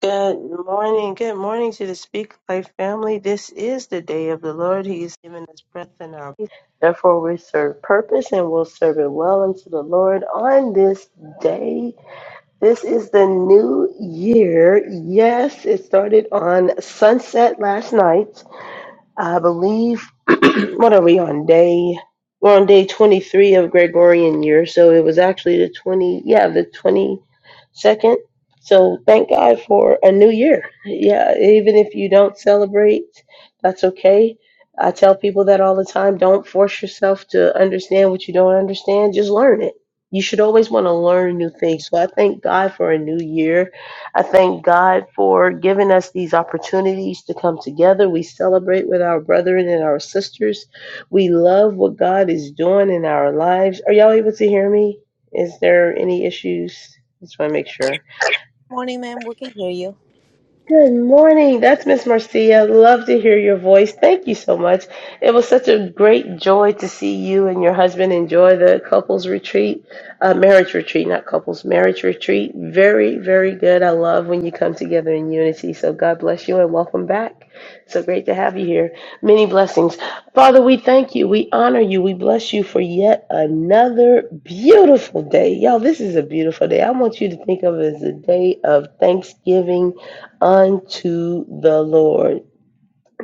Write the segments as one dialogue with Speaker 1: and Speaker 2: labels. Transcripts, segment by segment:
Speaker 1: Good morning. Good morning to the Speak Life family. This is the day of the Lord. He has given us breath in our bodies. Therefore, we serve purpose and will serve it well unto the Lord on this day. This is the new year. Yes, it started on sunset last night. I believe what are we on day? We're on day 23 of Gregorian year, so it was actually the 20 yeah, the 22nd. So thank God for a new year. Yeah, even if you don't celebrate, that's okay. I tell people that all the time, don't force yourself to understand what you don't understand, just learn it. You should always want to learn new things. So I thank God for a new year I thank God for giving us these opportunities to come together. We celebrate with our brethren and our sisters. We love what God is doing in our lives. Are y'all able to hear me? Is there any issues? Just want to make sure.
Speaker 2: Morning, ma'am. We can hear you.
Speaker 1: Good morning. That's Miss Marcia. Love to hear your voice. Thank you so much. It was such a great joy to see you and your husband enjoy the couples retreat, uh, marriage retreat, not couples, marriage retreat. Very, very good. I love when you come together in unity. So God bless you and welcome back. So great to have you here. Many blessings. Father, we thank you. We honor you. We bless you for yet another beautiful day. Y'all, this is a beautiful day. I want you to think of it as a day of thanksgiving unto the Lord.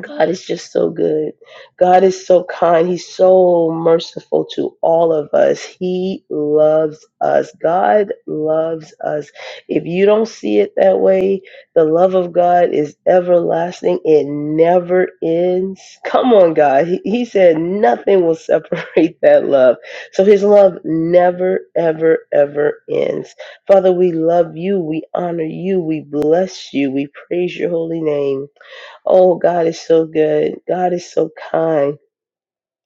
Speaker 1: God is just so good. God is so kind. He's so merciful to all of us. He loves us. God loves us. If you don't see it that way, the love of God is everlasting. It never ends. Come on, God. He, he said nothing will separate that love. So his love never, ever, ever ends. Father, we love you. We honor you. We bless you. We praise your holy name. Oh, God is so good. God is so kind.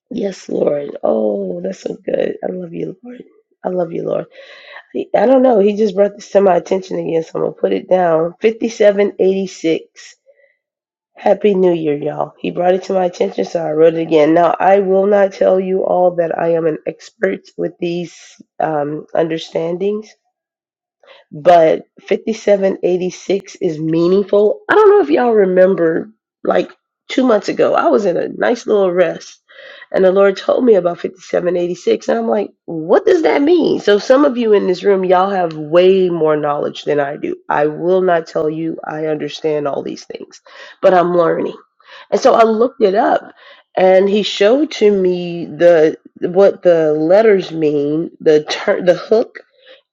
Speaker 1: Yes, Lord. Oh, that's so good. I love you, Lord. I love you, Lord. He- I don't know. He just brought this to my attention again, so I'm going to put it down. 5786. Happy New Year, y'all. He brought it to my attention, so I wrote it again. Now, I will not tell you all that I am an expert with these um, understandings but 5786 is meaningful. I don't know if y'all remember, like two months ago, I was in a nice little rest and the Lord told me about 5786. And I'm like, what does that mean? So, some of you in this room, y'all have way more knowledge than I do. I will not tell you I understand all these things, but I'm learning. And so I looked it up and he showed to me the what the letters mean, the turn the hook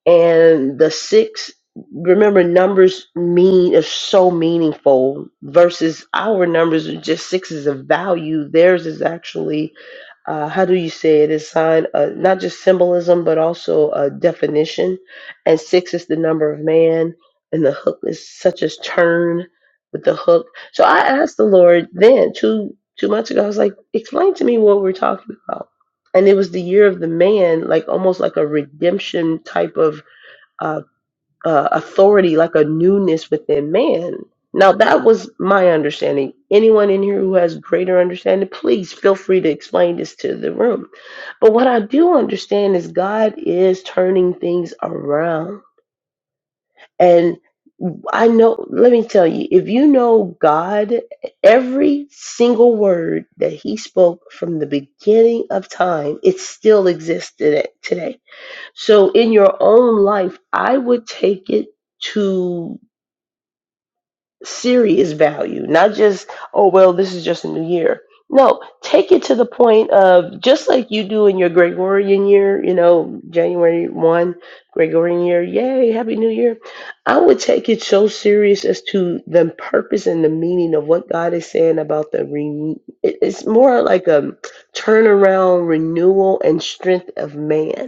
Speaker 1: and the six remember numbers mean is so meaningful versus our numbers are just sixes of value theirs is actually uh, how do you say it? it is sign uh, not just symbolism but also a definition and six is the number of man and the hook is such as turn with the hook so i asked the lord then two two months ago i was like explain to me what we're talking about and it was the year of the man like almost like a redemption type of uh, uh, authority, like a newness within man. Now, that was my understanding. Anyone in here who has greater understanding, please feel free to explain this to the room. But what I do understand is God is turning things around. And I know, let me tell you, if you know God, every single word that He spoke from the beginning of time, it still exists today. today. So in your own life, I would take it to serious value, not just, oh, well, this is just a new year. No, take it to the point of just like you do in your Gregorian year, you know, January 1, Gregorian year, yay, happy new year. I would take it so serious as to the purpose and the meaning of what God is saying about the re- it- it's more like a turnaround, renewal, and strength of man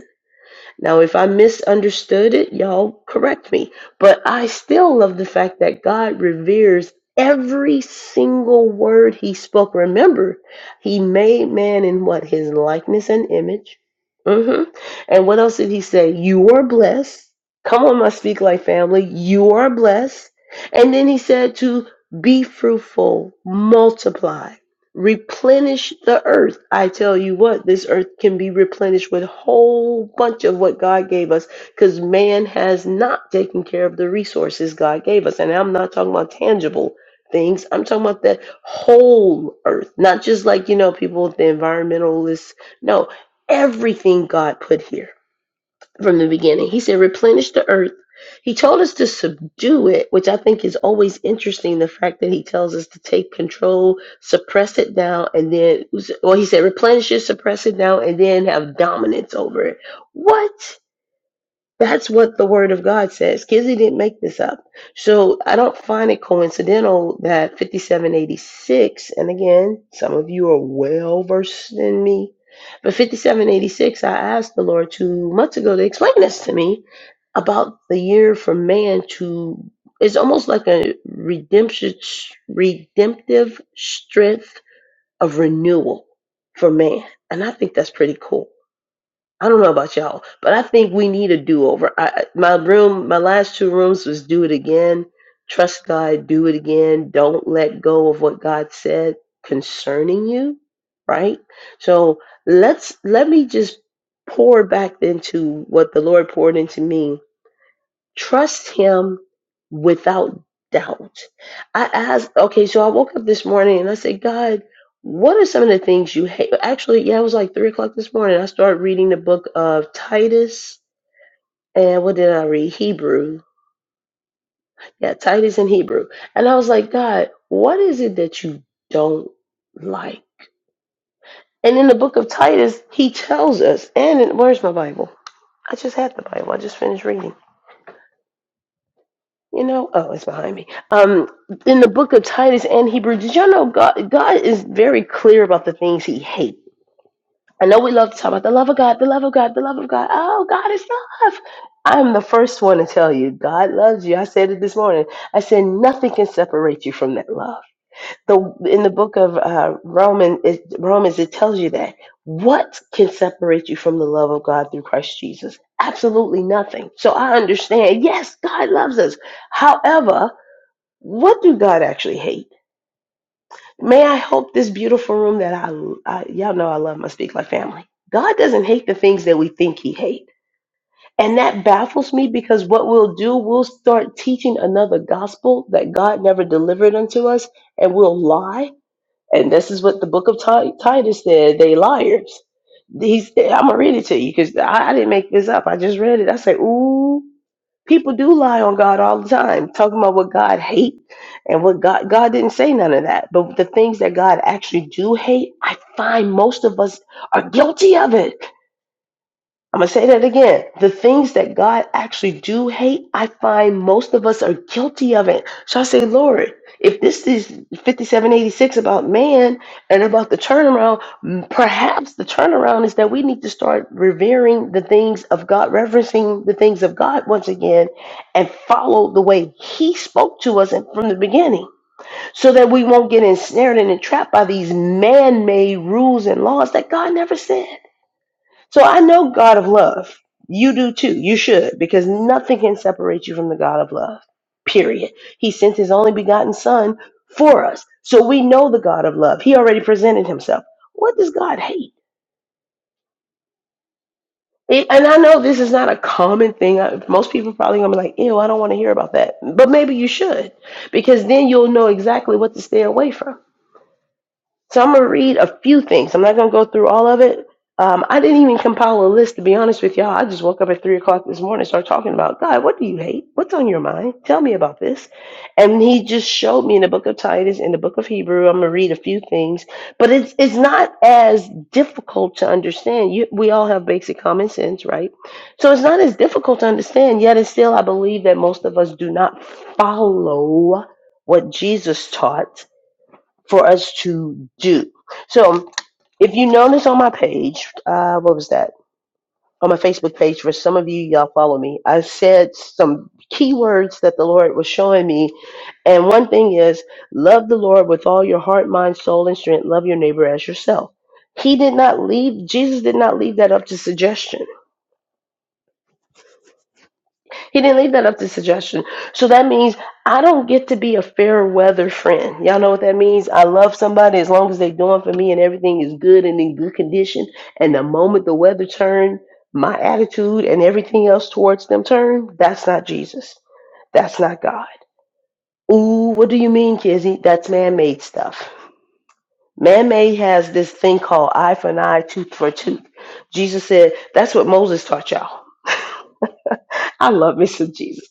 Speaker 1: now, if I misunderstood it, y'all correct me. But I still love the fact that God reveres every single word he spoke. Remember, he made man in what? His likeness and image. hmm And what else did he say? You are blessed. Come on, my Speak Like family. You are blessed. And then he said to be fruitful, multiply replenish the earth. I tell you what, this earth can be replenished with a whole bunch of what God gave us because man has not taken care of the resources God gave us. And I'm not talking about tangible things, I'm talking about that whole earth, not just like, you know, people, the environmentalists. No, everything God put here from the beginning. He said, replenish the earth. He told us to subdue it, which I think is always interesting. The fact that he tells us to take control, suppress it down, and then, well, he said, replenish it, suppress it down, and then have dominance over it. What? That's what the word of God says. Kizzy didn't make this up. So I don't find it coincidental that 5786, and again, some of you are well versed in me, but 5786, I asked the Lord two months ago to explain this to me about the year for man to, it's almost like a redemption, redemptive strength of renewal for man. And I think that's pretty cool. I don't know about y'all, but I think we need a do over. I, I- my room, my last two rooms was do it again. Trust God, do it again. Don't let go of what God said concerning you, right? So let's let me just pour back into what the Lord poured into me Trust him without doubt. I asked, okay, so I woke up this morning and I said, God, what are some of the things you hate? Actually, yeah, it was like three o'clock this morning. I started reading the book of Titus and what did I read? Hebrew. Yeah, Titus and Hebrew. And I was like, God, what is it that you don't like? And in the book of Titus, he tells us, and in, where's my Bible? I just had the Bible. I just finished reading. You know, oh, it's behind me. Um, in the book of Titus and Hebrews, did y'all know God? God is very clear about the things He hates. I know we love to talk about the love of God, the love of God, the love of God. Oh, God is love. I'm the first one to tell you, God loves you. I said it this morning. I said nothing can separate you from that love. The in the book of uh, Romans, it, Romans, it tells you that what can separate you from the love of God through Christ Jesus? Absolutely nothing. So I understand. Yes, God loves us. However, what do God actually hate? May I hope this beautiful room that I, I y'all know I love my Speak Like family. God doesn't hate the things that we think He hates. And that baffles me because what we'll do, we'll start teaching another gospel that God never delivered unto us, and we'll lie. And this is what the book of Ti- Titus said they liars. He said, I'm going to read it to you because I, I didn't make this up. I just read it. I say, ooh. People do lie on God all the time, talking about what God hate and what God God didn't say none of that. But the things that God actually do hate, I find most of us are guilty of it I'm gonna say that again. The things that God actually do hate, I find most of us are guilty of it. So I say, Lord, if this is 5786 about man and about the turnaround, m- perhaps the turnaround is that we need to start revering the things of God, reverencing the things of God once again, and follow the way He spoke to us and from the beginning, so that we won't get ensnared and entrapped by these man-made rules and laws that God never said. So I know God of love. You do too. You should, because nothing can separate you from the God of love. Period. He sent his only begotten Son for us. So we know the God of love. He already presented himself. What does God hate? It- and I know this is not a common thing. I- Most people probably gonna be like, "Ew, I don't want to hear about that." But maybe you should, because then you'll know exactly what to stay away from. So I'm gonna read a few things. I'm not gonna go through all of it. Um, I didn't even compile a list to be honest with y'all. I just woke up at three o'clock this morning and started talking about God. What do you hate? What's on your mind? Tell me about this. And He just showed me in the book of Titus, in the book of Hebrew. I'm gonna read a few things, but it's it's not as difficult to understand. You, we all have basic common sense, right? So it's not as difficult to understand. Yet it's still, I believe that most of us do not follow what Jesus taught for us to do. So if you notice on my page, uh, what was that? On my Facebook page, for some of you, y'all follow me. I said some keywords that the Lord was showing me. And one thing is love the Lord with all your heart, mind, soul, and strength. Love your neighbor as yourself. He did not leave, Jesus did not leave that up to suggestion. He didn't leave that up to suggestion. So that means I don't get to be a fair weather friend. Y'all know what that means? I love somebody as long as they're doing for me and everything is good and in good condition. And the moment the weather turned, my attitude and everything else towards them turned, that's not Jesus. That's not God. Ooh, what do you mean, Kizzy? That's man made stuff. Man made has this thing called eye for an eye, tooth for a tooth. Jesus said, that's what Moses taught y'all. I love me some Jesus.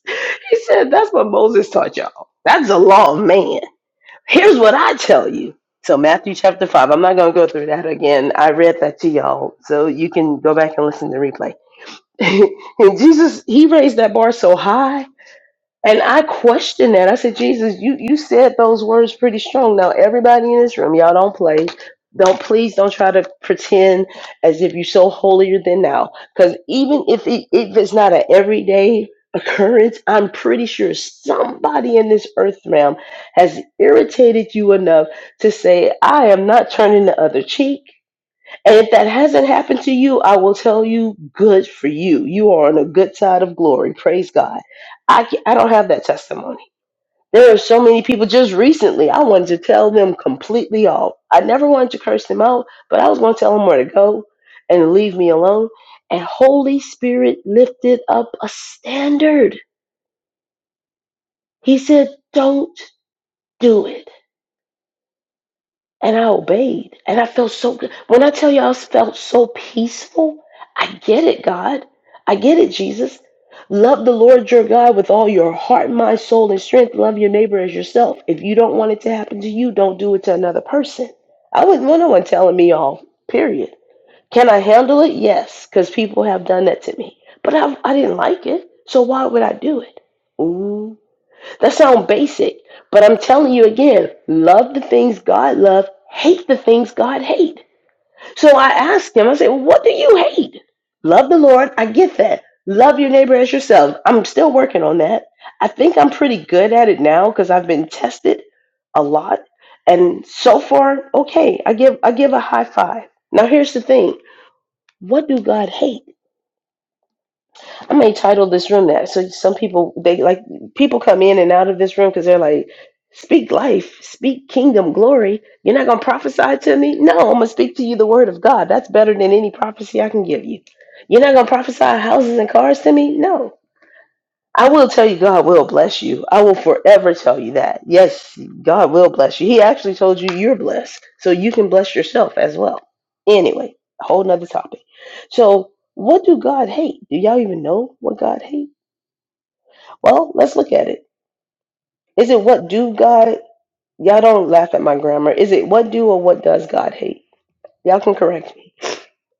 Speaker 1: He said, That's what Moses taught y'all. That's the law of man. Here's what I tell you. So, Matthew chapter 5, I'm not going to go through that again. I read that to y'all. So, you can go back and listen to the replay. and Jesus, he raised that bar so high and I questioned that. I said, Jesus, you, you said those words pretty strong. Now, everybody in this room, y'all don't play. Don't please don't try to pretend as if you're so holier than thou. Because even if it, if it's not an everyday occurrence, I'm pretty sure somebody in this earth realm has irritated you enough to say, I am not turning the other cheek. And if that hasn't happened to you, I will tell you, good for you. You are on a good side of glory. Praise God. I, ca- I don't have that testimony. There are so many people just recently, I wanted to tell them completely off. I never wanted to curse them out, but I was going to tell them where to go and to leave me alone. And Holy Spirit lifted up a standard. He said, don't do it. and I obeyed. And I felt so good. When I tell you all I felt so peaceful, I get it, God. I get it, Jesus. Love the Lord your God with all your heart, mind, soul, and strength. Love your neighbor as yourself. If you don't want it to happen to you, don't do it to another person. I wouldn't want no one telling me all, period. Can I handle it? Yes, because people have done that to me. But I, I didn't like it, so why would I do it? That sounds basic, but I'm telling you again, love the things God loves, hate the things God hate. So I asked him, I said, What do you hate? Love the Lord, I get that. Love your neighbor as yourself. I'm still working on that. I think I'm pretty good at it now because I've been tested a lot. And so far, okay, I give I give a high five. Now here's the thing. What do God hate? I may title this room that. So some people they like people come in and out of this room because they're like, speak life, speak kingdom glory. You're not gonna prophesy to me? No, I'm gonna speak to you the word of God. That's better than any prophecy I can give you. You're not gonna prophesy houses and cars to me? No. I will tell you, God will bless you. I will forever tell you that. Yes, God will bless you. He actually told you you're blessed, so you can bless yourself as well. Anyway, a whole nother topic. So, what do God hate? Do y'all even know what God hate? Well, let's look at it. Is it what do God? Y'all don't laugh at my grammar. Is it what do or what does God hate? Y'all can correct me.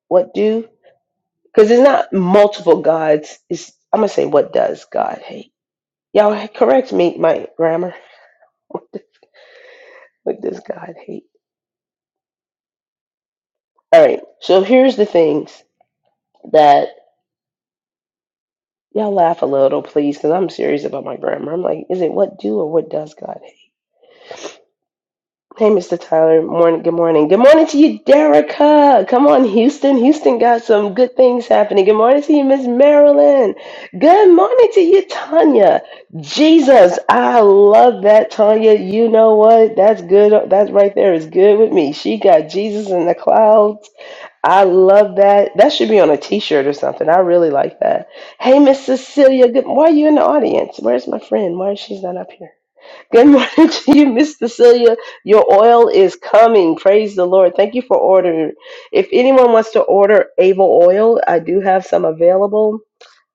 Speaker 1: What do? Because it's not multiple gods. It's I'm gonna say what does God hate? Y'all correct me, my grammar. What does God hate? All right. So here's the things that y'all laugh a little, please, because I'm serious about my grammar. I'm like, is it what do or what does God hate? Hey, Mr. Tyler. Morning. Good morning. Good morning to you, Derica. Come on, Houston. Houston got some good things happening. Good morning to you, Miss Marilyn. Good morning to you, Tanya. Jesus, I love that, Tanya. You know what? That's good. That's right there is good with me. She got Jesus in the clouds I love that. That should be on a t-shirt or something. I really like that. Hey, Miss Cecilia, good. Why are you in the audience? Where's my friend? Why is she's not up here? Good morning to you, Miss Cecilia. Your oil is coming. Praise the Lord. Thank you for ordering. If anyone wants to order Able oil, I do have some available,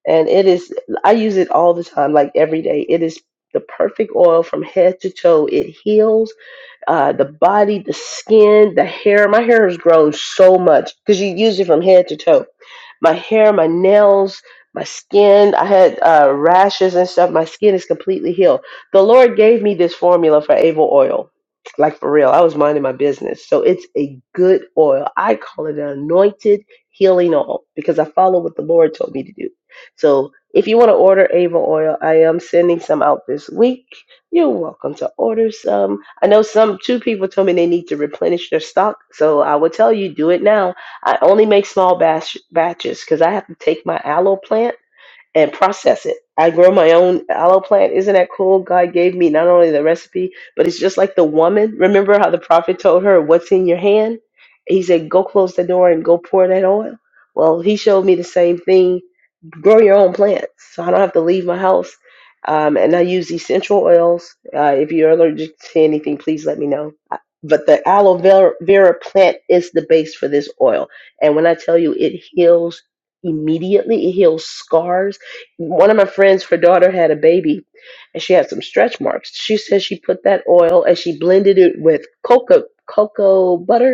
Speaker 1: and it is. I use it all the time, like every day. It is the perfect oil from head to toe. It heals uh, the body, the skin, the hair. My hair has grown so much because you use it from head to toe. My hair, my nails, my skin. I had uh, rashes and stuff. My skin is completely healed. The Lord gave me this formula for Avo oil. Like for real, I was minding my business. So it's a good oil. I call it an anointed healing oil because I follow what the Lord told me to do. So if you want to order Avo oil, I am sending some out this week you're welcome to order some. I know some two people told me they need to replenish their stock, so I will tell you do it now. I only make small batch batches because I have to take my aloe plant and process it. I grow my own aloe plant. Isn't that cool? God gave me not only the recipe, but it's just like the woman. Remember how the prophet told her, "What's in your hand?" He said, "Go close the door and go pour that oil." Well, he showed me the same thing grow your own plants. So I don't have to leave my house. Um, and I use essential oils. Uh, if you're allergic to anything, please let me know. I- But the aloe vera, vera plant is the base for this oil. And when I tell you it heals immediately, it heals scars. One of my friends, her daughter had a baby and she had some stretch marks. She said she put that oil and she blended it with cocoa, cocoa butter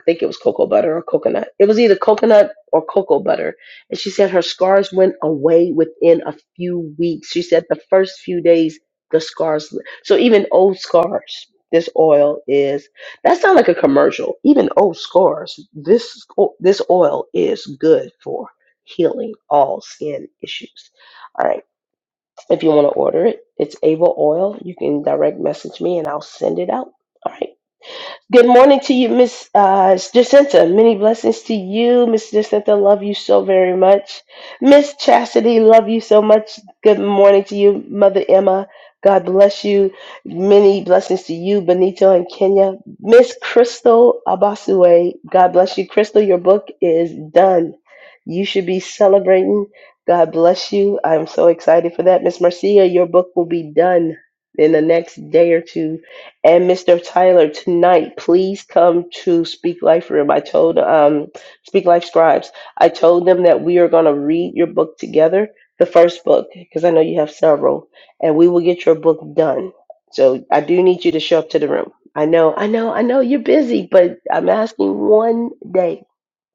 Speaker 1: I think it was cocoa butter or coconut. It was either coconut or cocoa butter. And she said her scars went away within a few weeks. She said the first few days, the scars. So even old scars, this oil is. That sounds like a commercial. Even old scars, this this oil is good for healing all skin issues. All right. If you want to order it, it's Ava Oil. You can direct message me and I'll send it out. All right. Good morning to you, Miss uh, Jacinta. Many blessings to you, Miss Jacinta. Love you so very much. Miss Chastity, love you so much. Good morning to you, Mother Emma. God bless you. Many blessings to you, Benito and Kenya. Miss Crystal Abasue, God bless you. Crystal, your book is done. You should be celebrating. God bless you. I'm so excited for that. Miss Marcia, your book will be done in the next day or two and Mr. Tyler, tonight, please come to Speak Life Room. I told um Speak Life Scribes. I told them that we are gonna read your book together, the first book, because I know you have several, and we will get your book done. So I do need you to show up to the room. I know, I know, I know you're busy, but I'm asking one day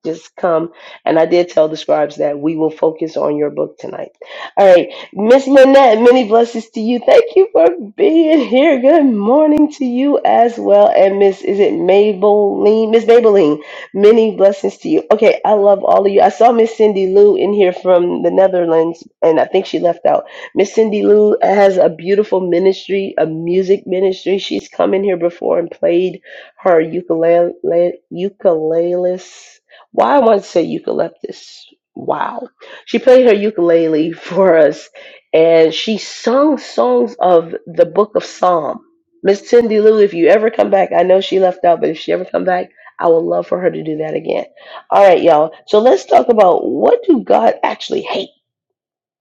Speaker 1: just come. And I did tell the scribes that we will focus on your book tonight. All right, Miss Lynette, many blessings to you. Thank you for being here. Good morning to you as well. And Miss, is it Maybelline? Miss Maybelline, many blessings to you. Okay, I love all of you. I saw Miss Cindy Lou in here from the Netherlands, and I think she left out. Miss Cindy Lou has a beautiful ministry, a music ministry. She's come in here before and played her ukulele, ukuleles. Why I want to say eucalyptus. Wow. She played her ukulele for us and she sung songs of the book of Psalm. Miss Cindy Lou, if you ever come back, I know she left out, but if she ever come back, I would love for her to do that again. All right, y'all. So let's talk about what do God actually hate?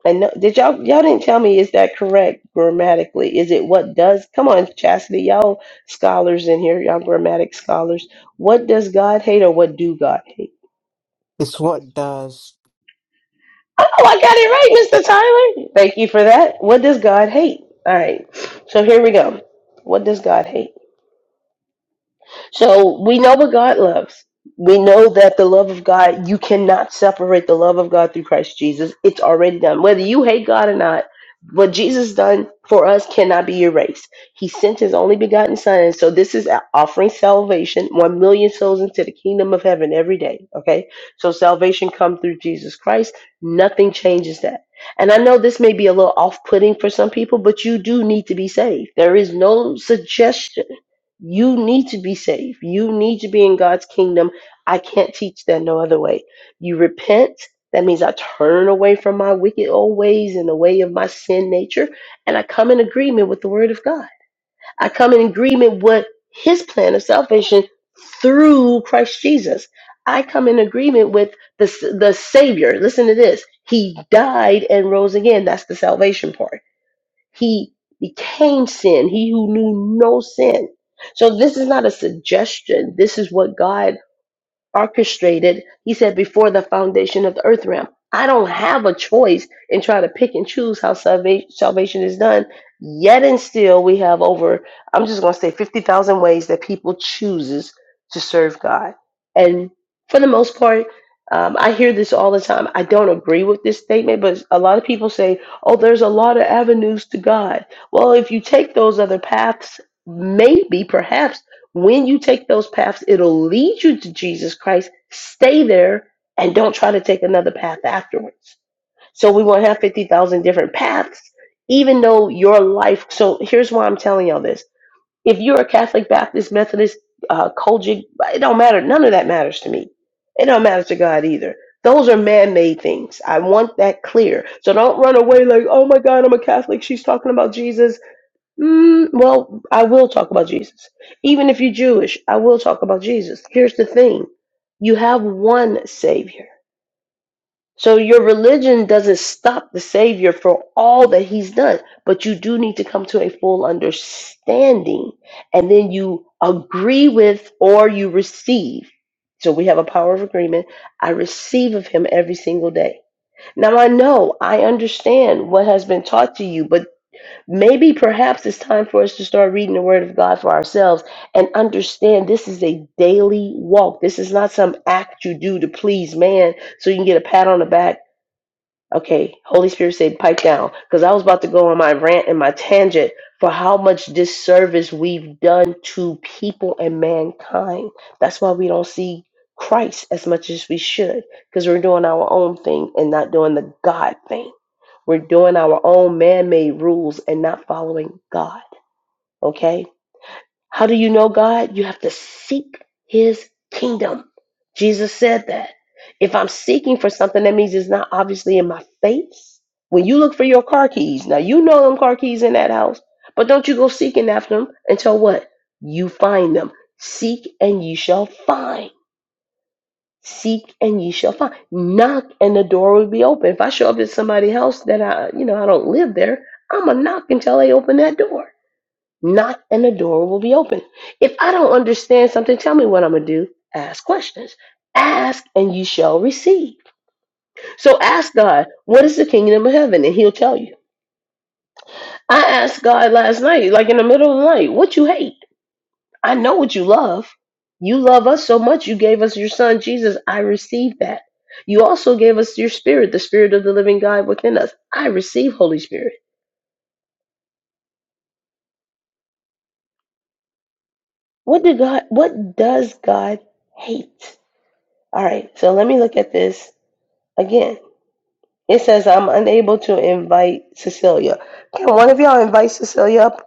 Speaker 1: And no, did y'all y'all didn't tell me is that correct grammatically? Is it what does? Come on, Chastity, y'all scholars in here, y'all grammatic scholars. What does God hate or what do God hate?
Speaker 3: It's what does.
Speaker 1: Oh, I got it right, Mr. Tyler. Thank you for that. What does God hate? All right. So here we go. What does God hate? So we know what God loves. We know that the love of God, you cannot separate the love of God through Christ Jesus. It's already done. Whether you hate God or not, what Jesus done for us cannot be erased. He sent his only begotten son. And so this is offering salvation, one million souls into the kingdom of heaven every day. Okay. So salvation come through Jesus Christ. Nothing changes that. And I know this may be a little off putting for some people, but you do need to be saved. There is no suggestion you need to be saved. You need to be in God's kingdom. I can't teach that no other way. You repent. That means I turn away from my wicked old ways and the way of my sin nature. And I come in agreement with the word of God. I come in agreement with his plan of salvation through Christ Jesus. I come in agreement with the, the Savior. Listen to this. He died and rose again. That's the salvation part. He became sin, he who knew no sin. So this is not a suggestion. This is what God orchestrated, he said, before the foundation of the earth realm. I don't have a choice in trying to pick and choose how salvation, salvation is done. Yet and still, we have over, I'm just going to say 50,000 ways that people chooses to serve God. And for the most part, um, I hear this all the time. I don't agree with this statement, but a lot of people say, oh, there's a lot of avenues to God. Well, if you take those other paths, maybe, perhaps, when you take those paths, it'll lead you to Jesus Christ. Stay there and don't try to take another path afterwards. So we won't have 50,000 different paths, even though your life. So here's why I'm telling y'all this. If you're a Catholic, Baptist, Methodist, uh, Kojic, it don't matter. None of that matters to me. It don't matter to God either. Those are man made things. I want that clear. So don't run away like, oh my God, I'm a Catholic. She's talking about Jesus Mm, well, I will talk about Jesus. Even if you're Jewish, I will talk about Jesus. Here's the thing you have one Savior. So your religion doesn't stop the Savior for all that He's done, but you do need to come to a full understanding. And then you agree with or you receive. So we have a power of agreement. I receive of Him every single day. Now I know, I understand what has been taught to you, but Maybe perhaps it's time for us to start reading the Word of God for ourselves and understand this is a daily walk. This is not some act you do to please man so you can get a pat on the back. Okay, Holy Spirit said, pipe down. Because I was about to go on my rant and my tangent for how much disservice we've done to people and mankind. That's why we don't see Christ as much as we should because we're doing our own thing and not doing the God thing. We're doing our own man made rules and not following God. Okay? How do you know God? You have to seek his kingdom. Jesus said that. If I'm seeking for something, that means it's not obviously in my face. When you look for your car keys, now you know them car keys in that house, but don't you go seeking after them until what? You find them. Seek and you shall find. Seek and ye shall find. Knock and the door will be open. If I show up at somebody's house that I, you know, I don't live there, I'm going to knock until they open that door. Knock and the door will be open. If I don't understand something, tell me what I'm going to do. Ask questions. Ask and you shall receive. So ask God, what is the kingdom of heaven? And he'll tell you. I asked God last night, like in the middle of the night, what you hate? I know what you love. You love us so much, you gave us your son, Jesus. I receive that. You also gave us your spirit, the spirit of the living God within us. I receive Holy Spirit. What did God what does God hate? All right, so let me look at this again. It says I'm unable to invite Cecilia. Can one of y'all invite Cecilia up?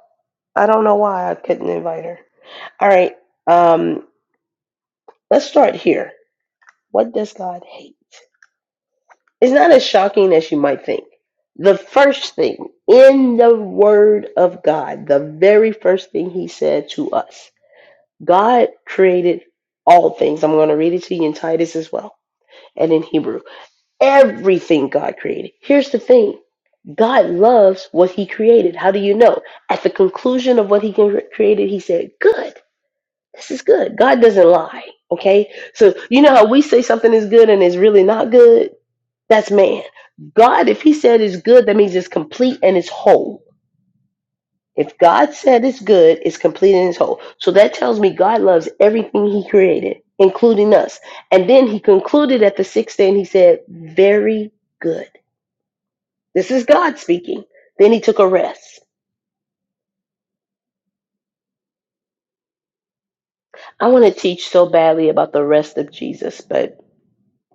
Speaker 1: I don't know why I couldn't invite her. All right. Um let's start here. What does God hate? It's not as shocking as you might think. The first thing in the Word of God, the very first thing He said to us, God created all things. I'm going to read it to you in Titus as well and in Hebrew. Everything God created. Here's the thing God loves what He created. How do you know? At the conclusion of what He created, He said, Good. This is good. God doesn't lie. Okay? So, you know how we say something is good and it's really not good? That's man. God, if He said it's good, that means it's complete and it's whole. If God said it's good, it's complete and it's whole. So that tells me God loves everything He created, including us. And then He concluded at the sixth day and He said, Very good. This is God speaking. Then He took a rest. I want to teach so badly about the rest of Jesus, but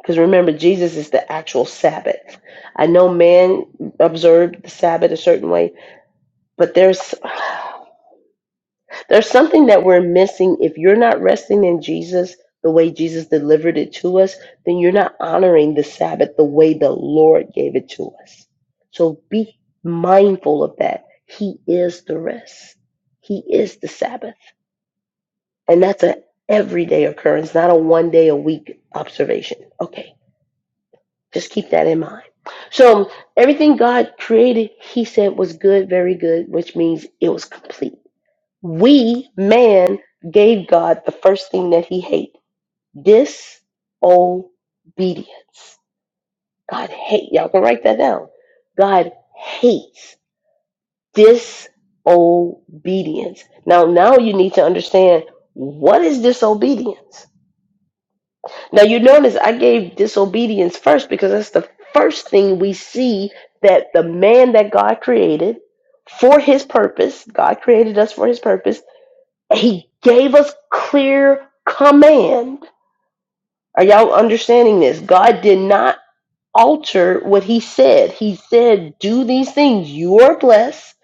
Speaker 1: because remember, Jesus is the actual Sabbath. I know man observed the Sabbath a certain way, but there's. There's something that we're missing. If you're not resting in Jesus the way Jesus delivered it to us, then you're not honoring the Sabbath the way the Lord gave it to us. So be mindful of that. He is the rest, He is the Sabbath. And that's an everyday occurrence, not a one day a week observation. Okay, just keep that in mind. So everything God created, He said was good, very good, which means it was complete. We, man, gave God the first thing that he hate disobedience. God hate. Y'all can write that down. God hates disobedience. Now, now you need to understand what is disobedience. Now, you notice I gave disobedience first because that's the first thing we see that the man that God created for his purpose, God created us for his purpose He gave us clear command. Are y'all understanding this? God did not alter what he said. He said, Do these things. You are blessed.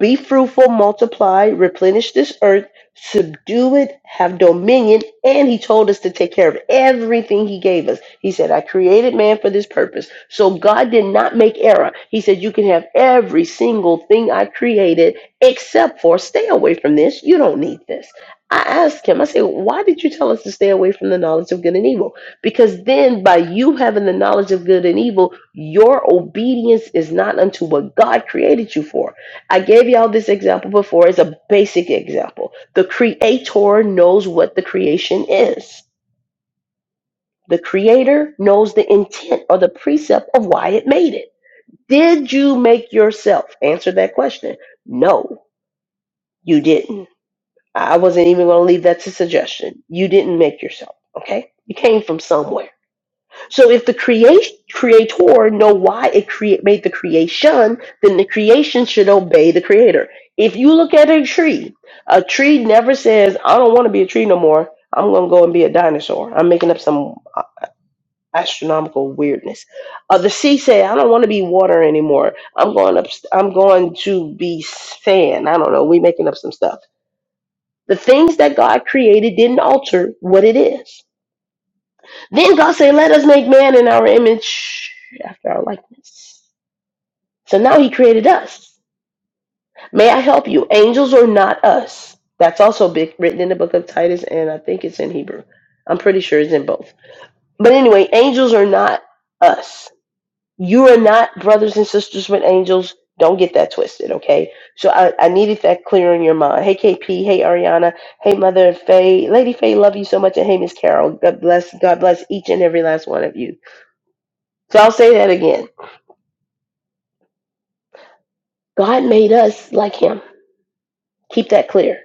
Speaker 1: Be fruitful, multiply, replenish this earth, subdue it, have dominion. And he told us to take care of everything he gave us. He said, I created man for this purpose. So God did not make error. He said, You can have every single thing I created except for stay away from this. You don't need this. I asked him, I said, Why did you tell us to stay away from the knowledge of good and evil? Because then, by you having the knowledge of good and evil, your obedience is not unto what God created you for. I gave y'all this example before. It's a basic example. The creator knows what the creation is. The creator knows the intent or the precept of why it made it. Did you make yourself? Answer that question. No, you didn't. I wasn't even going to leave that to suggestion. You didn't make yourself, okay? You came from somewhere. So if the create, creator know why it create made the creation, then the creation should obey the creator. If you look at a tree, a tree never says, "I don't want to be a tree no more. I'm gonna go and be a dinosaur." I'm making up some uh, astronomical weirdness. Uh, the sea said, "I don't want to be water anymore. I'm going up. I'm going to be sand. I don't know. We making up some stuff." The things that God created didn't alter what it is. Then God said, Let us make man in our image after our likeness. So now he created us. May I help you? Angels are not us. That's also big, written in the book of Titus, and I think it's in Hebrew. I'm pretty sure it's in both. But anyway, angels are not us. You are not brothers and sisters with angels. Don't get that twisted, okay? So I, I needed that clear in your mind. Hey, KP. Hey, Ariana. Hey, Mother Faye. Lady Faye, love you so much. And hey, Miss Carol. God bless. God bless each and every last one of you. So I'll say that again. God made us like him. Keep that clear.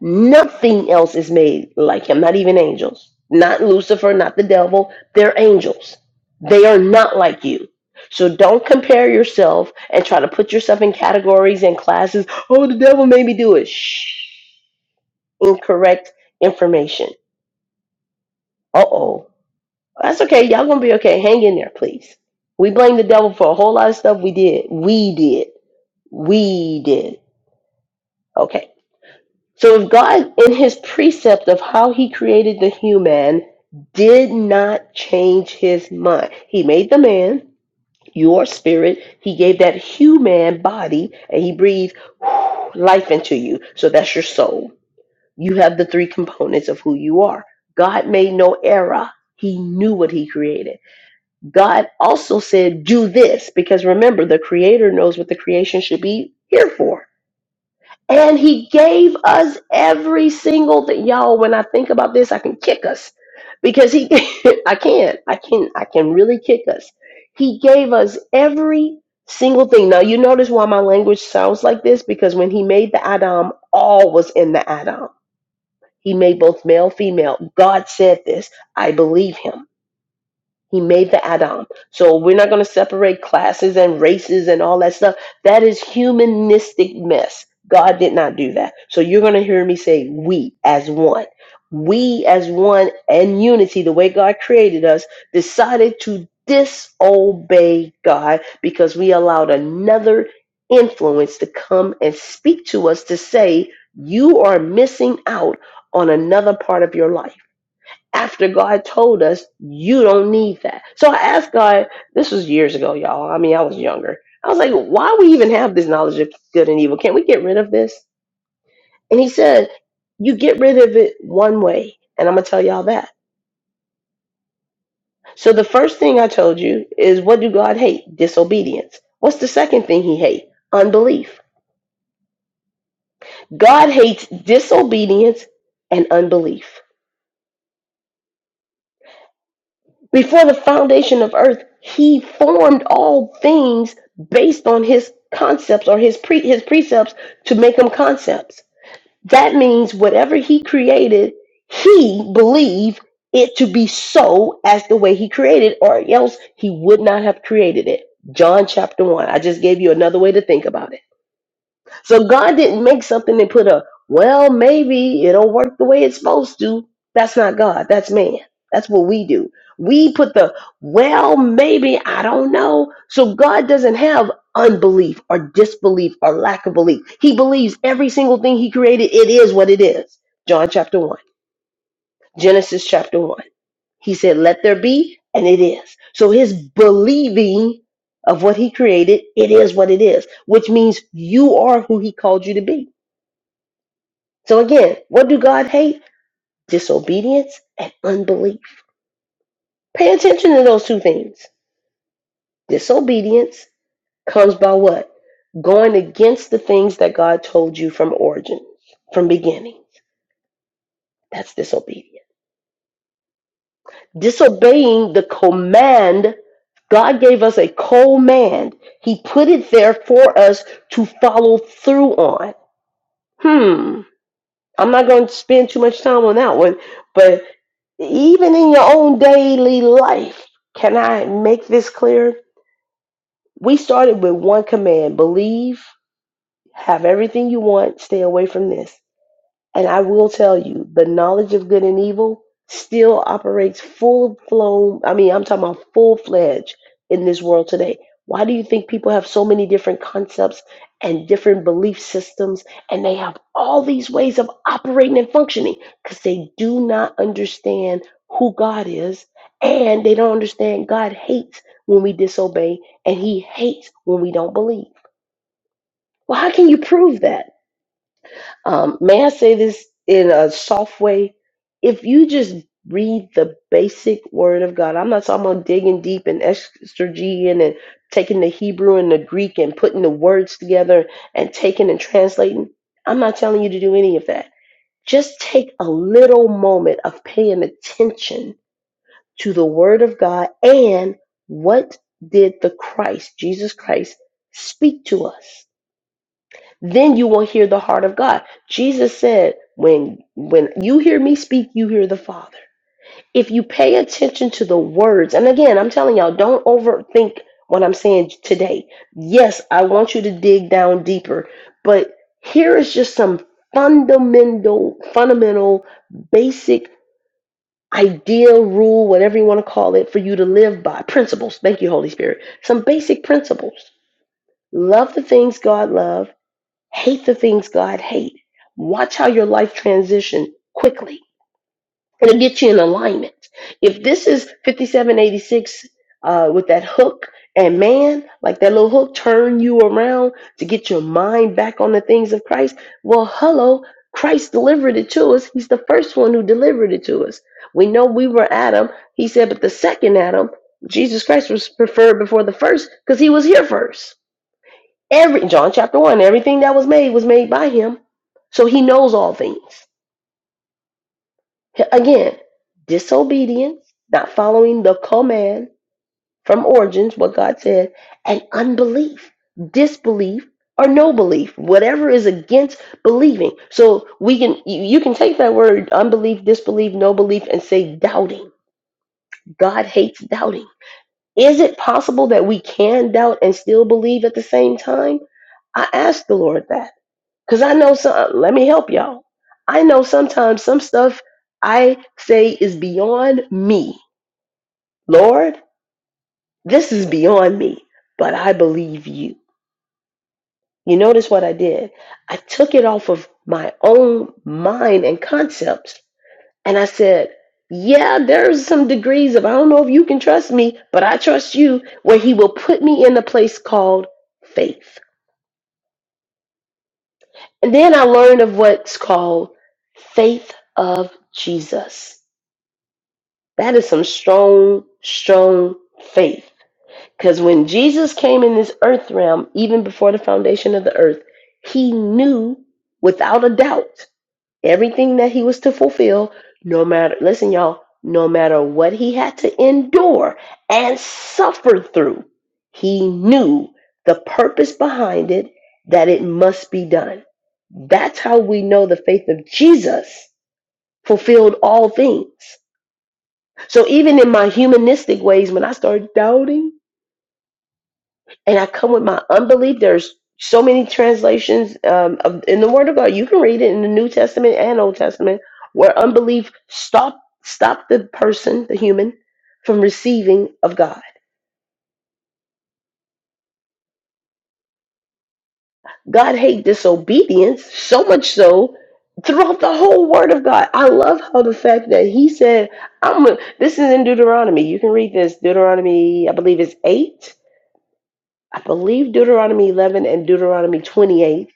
Speaker 1: Nothing else is made like him, not even angels. Not Lucifer, not the devil. They're angels. They are not like you. So don't compare yourself and try to put yourself in categories and classes. Oh, the devil made me do it. Shh. Incorrect information. Uh oh. That's okay. Y'all gonna be okay. Hang in there, please. We blame the devil for a whole lot of stuff we did. We did. We did. Okay. So if God, in his precept of how he created the human, did not change his mind, he made the man, your spirit, he gave that human body, and he breathed life into you. So that's your soul. You have the three components of who you are. God made no error. He knew what he created. God also said, do this, because remember, the creator knows what the creation should be here for. And he gave us every single thing. Y'all, when I think about this, I can kick us because he, I can, I can, I can really kick us. He gave us every single thing. Now, you notice why my language sounds like this because when he made the Adam, all was in the Adam. He made both male, female. God said this. I believe him. He made the Adam. So we're not going to separate classes and races and all that stuff. That is humanistic mess. God did not do that. So you're going to hear me say we as one. We as one and unity, the way God created us, decided to disobey God because we allowed another influence to come and speak to us to say, you are missing out on another part of your life after God told us, you don't need that. So I asked God, this was years ago, y'all. I mean, I was younger. I was like, why we even have this knowledge of good and evil? Can't we get rid of this? And he said, you get rid of it one way. And I'm going to tell y'all that. So the first thing I told you is what do God hate? Disobedience. What's the second thing he hates? Unbelief. God hates disobedience and unbelief. Before the foundation of earth, he formed all things based on his concepts or his pre his precepts to make them concepts. That means whatever he created, he believed it to be so as the way he created, or else he would not have created it. John chapter one. I just gave you another way to think about it. So God didn't make something and put a, well, maybe it'll work the way it's supposed to. That's not God. That's man. That's what we do. We put the, well, maybe, I don't know. So God doesn't have unbelief or disbelief or lack of belief. He believes every single thing he created, it is what it is. John chapter 1, Genesis chapter 1. He said, let there be, and it is. So his believing of what he created, it is what it is, which means you are who he called you to be. So again, what do God hate? Disobedience and unbelief. Pay attention to those two things. Disobedience comes by what? Going against the things that God told you from origin, from beginning. That's disobedience. Disobeying the command, God gave us a command. He put it there for us to follow through on. Hmm. I'm not going to spend too much time on that one, but. even in your own daily life. Can I make this clear? We started with one command believe, have everything you want, stay away from this. And I will tell you, the knowledge of good and evil still operates full flown. I mean, I'm talking about full fledged in this world today. Why do you think people have so many different concepts and different belief systems, and they have all these ways of operating and functioning? Because they do not understand who God is, and they don't understand God hates when we disobey, and He hates when we don't believe. Well, how can you prove that? Um, may I say this in a soft way? If you just read the basic word of God, I'm not talking about digging deep and exegeting and taking the Hebrew and the Greek and putting the words together and taking and translating. I'm not telling you to do any of that. Just take a little moment of paying attention to the word of God and what did the Christ, Jesus Christ, speak to us? then you will hear the heart of God. Jesus said, when when you hear me speak, you hear the Father. If you pay attention to the words, and again, I'm telling y'all, don't overthink what I'm saying today. Yes, I want you to dig down deeper, but here is just some fundamental fundamental basic idea rule whatever you want to call it for you to live by principles thank you holy spirit some basic principles love the things god loves Hate the things God hates. Watch how your life transition quickly. It'll get you in alignment. If this is 5786 uh, with that hook and man, like that little hook, turn you around to get your mind back on the things of Christ. Well, hello, Christ delivered it to us. He's the first one who delivered it to us. We know we were Adam. He said, but the second Adam, Jesus Christ was preferred before the first because he was here first. Every John chapter one, everything that was made was made by him. So he knows all things. Again, disobedience, not following the command from origins, what God said, and unbelief, disbelief, or no belief, whatever is against believing. So we can you you can take that word unbelief, disbelief, no belief, and say doubting. God hates doubting. Is it possible that we can doubt and still believe at the same time? I asked the Lord that. Cause I know some. Let me help y'all. I know sometimes some stuff I say is beyond me. Lord, this is beyond me, but I believe you. You notice what I did? I took it off of my own mind and concepts, and I said, "Yeah, there's some degrees of I don't know if you can trust me, but I trust you." Where He will put me in a place called faith, and then I learned of what's called faith of Jesus. That is some strong, strong faith. Because when Jesus came in this earth realm, even before the foundation of the earth, he knew without a doubt everything that he was to fulfill, no matter, listen, y'all, no matter what he had to endure and suffer through, he knew the purpose behind it, that it must be done. That's how we know the faith of Jesus fulfilled all things so even in my humanistic ways, when I start doubting and I come with my unbelief, there's so many translations um, of, in the Word of God. You can read it in the New Testament and Old Testament where unbelief stop stop the person, the human, from receiving of God. God hate disobedience so much so throughout the whole Word of God. I love how the fact that He said, "I'm." a- This is in Deuteronomy. You can read this Deuteronomy, I believe it's eight I believe Deuteronomy 11 and Deuteronomy 28,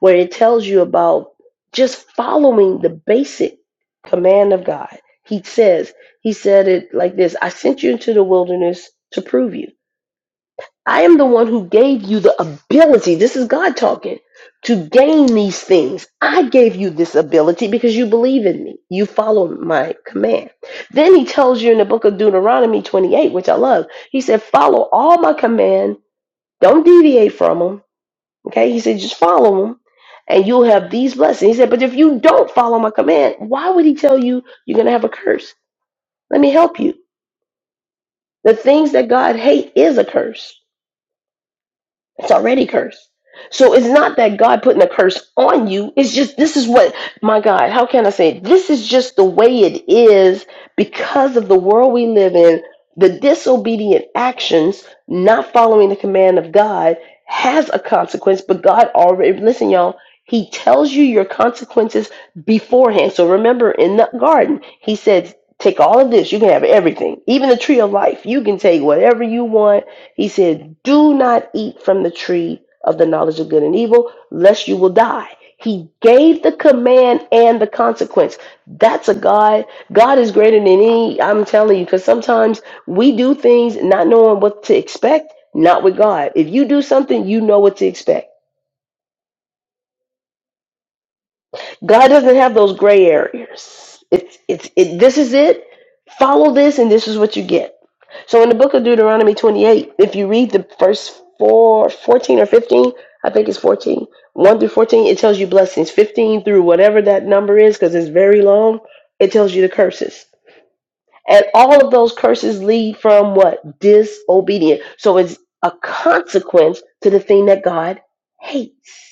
Speaker 1: where it tells you about just following the basic command of God. He says, He said it like this I sent you into the wilderness to prove you. I am the one who gave you the ability. This is God talking to gain these things. I gave you this ability because you believe in me. You follow my command. Then he tells you in the book of Deuteronomy 28, which I love, he said, Follow all my commands don't deviate from them. Okay? He said, just follow them and you'll have these blessings. He said, but if you don't follow my command, why would he tell you you're going to have a curse? Let me help you. The things that God hates is a curse. It's already cursed. So it's not that God putting a curse on you. It's just this is what my God, how can I say it? this is just the way it is because of the world we live in, the disobedient actions, not following the command of God has a consequence, but God already listen, y'all, he tells you your consequences beforehand. So remember in the garden, he said, Take all of this, you can have everything, even the tree of life. You can take whatever you want he said, Do not eat from the tree of the knowledge of good and evil, lest you will die. He gave the command and the consequence. That's a God. God is greater than any. I'm telling you, because sometimes we do things not knowing what to expect, not with God. If you do something, you know what to expect. God doesn't have those gray areas. It's it's it, this is it. Follow this, and this is what you get. So in the book of Deuteronomy 28, if you read the first four, fourteen or 15, I think it's fourteen, one through 14, it tells you blessings. 15 through whatever that number is, because it's very long, it tells you the curses. And all of those curses lead from what? Disobedience. So it's a consequence to the thing that God hates.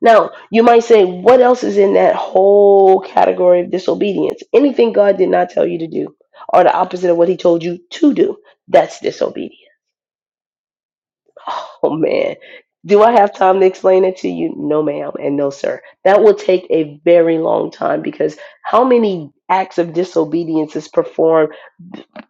Speaker 1: Now, you might say, what else is in that whole category of disobedience? Anything God did not tell you to do, or the opposite of what He told you to do, that's disobedience. Oh man. Do I have time to explain it to you? No, ma'am, and no, sir. That will take a very long time because how many acts of disobedience is performed?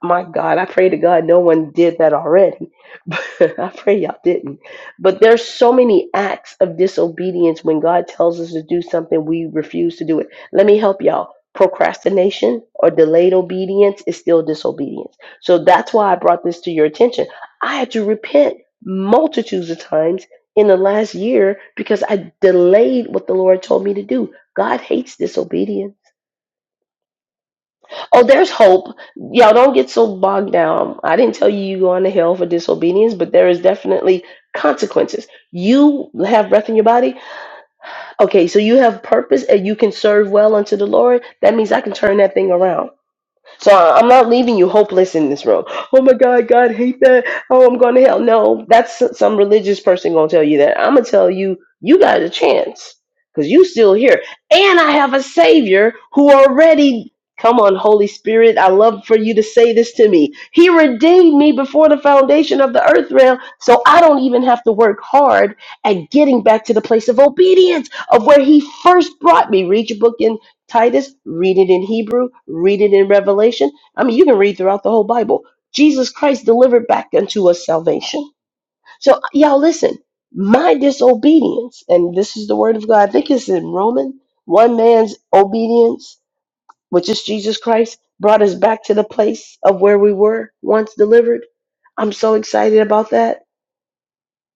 Speaker 1: My God, I pray to God no one did that already. But I pray y'all didn't. But there's so many acts of disobedience when God tells us to do something, we refuse to do it. Let me help y'all. Procrastination or delayed obedience is still disobedience. So that's why I brought this to your attention. I had to repent multitudes of times in the last year because I delayed what the Lord told me to do. God hates disobedience. Oh, there's hope. Y'all don't get so bogged down. I didn't tell you you going to hell for disobedience, but there is definitely consequences. You have breath in your body. Okay, so you have purpose and you can serve well unto the Lord. That means I can turn that thing around. So I- I'm not leaving you hopeless in this room. Oh my God, God hate that. Oh, I'm going to hell. No, that's s- some religious person going to tell you that. I'm going to tell you, you got a chance because you still here. And I have a savior who already, come on, Holy Spirit, I love for you to say this to me. He redeemed me before the foundation of the earth realm. So I don't even have to work hard at getting back to the place of obedience of where he first brought me. Read your book in. Titus, read it in Hebrew, read it in Revelation. I mean, you can read throughout the whole Bible. Jesus Christ delivered back unto us salvation. So, y'all, listen, my disobedience, and this is the word of God, I think it's in Roman, one man's obedience, which is Jesus Christ, brought us back to the place of where we were once delivered. I'm so excited about that.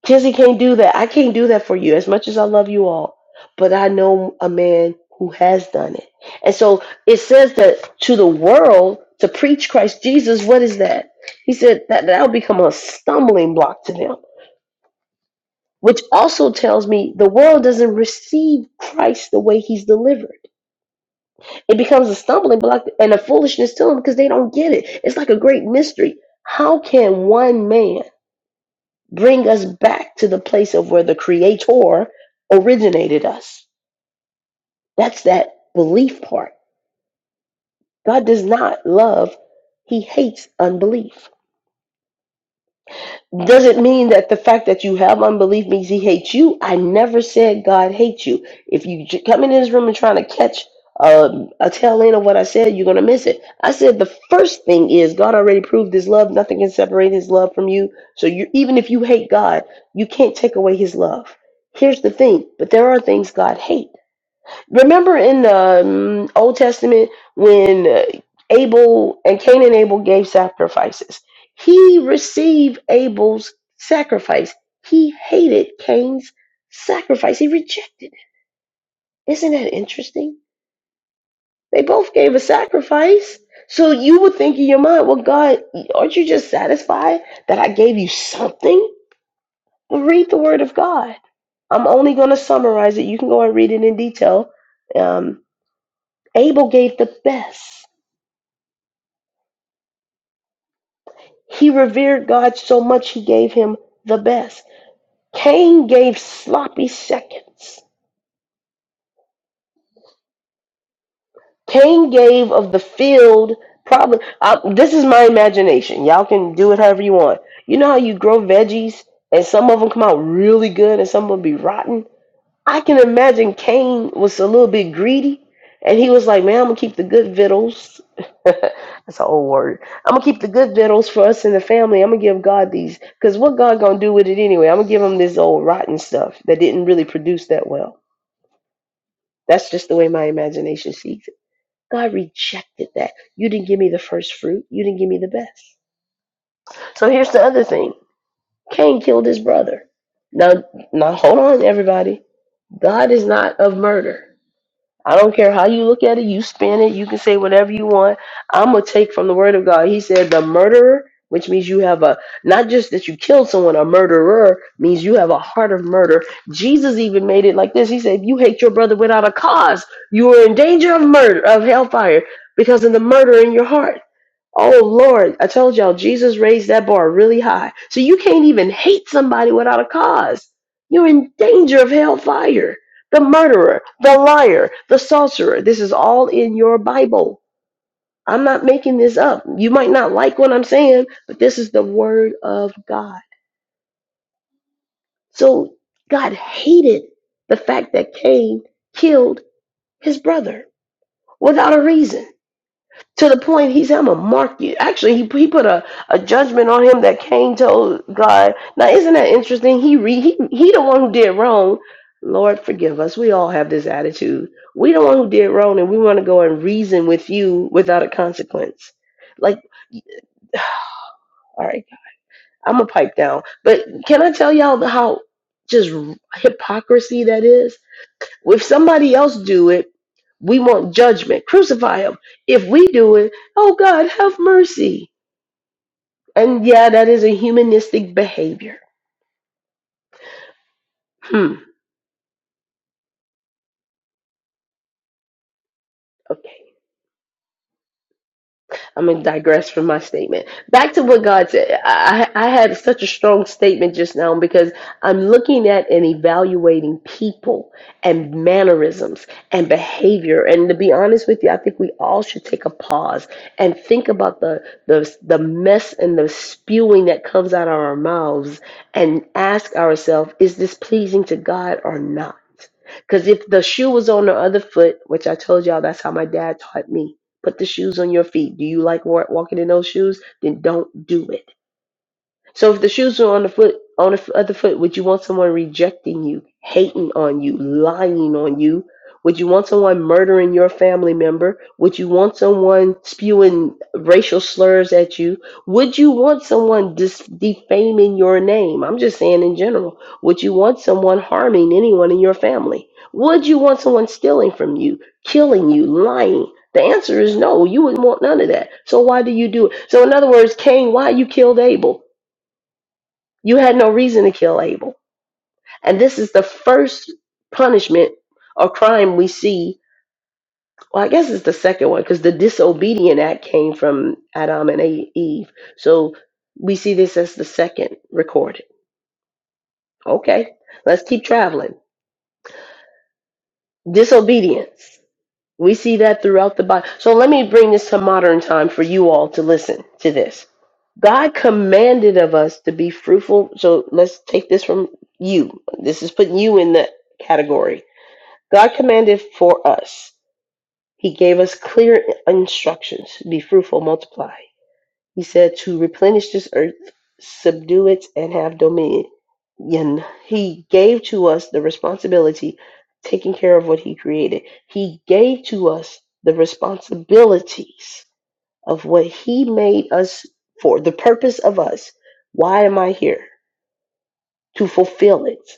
Speaker 1: Jesse can't do that. I can't do that for you as much as I love you all. But I know a man who has done it. And so it says that to the world, to preach Christ Jesus, what is that? He said that that'll become a stumbling block to them, which also tells me the world doesn't receive Christ the way he's delivered. It becomes a stumbling block and a foolishness to them because they don't get it. It's like a great mystery. How can one man? bring us back to the place of where the creator originated us. That's that belief part. God does not love, he hates unbelief. Does it mean that the fact that you have unbelief means he hates you? I never said God hates you. If you j- come in this room and trying to catch um, a tail end of what I said, you're going to miss it. I said the first thing is God already proved his love. Nothing can separate his love from you. So you, even if you hate God, you can't take away his love. Here's the thing, but there are things God hates. Remember in the um, Old Testament when uh, Abel and Cain and Abel gave sacrifices, he received Abel's sacrifice. He hated Cain's sacrifice. He rejected it. Isn't that interesting? They both gave a sacrifice. So you would think in your mind, well, God, aren't you just satisfied that I gave you something? Well, read the Word of God. I'm only going to summarize it. You can go and read it in detail. Um, Abel gave the best. He revered God so much he gave him the best. Cain gave sloppy seconds. Cain gave of the field probably uh, this is my imagination. Y'all can do it however you want. You know how you grow veggies and some of them come out really good and some of them be rotten? I can imagine Cain was a little bit greedy, and he was like, "Man, I'm gonna keep the good victuals." That's an old word. I'm gonna keep the good victuals for us and the family. I'm gonna give God these, cause what God gonna do with it anyway? I'm gonna give him this old rotten stuff that didn't really produce that well. That's just the way my imagination sees it. God rejected that. You didn't give me the first fruit. You didn't give me the best. So here's the other thing. Cain killed his brother. Now, now hold on, everybody. God is not of murder. I don't care how you look at it, you spin it, you can say whatever you want. I'm going to take from the word of God. He said, the murderer, which means you have a, not just that you killed someone, a murderer means you have a heart of murder. Jesus even made it like this. He said, if you hate your brother without a cause, you are in danger of murder, of hellfire, because of the murder in your heart. Oh Lord, I told y'all Jesus raised that bar really high. So you can't even hate somebody without a cause. You're in danger of hellfire. The murderer, the liar, the sorcerer. This is all in your Bible. I'm not making this up. You might not like what I'm saying, but this is the word of God. So God hated the fact that Cain killed his brother without a reason. to the point he said, I'm gonna mark you. Actually, he, he put a, a judgment on him that Cain told God. Now, isn't that interesting? He re, he he the one who did wrong. Lord, forgive us. We all have this attitude. We the one who did wrong, and we want to go and reason with you without a consequence. Like, all right, I'm gonna pipe down. But can I tell y'all how just hypocrisy that is? If somebody else do it, we want judgment. Crucify him. If we do it, oh God, have mercy. And yeah, that is a humanistic behavior. Hmm. Okay. I'm gonna digress from my statement. Back to what God said. I, I had such a strong statement just now because I'm looking at and evaluating people and mannerisms and behavior. And to be honest with you, I think we all should take a pause and think about the the the mess and the spewing that comes out of our mouths, and ask ourselves: Is this pleasing to God or not? Because if the shoe was on the other foot, which I told y'all, that's how my dad taught me Put the shoes on your feet. Do you like wa- walking in those shoes? Then don't do it. So if the shoes are on the foot on the f- other foot, would you want someone rejecting you, hating on you, lying on you? Would you want someone murdering your family member? Would you want someone spewing racial slurs at you? Would you want someone dis- defaming your name? I'm just saying in general. Would you want someone harming anyone in your family? Would you want someone stealing from you, killing you, lying? The answer is no. You wouldn't want none of that. So why do you do it? So in other words, Cain, why you killed Abel? You had no reason to kill Abel. And this is the first punishment or crime we see. Well, I guess it's the second one because the disobedient act came from Adam and A- Eve. So we see this as the second recorded. Okay, let's keep traveling. Disobedience. We see that throughout the Bible. So let me bring this to modern time for you all to listen to this. God commanded of us to be fruitful. So let's take this from you. This is putting you in the category God commanded for us. He gave us clear instructions be fruitful, multiply. He said to replenish this earth, subdue it, and have dominion. He gave to us the responsibility of taking care of what He created. He gave to us the responsibilities of what He made us for, the purpose of us. Why am I here? To fulfill it.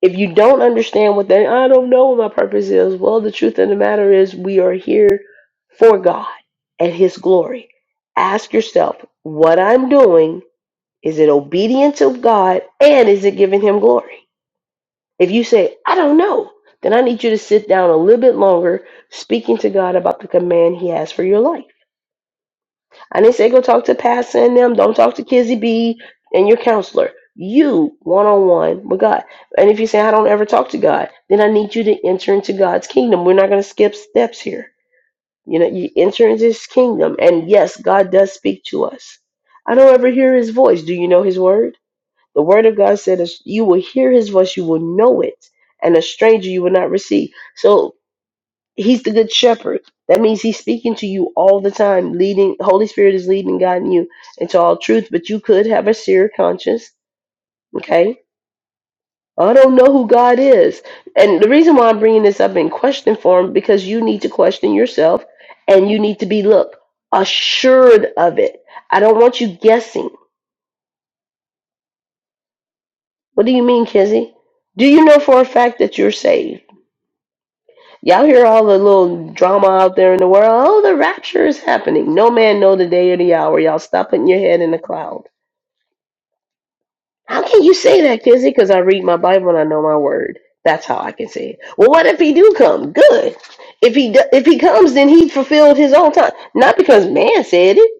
Speaker 1: If you don't understand what that, I don't know what my purpose is. Well, the truth of the matter is, we are here for God and His glory. Ask yourself, what I'm doing, is it obedient to God and is it giving Him glory? If you say, I don't know, then I need you to sit down a little bit longer speaking to God about the command He has for your life. I didn't say go talk to Pastor and them. Don't talk to Kizzy B and your counselor. You one on one with God. And if you say I don't ever talk to God, then I need you to enter into God's kingdom. We're not going to skip steps here. You know, you enter into His kingdom, and yes, God does speak to us. I don't ever hear His voice. Do you know His word? The word of God said, "You will hear His voice. You will know it, and a stranger you will not receive." So He's the good shepherd. That means he's speaking to you all the time, leading Holy Spirit is leading and guiding you into all truth, but you could have a seer conscience, okay? I don't know who God is. And the reason why I'm bringing this up in question form because you need to question yourself and you need to be look assured of it. I don't want you guessing. What do you mean, Kizzy? Do you know for a fact that you're saved? Y'all hear all the little drama out there in the world. Oh, the rapture is happening. No man know the day or the hour. Y'all stop putting your head in the cloud. How can you say that, Kizzy? Because I read my Bible and I know my word. That's how I can say it. Well, what if he do come? Good. If he do, if he comes, then he fulfilled his own time. Not because man said it.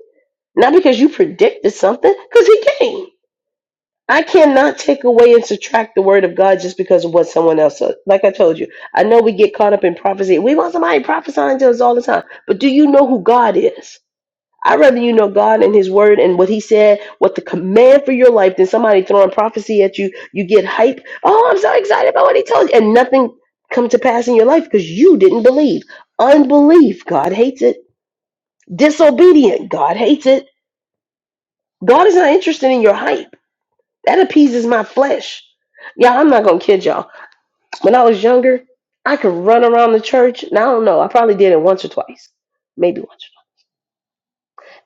Speaker 1: Not because you predicted something. Because he came. I cannot take away and subtract the word of God just because of what someone else said. Like I told you, I know we get caught up in prophecy. We want somebody prophesying to us all the time. But do you know who God is? I'd rather you know God and His Word and what He said, what the command for your life, than somebody throwing prophecy at you. You get hype. Oh, I'm so excited about what He told you, and nothing come to pass in your life because you didn't believe. Unbelief, God hates it. Disobedient, God hates it. God is not interested in your hype. That appeases my flesh. y'all. I'm not gonna kid y'all. When I was younger, I could run around the church. Now I don't know. I probably did it once or twice, maybe once. Or twice.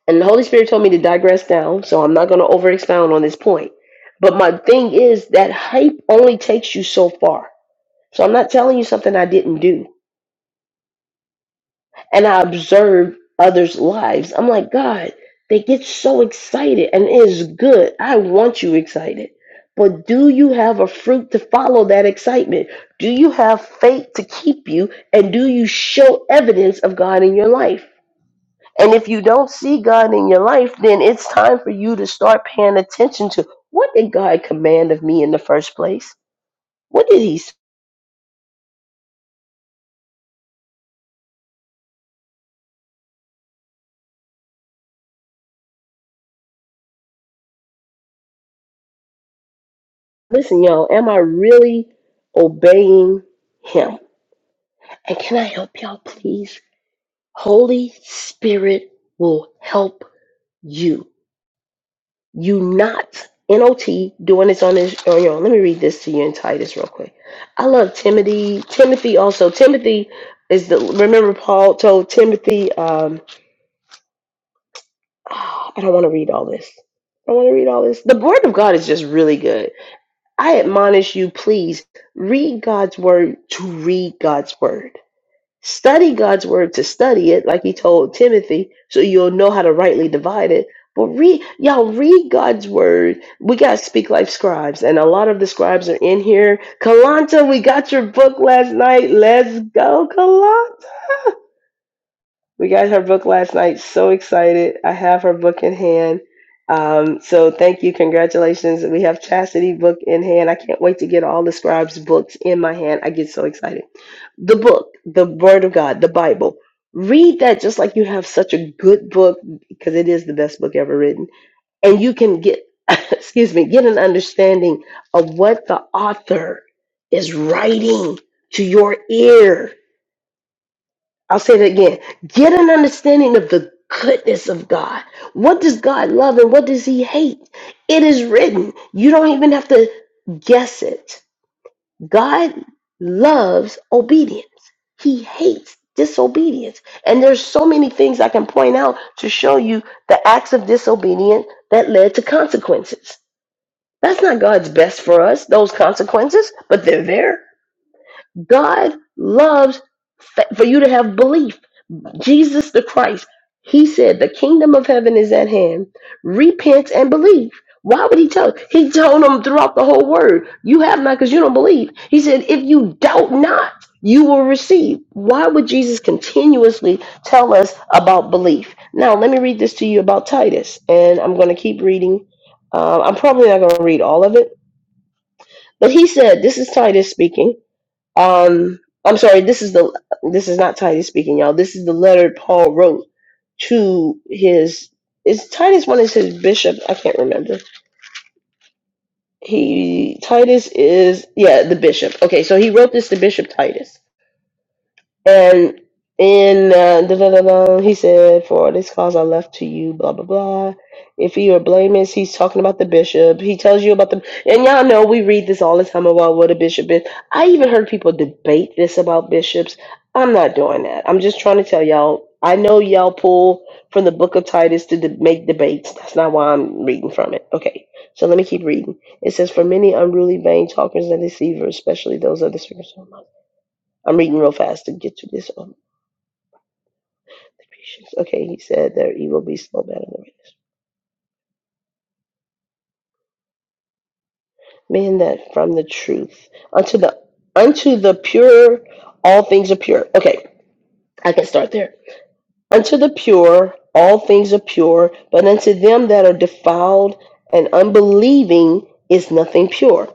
Speaker 1: And the Holy Spirit told me to digress down, so I'm not gonna over expound on this point. But my thing is that hype only takes you so far. So I'm not telling you something I didn't do. and I observe others' lives. I'm like, God, they get so excited and it is good. I want you excited. But do you have a fruit to follow that excitement? Do you have faith to keep you? And do you show evidence of God in your life? And if you don't see God in your life, then it's time for you to start paying attention to what did God command of me in the first place? What did He say? Listen, y'all, am I really obeying Him? And can I help y'all, please? Holy Spirit will help you. You not not doing this on his on your own. Let me read this to you in Titus real quick. I love Timothy. Timothy also. Timothy is the remember Paul told Timothy. Um, ah, I don't want to read all this. I want to read all this. The word of God is just really good. I admonish you, please read God's word to read God's word. Study God's word to study it, like he told Timothy, so you'll know how to rightly divide it. But read, y'all read God's word. We got to speak like scribes, and a lot of the scribes are in here. Kalanta, we got your book last night. Let's go, we got her book last night. So excited. I have her book in hand. Um, so thank you. Congratulations. We have Chastity book in hand. I can't wait to get all the scribes books in my hand. I get so excited. The book, the word of God, the Bible. Read that just like you have such a good book because it is the best book ever written. And you can get, excuse me, get an understanding of what the author is writing to your ear I'll say it again. Get an understanding of the goodness of God. What does God love and what does He hate? It is written. You don't even have to guess it. God loves obedience, He hates disobedience. And there's so many things I can point out to show you the acts of disobedience that led to consequences. That's not God's best for us, those consequences, but they're there. God loves fa- for you to have belief. Jesus the Christ, he said, The kingdom of heaven is at hand. Repent and believe. Why would he tell? us? He told them throughout the whole word, You have not because you don't believe. He said, If you doubt not, you will receive. Why would Jesus continuously tell us about belief? Now, let me read this to you about Titus, and I'm going to keep reading. Uh, I'm probably not going to read all of it, but he said, This is Titus speaking. Um, I'm sorry. This is the this is not Titus speaking, y'all. This is the letter Paul wrote to his is Titus one is his bishop. I can't remember. He Titus is yeah the bishop. Okay, so he wrote this to Bishop Titus. And in uh, da, da, da, da, he said, "For this cause I left to you." Blah blah blah. If he were blameless, he's talking about the bishop. He tells you about the and y'all know we read this all the time about what a bishop is. I even heard people debate this about bishops. I'm not doing that. I'm just trying to tell y'all. I know y'all pull from the book of Titus to de- make debates. That's not why I'm reading from it. Okay, so let me keep reading. It says, "For many unruly, vain talkers and deceivers, especially those of the spiritual." I'm reading real fast to get to this. Um, patience. Okay, he said their evil beasts no better than men that from the truth unto the unto the pure all things are pure. Okay, I can start there. Unto the pure all things are pure, but unto them that are defiled and unbelieving is nothing pure.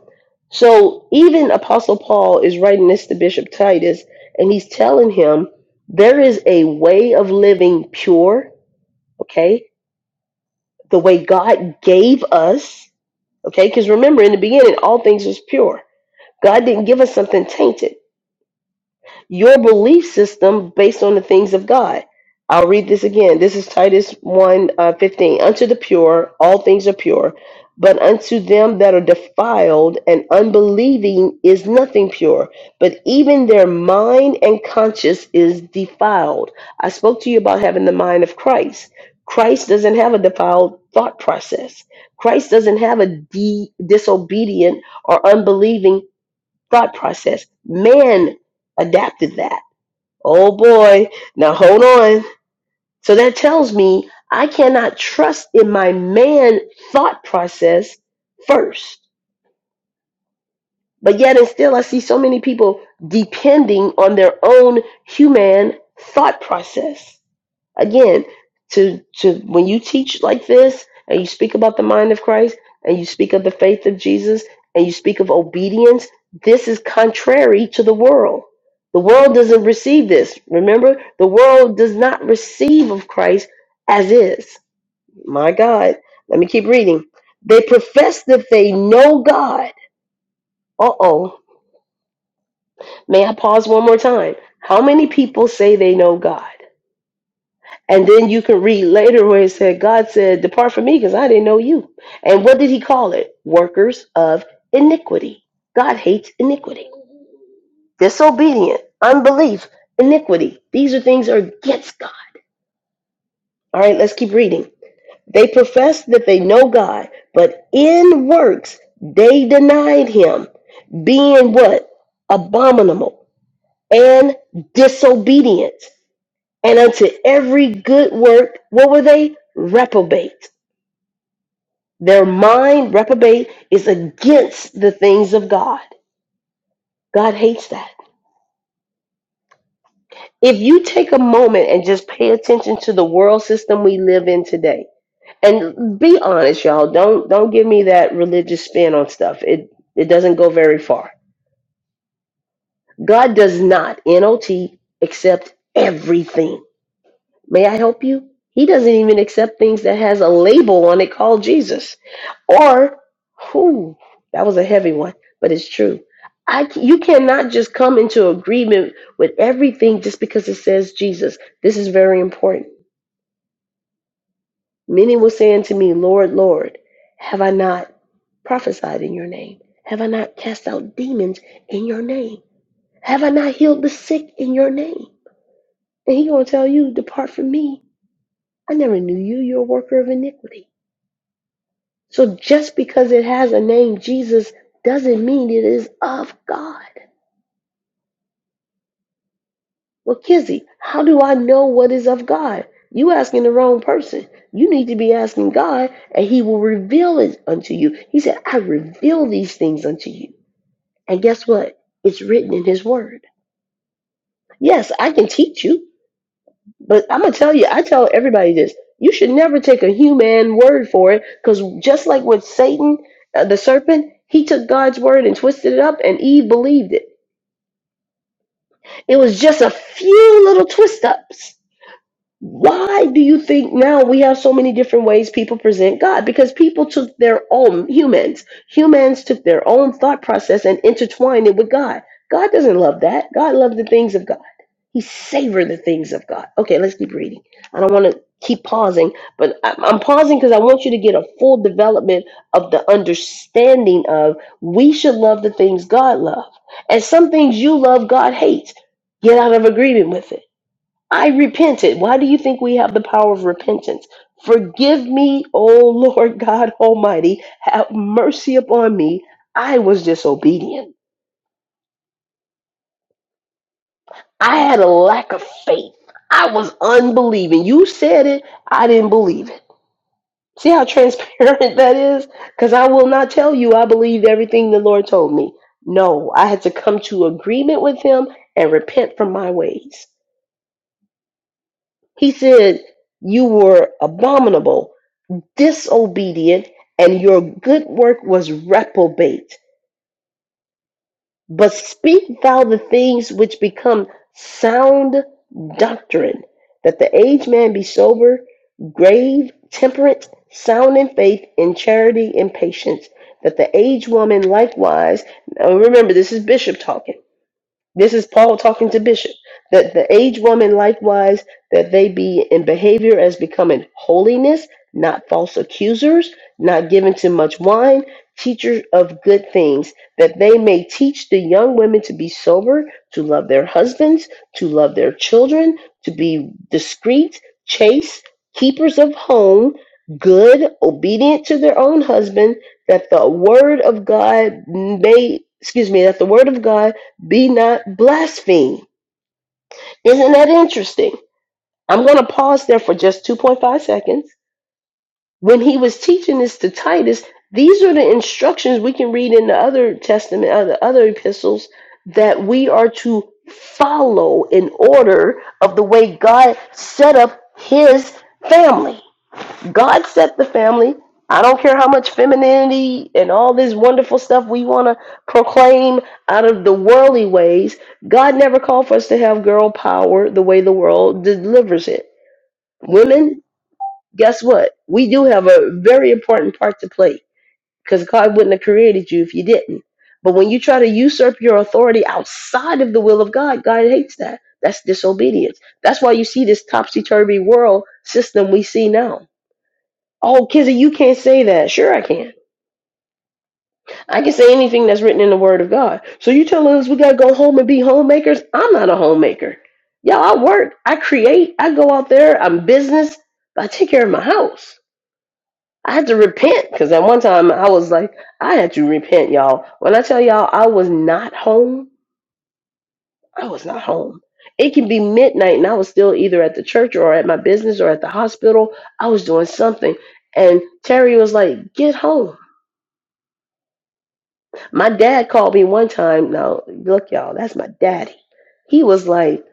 Speaker 1: So even Apostle Paul is writing this to Bishop Titus, and he's telling him there is a way of living pure. Okay, the way God gave us, okay? Because remember, in the beginning, all things was pure. God didn't give us something tainted your belief system based on the things of God. I'll read this again. This is Titus 1 uh, 15. Unto the pure, all things are pure, but unto them that are defiled and unbelieving is nothing pure, but even their mind and conscience is defiled. I spoke to you about having the mind of Christ. Christ doesn't have a defiled thought process. Christ doesn't have a de- disobedient or unbelieving thought process. Man adapted that. Oh boy, now hold on. So that tells me I cannot trust in my man thought process first. But yet, and still, I see so many people depending on their own human thought process again to to when you teach like this and you speak about the mind of Christ and you speak of the faith of Jesus and you speak of obedience this is contrary to the world the world doesn't receive this remember the world does not receive of Christ as is my god let me keep reading they profess that they know God uh-oh may i pause one more time how many people say they know God And then you can read later where it said, God said, Depart from me because I didn't know you. And what did he call it? Workers of iniquity. God hates iniquity. Disobedient, unbelief, iniquity. These are things that are against God. All right, let's keep reading. They profess that they know God, but in works they denied him, being what? Abominable and disobedient. And unto every good work, what were they? Reprobate Their mind, reprobate, is against the things of God. God hates that. If you take a moment and just pay attention to the world system we live in today, and be honest, y'all, don't don't give me that religious spin on stuff. It it doesn't go very far. God does not NOT accept everything. May I help you? He doesn't even accept things that has a label on it called Jesus. Or, who? That was a heavy one, but it's true. I c- you cannot just come into agreement with everything just because it says Jesus. This is very important. Many were saying to me, Lord, Lord, have I not prophesied in your name? Have I not cast out demons in your name? Have I not healed the sick in your name? And he gonna tell you, depart from me. I never knew you. You're a worker of iniquity. So just because it has a name, Jesus, doesn't mean it is of God. Well, Kizzy, how do I know what is of God? You asking the wrong person. You need to be asking God, and He will reveal it unto you. He said, I reveal these things unto you. And guess what? It's written in His Word. Yes, I can teach you. But I'm gonna tell you, I tell everybody this: you should never take a human word for it, because just like with Satan, uh, the serpent, he took God's word and twisted it up, and Eve believed it. It was just a few little twist ups. Why do you think now we have so many different ways people present God? Because people took their own humans, humans took their own thought process and intertwined it with God. God doesn't love that. God loves the things of God. He savor the things of God. Okay, let's keep reading. I don't want to keep pausing, but I- I'm pausing because I want you to get a full development of the understanding of we should love the things God loves, and some things you love God hates. Get out of agreement with it I repented. Why do you think we have the power of repentance? Forgive me, O Lord God Almighty. Have mercy upon me. I was disobedient. I had a lack of faith. I was unbelieving. You said it. I didn't believe it. See how transparent that is? Because I will not tell you I believed everything the Lord told me. No, I had to come to agreement with Him and repent from my ways. He said, You were abominable disobedient, and your good work was reprobate. But speak thou the things which become sound doctrine, that the aged man be sober, grave, temperate, sound in faith, in charity, in patience. That the aged woman likewise, now remember this is Bishop talking this is Paul talking to Bishop. That the aged woman likewise, that they be in behavior as becoming holiness, not false accusers, not given to much wine, teachers of good things, that they may teach the young women to be sober, to love their husbands, to love their children, to be discreet, chaste, keepers of home, good, obedient to their own husband, that the word of God may, excuse me, that the word of God be not blasphemed. Isn't that interesting? I'm going to pause there for just 2.5 seconds. When he was teaching this to Titus, these are the instructions we can read in the other testament, uh, the other epistles, that we are to follow in order of the way God set up his family. God set the family. I don't care how much femininity and all this wonderful stuff we want to proclaim out of the worldly ways. God never called for us to have girl power the way the world delivers it. Women, guess what? We do have a very important part to play because God wouldn't have created you if you didn't. But when you try to usurp your authority outside of the will of God, God hates that. That's disobedience. That's why you see this topsy turvy world system we see now Oh, Kizzy, you can't say that. Sure, I can. I can say anything that's written in the Word of God. So you telling us we gotta go home and be homemakers? I'm not a homemaker. Y'all, I work, I create, I go out there, I'm business, but I take care of my house. I had to repent because at one time I was like, I had to repent, y'all. When I tell y'all I was not home, I was not home. It can be midnight and I was still either at the church or at my business or at the hospital. I was doing something. And Terry was like, get home. My dad called me one time. Now, look, y'all, that's my daddy. He was like,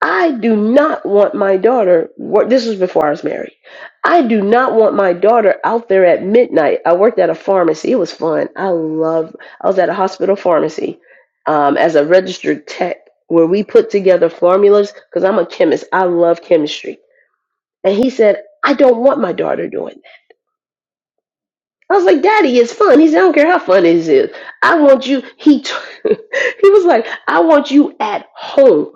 Speaker 1: I do not want my daughter, wor- this was before I was married. I do not want my daughter out there at midnight. I worked at a pharmacy. It was fun. I love, I was at a hospital pharmacy um, as a registered tech where we put together formulas because I'm a chemist. I love chemistry. And he said, I don't want my daughter doing that. I was like, Daddy, it's fun. He said, I don't care how fun it is. I want you. He t- he was like, I want you at home.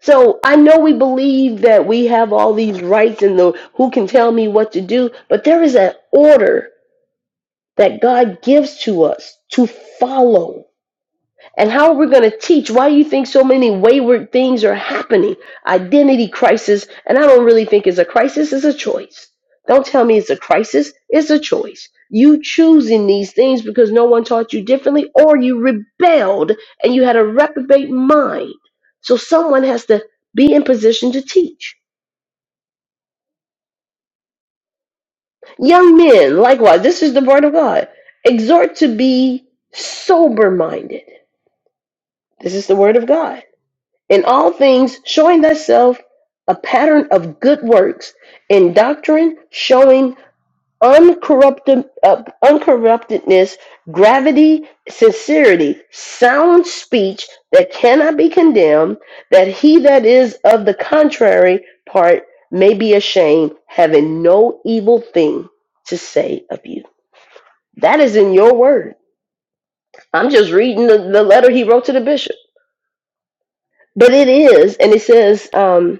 Speaker 1: So I know we believe that we have all these rights and the who can tell me what to do, but there is an order that God gives to us to follow. And how are we going to teach? Why do you think so many wayward things are happening? Identity crisis, and I don't really think it's a crisis, it's a choice. Don't tell me it's a crisis, it's a choice. You choosing these things because no one taught you differently, or you rebelled and you had a reprobate mind. So someone has to be in position to teach. Young men, likewise, this is the word of God. Exhort to be sober minded. This is the word of God in all things showing thyself a pattern of good works in doctrine showing uncorrupted uh, uncorruptedness gravity sincerity sound speech that cannot be condemned that he that is of the contrary part may be ashamed having no evil thing to say of you that is in your word i'm just reading the, the letter he wrote to the bishop but it is and it says um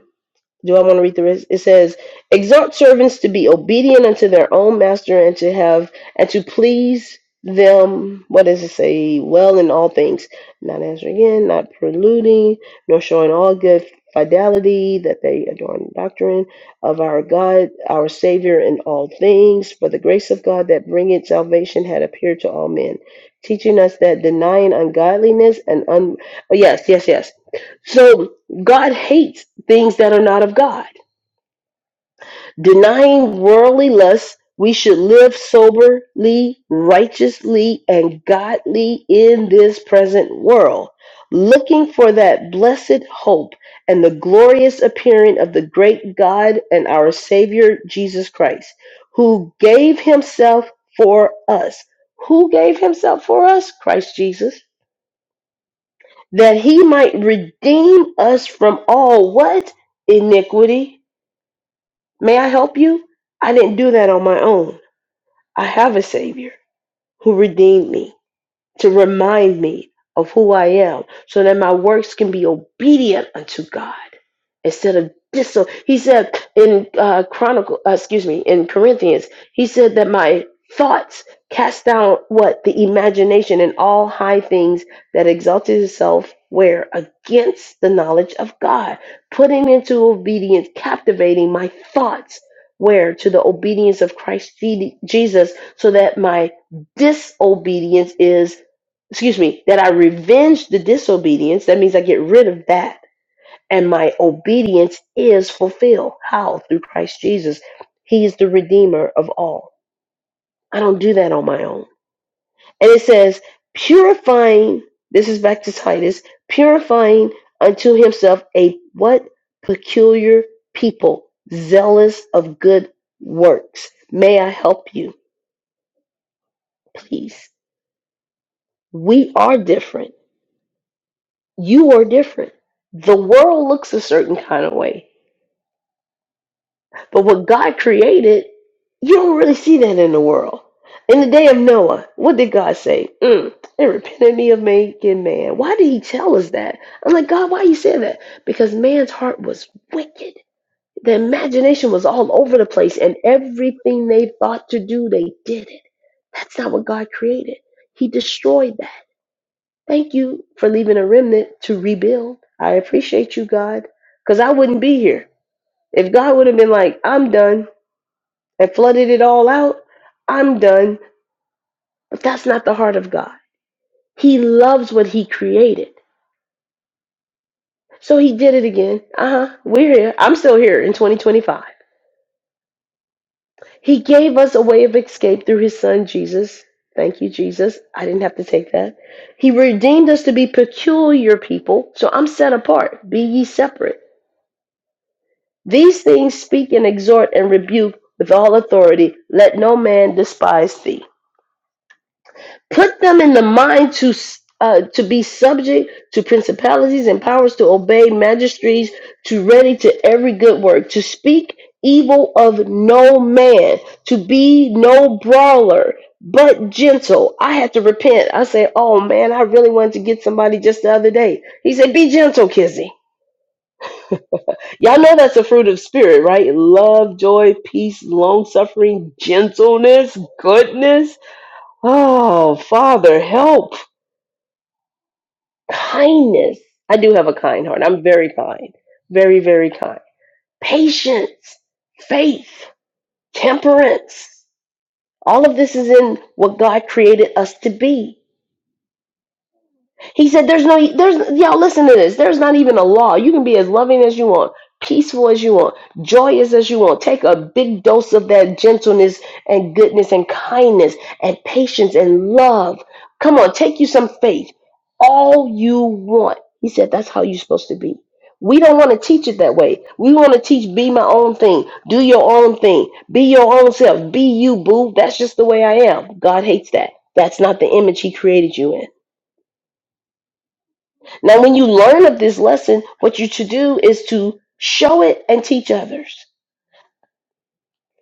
Speaker 1: Do I want to read the rest? It says, "Exhort servants to be obedient unto their own master, and to have and to please them." What does it say? Well, in all things, not answering in, not preluding, nor showing all good fidelity, that they adorn the doctrine of our God, our Savior, in all things. For the grace of God that bringeth salvation had appeared to all men, teaching us that denying ungodliness and un oh, yes, yes, yes. So God hates things that are not of God. Denying worldly lusts, we should live soberly, righteously, and godly in this present world, looking for that blessed hope and the glorious appearing of the great God and our Savior Jesus Christ, who gave himself for us. Who gave himself for us? Christ Jesus. That he might redeem us from all what? Iniquity May I help you? I didn't do that on my own. I have a Savior who redeemed me to remind me of who I am so that my works can be obedient unto God instead of dis. He said in uh, Chronicle, uh, excuse me, in Corinthians, he said that my thoughts cast down what the imagination and all high things that exalted itself where against the knowledge of God, putting into obedience, captivating my thoughts where to the obedience of Christ Je- Jesus, so that my disobedience is. Excuse me, that I revenge the disobedience. That means I get rid of that and my obedience is fulfilled. How? Through Christ Jesus. He is the Redeemer of all. I don't do that on my own. And it says, purifying, this is back to Titus, purifying unto himself a what? Peculiar people, zealous of good works. May I help you, please? We are different. You are different. The world looks a certain kind of way But what God created, you don't really see that in the world. In the day of Noah, what did God say? Mm, it repented me of making man. Why did he tell us that? I'm like, God, why you say that? Because man's heart was wicked. The imagination was all over the place, and everything they thought to do, they did it. That's not what God created. He destroyed that. Thank you for leaving a remnant to rebuild. I appreciate you, God, because I wouldn't be here. If God would have been like, I'm done, and flooded it all out, I'm done. But that's not the heart of God. He loves what He created. So He did it again. Uh huh. We're here. I'm still here in 2025. He gave us a way of escape through His Son, Jesus. Thank you, Jesus. I didn't have to take that. He redeemed us to be peculiar people. So I'm set apart. Be ye separate. These things speak and exhort and rebuke with all authority. Let no man despise thee. put them in the mind to s- uh, to be subject to principalities and powers to obey magistrates to ready to every good work to speak evil of no man to be no brawler but gentle i had to repent i said oh man i really wanted to get somebody just the other day he said be gentle kizzy y'all know that's a fruit of spirit right love joy peace long suffering gentleness goodness oh father help kindness. I do have a kind heart. I'm very kind, very, very kind. Patience, faith, temperance. All of this is in what God created us to be. He said, "There's no, there's y'all listen to this. There's not even a law. You can be as loving as you want, peaceful as you want, joyous as you want. Take a big dose of that gentleness and goodness and kindness and patience and love. Come on, take you some faith, all you want." He said, "That's how you're supposed to be." We don't want to teach it that way. We want to teach be my own thing, do your own thing, be your own self, be you, boo. That's just the way I am. God hates that. That's not the image He created you in. Now, when you learn of this lesson, what you should do is to show it and teach others.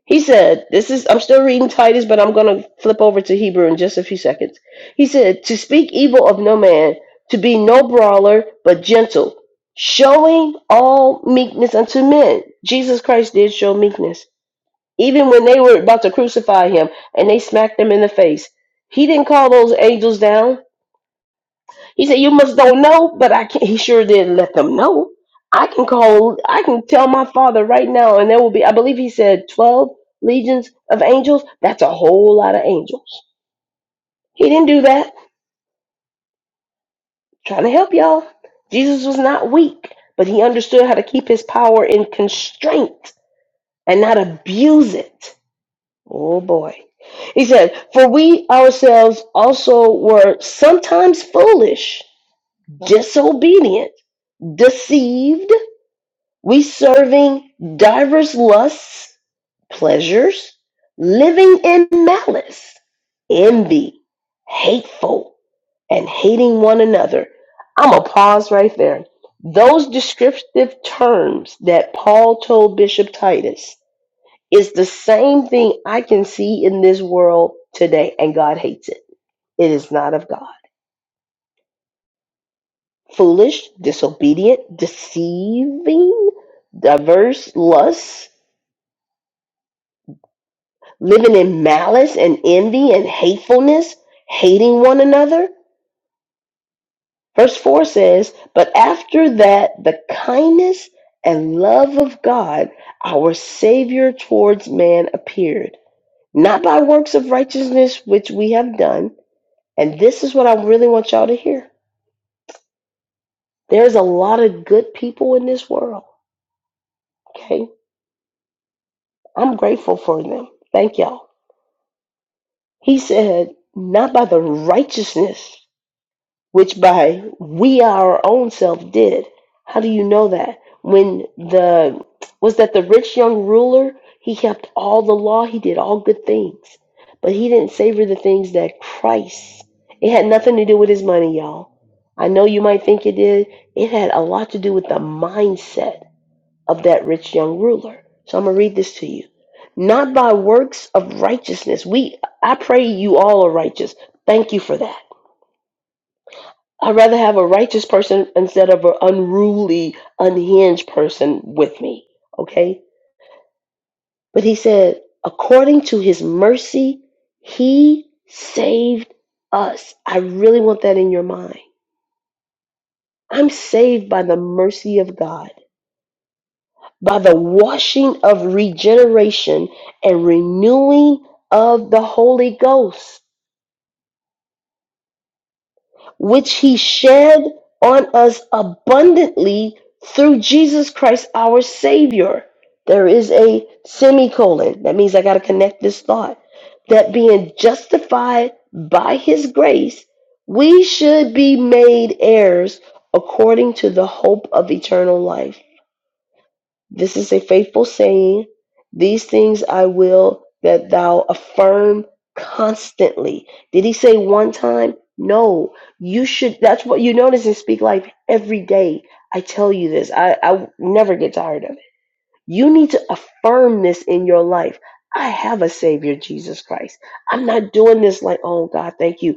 Speaker 1: He said, This is, I'm still reading Titus, but I'm going to flip over to Hebrew in just a few seconds. He said, To speak evil of no man, to be no brawler, but gentle, showing all meekness unto men. Jesus Christ did show meekness. Even when they were about to crucify him and they smacked him in the face, he didn't call those angels down. He said, "You must don't know, but I can't." He sure did not let them know. I can call. I can tell my father right now, and there will be. I believe he said twelve legions of angels. That's a whole lot of angels. He didn't do that. Trying to help y'all. Jesus was not weak, but he understood how to keep his power in constraint and not abuse it. Oh boy. He said, For we ourselves also were sometimes foolish, disobedient, deceived We serving diverse lusts, pleasures, living in malice, envy, hateful, and hating one another. I'm going to pause right there. Those descriptive terms that Paul told Bishop Titus is the same thing I can see in this world today, and God hates it. It is not of God. Foolish, disobedient, deceiving, diverse lusts, living in malice and envy and hatefulness, hating one another. Verse 4 says, But after that, the kindness and love of God, our Savior towards man, appeared, not by works of righteousness which we have done. And this is what I really want y'all to hear. There's a lot of good people in this world. Okay. I'm grateful for them. Thank y'all. He said, Not by the righteousness. which by we our own self did. How do you know that? When the was that the rich young ruler, he kept all the law, he did all good things, but he didn't savor the things that Christ. It had nothing to do with his money, y'all. I know you might think it did. It had a lot to do with the mindset of that rich young ruler. So I'm gonna read this to you. Not by works of righteousness. We I pray you all are righteous. Thank you for that I'd rather have a righteous person instead of an unruly, unhinged person with me. Okay? But he said, according to his mercy, he saved us. I really want that in your mind. I'm saved by the mercy of God, by the washing of regeneration and renewing of the Holy Ghost. which he shed on us abundantly through Jesus Christ our Savior. There is a semicolon. That means I got to connect this thought. That being justified by his grace, we should be made heirs according to the hope of eternal life. This is a faithful saying. These things I will that thou affirm constantly. Did he say one time? No. You should, that's what you notice in Speak Life every day. I tell you this, I, I never get tired of it. You need to affirm this in your life. I have a Savior, Jesus Christ. I'm not doing this like, oh God, thank you.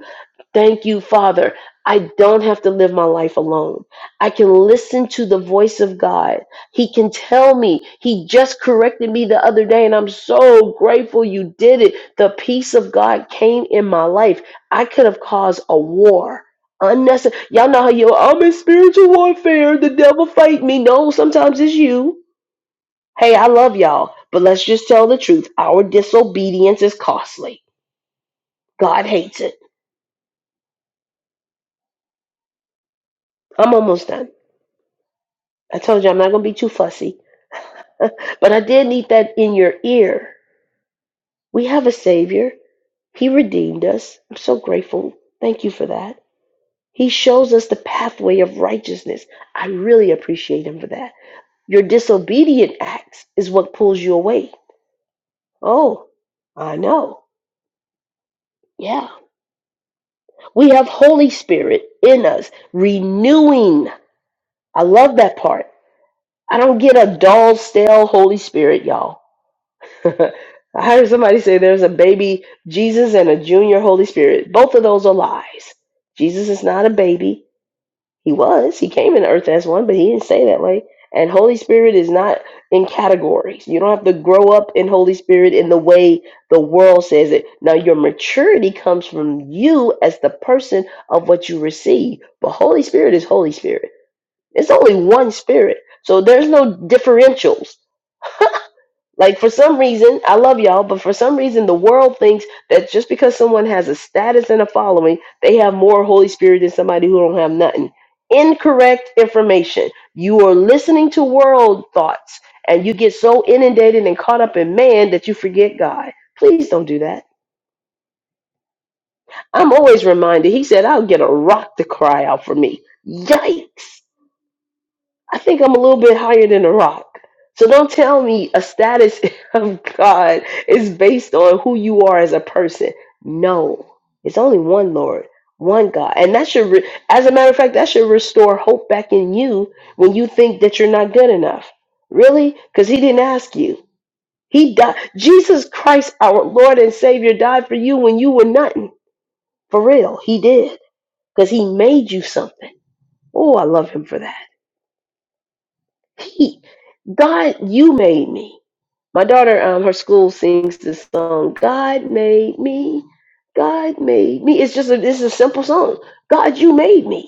Speaker 1: Thank you, Father. I don't have to live my life alone. I can listen to the voice of God. He can tell me. He just corrected me the other day, and I'm so grateful you did it. The peace of God came in my life. I could have caused a war. Unnecessary. Y'all know how you I'm in spiritual warfare. The devil fight me. No, sometimes it's you. Hey, I love y'all, but let's just tell the truth. Our disobedience is costly. God hates it. I'm almost done. I told you I'm not going to be too fussy, but I did need that in your ear. We have a Savior. He redeemed us. I'm so grateful. Thank you for that. He shows us the pathway of righteousness. I really appreciate Him for that. Your disobedient acts is what pulls you away. Oh, I know. Yeah. We have Holy Spirit in us, renewing. I love that part. I don't get a dull, stale Holy Spirit, y'all. I heard somebody say there's a baby Jesus and a junior Holy Spirit. Both of those are lies. Jesus is not a baby. He was. He came in earth as one, but he didn't say that way. And Holy Spirit is not in categories. You don't have to grow up in Holy Spirit in the way the world says it. Now, your maturity comes from you as the person of what you receive. But Holy Spirit is Holy Spirit. It's only one spirit. So there's no differentials. Like for some reason, I love y'all, but for some reason the world thinks that just because someone has a status and a following, they have more Holy Spirit than somebody who don't have nothing. Incorrect information. You are listening to world thoughts and you get so inundated and caught up in man that you forget God. Please don't do that. I'm always reminded, he said, I'll get a rock to cry out for me. Yikes. I think I'm a little bit higher than a rock. So don't tell me a status of God is based on who you are as a person. No, it's only one Lord, one God. And that should, re- as a matter of fact, that should restore hope back in you when you think that you're not good enough. Really? Because He didn't ask you. He died. Jesus Christ, our Lord and Savior, died for you when you were nothing. For real, He did. Because He made you something. Oh, I love Him for that. He, God, you made me. My daughter, um, her school sings this song, God made me, God made me. It's just a, it's a simple song. God, you made me.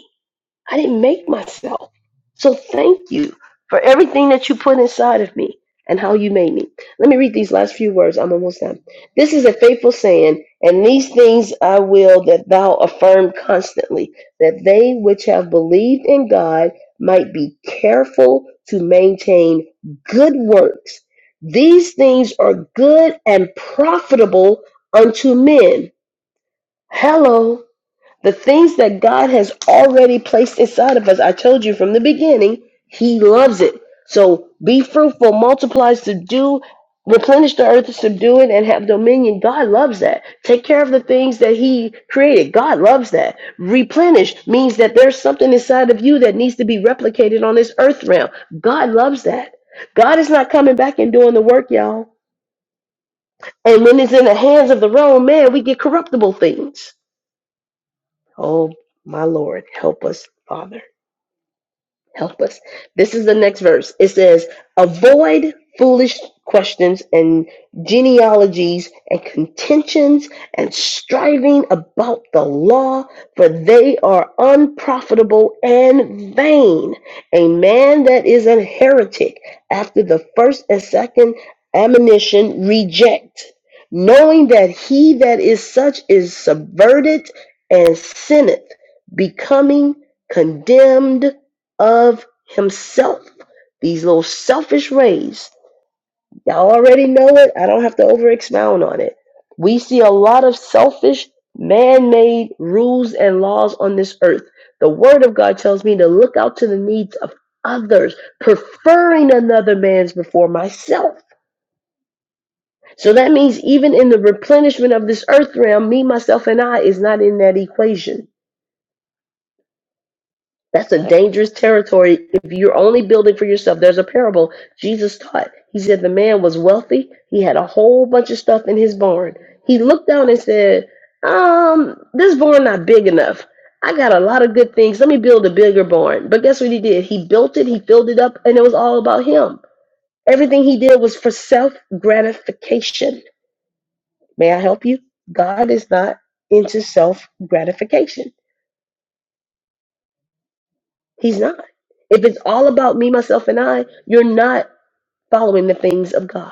Speaker 1: I didn't make myself. So thank you for everything that you put inside of me and how you made me. Let me read these last few words. I'm almost done. This is a faithful saying, and these things I will that thou affirm constantly, that they which have believed in God might be careful to maintain good works. These things are good and profitable unto men. Hello. The things that God has already placed inside of us, I told you from the beginning, He loves it. So be fruitful, multiply, subdue, replenish the earth, subdue it, and have dominion. God loves that. Take care of the things that He created. God loves that. Replenish means that there's something inside of you that needs to be replicated on this earth realm. God loves that. God is not coming back and doing the work, y'all. And when it's in the hands of the wrong man, we get corruptible things. Oh, my Lord, help us, Father help us. This is the next verse. It says, Avoid foolish questions and genealogies and contentions and striving about the law, for they are unprofitable and vain. A man that is a heretic after the first and second admonition reject, knowing that he that is such is subverted and sinneth, becoming condemned of himself. These little selfish rays. Y'all already know it. I don't have to over expound on it. We see a lot of selfish, man made rules and laws on this earth. The Word of God tells me to look out to the needs of others, preferring another man's before myself. So that means even in the replenishment of this earth realm, me, myself, and I is not in that equation. That's a dangerous territory. If you're only building for yourself, there's a parable Jesus taught. He said the man was wealthy. He had a whole bunch of stuff in his barn. He looked down and said, "Um, this barn not big enough. I got a lot of good things. Let me build a bigger barn." But guess what he did? He built it. He filled it up, and it was all about him. Everything he did was for self gratification. May I help you? God is not into self gratification. He's not. If it's all about me, myself, and I, you're not following the things of God.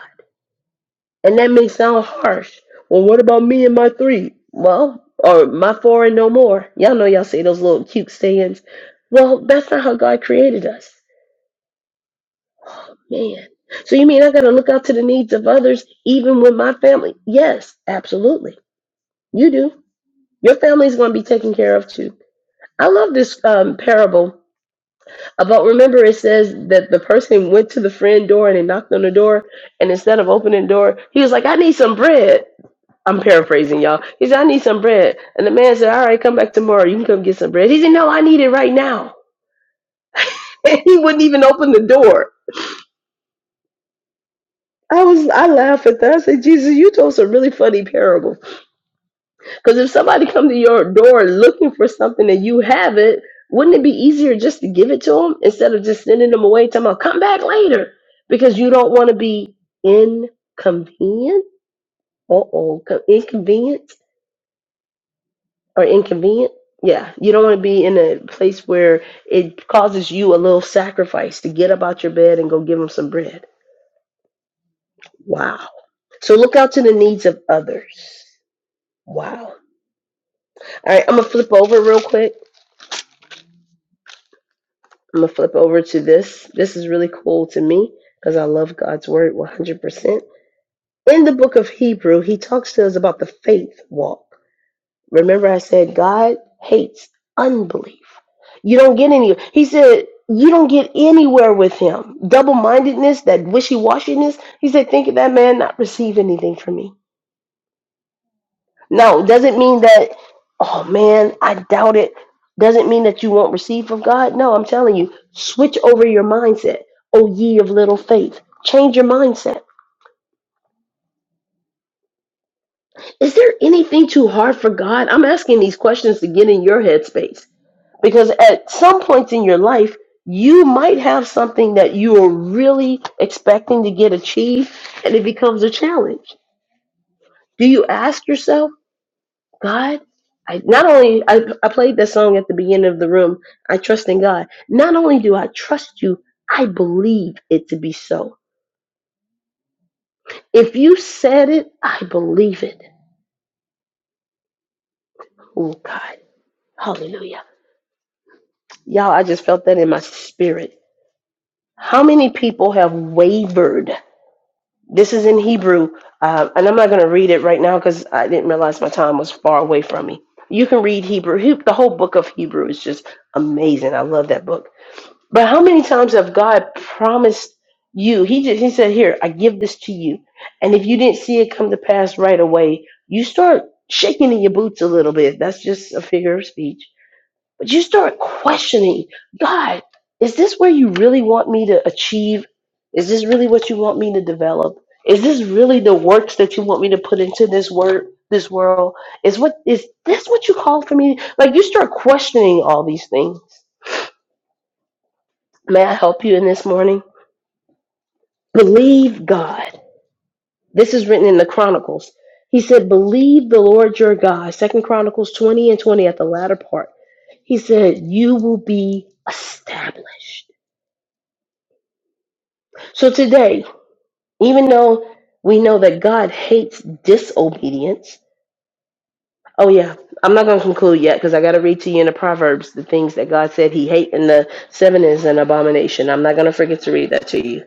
Speaker 1: And that may sound harsh. Well, what about me and my three? Well, or my four and no more. Y'all know y'all say those little cute sayings. Well, that's not how God created us. Man. So you mean I gotta look out to the needs of others even with my family? Yes, absolutely. You do. Your family's gonna be taken care of too. I love this um, parable About remember, it says that the person went to the friend door and they knocked on the door, and instead of opening the door, he was like, "I need some bread." I'm paraphrasing y'all. He said, "I need some bread," and the man said, "All right, come back tomorrow. You can come get some bread." He said, "No, I need it right now," and he wouldn't even open the door. I was I laugh at that. I said, "Jesus, you told some really funny parables." Because if somebody come to your door looking for something and you have it, wouldn't it be easier just to give it to them instead of just sending them away? Talking about come back later because you don't want to be inconvenient. Uh oh, inconvenient or inconvenient. Yeah, you don't want to be in a place where it causes you a little sacrifice to get up out your bed and go give them some bread. Wow. So look out to the needs of others. Wow. All right, I'm gonna flip over real quick. I'm gonna flip over to this. This is really cool to me because I love God's word 100%. In the book of Hebrew, he talks to us about the faith walk. Remember, I said God hates unbelief. You don't get any. He said you don't get anywhere with him. Double mindedness, that wishy washiness. He said, think of that man not receive anything from me. No, doesn't mean that, oh man, I doubt it. Doesn't mean that you won't receive from God. No, I'm telling you, switch over your mindset. Oh, ye of little faith. Change your mindset. Is there anything too hard for God? I'm asking these questions to get in your headspace because at some points in your life, you might have something that you are really expecting to get achieved and it becomes a challenge. Do you ask yourself? God, I not only I, I played that song at the beginning of the room, I trust in God. Not only do I trust you, I believe it to be so. If you said it, I believe it. Oh God. Hallelujah. Y'all, I just felt that in my spirit. How many people have wavered? This is in Hebrew, uh, and I'm not going to read it right now because I didn't realize my time was far away from me. You can read Hebrew. He- The whole book of Hebrew is just amazing. I love that book But how many times have God promised you? He just he said, "Here, I give this to you," and if you didn't see it come to pass right away, you start shaking in your boots a little bit. That's just a figure of speech, but you start questioning God. Is this where you really want me to achieve? Is this really what you want me to develop? Is this really the works that you want me to put into this work, this world? Is what is this what you call for me? Like you start questioning all these things. May I help you in this morning? Believe God. This is written in the Chronicles. He said, Believe the Lord your God. Second Chronicles 20 and 20 at the latter part. He said, You will be established. So today, even though we know that God hates disobedience, oh yeah, I'm not going to conclude yet because I got to read to you in the Proverbs the things that God said he hates and the seven is an abomination. I'm not going to forget to read that to you.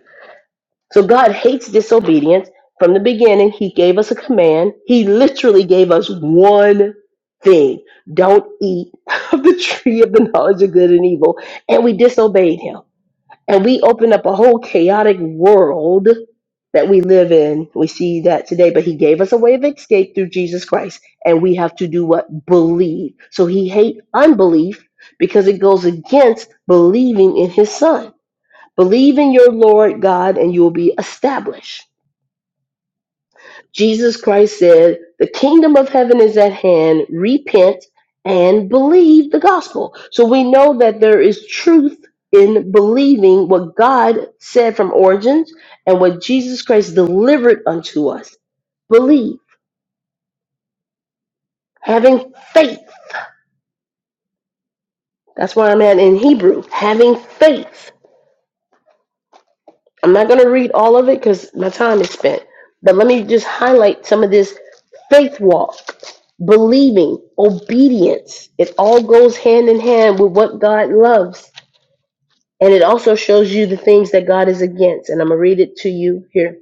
Speaker 1: So God hates disobedience. From the beginning, He gave us a command. He literally gave us one thing don't eat of the tree of the knowledge of good and evil. And we disobeyed Him. And we opened up a whole chaotic world that we live in. We see that today, but He gave us a way of escape through Jesus Christ. And we have to do what? Believe. So He hates unbelief because it goes against believing in His Son. Believe in your Lord God and you will be established. Jesus Christ said, The kingdom of heaven is at hand. Repent and believe the gospel. So we know that there is truth in believing what God said from origins and what Jesus Christ delivered unto us. Believe, having faith. That's why I'm at in Hebrew, having faith. I'm not going to read all of it because my time is spent, but let me just highlight some of this faith walk. believing, obedience. It all goes hand in hand with what God loves. And it also shows you the things that God is against. And I'm going to read it to you here.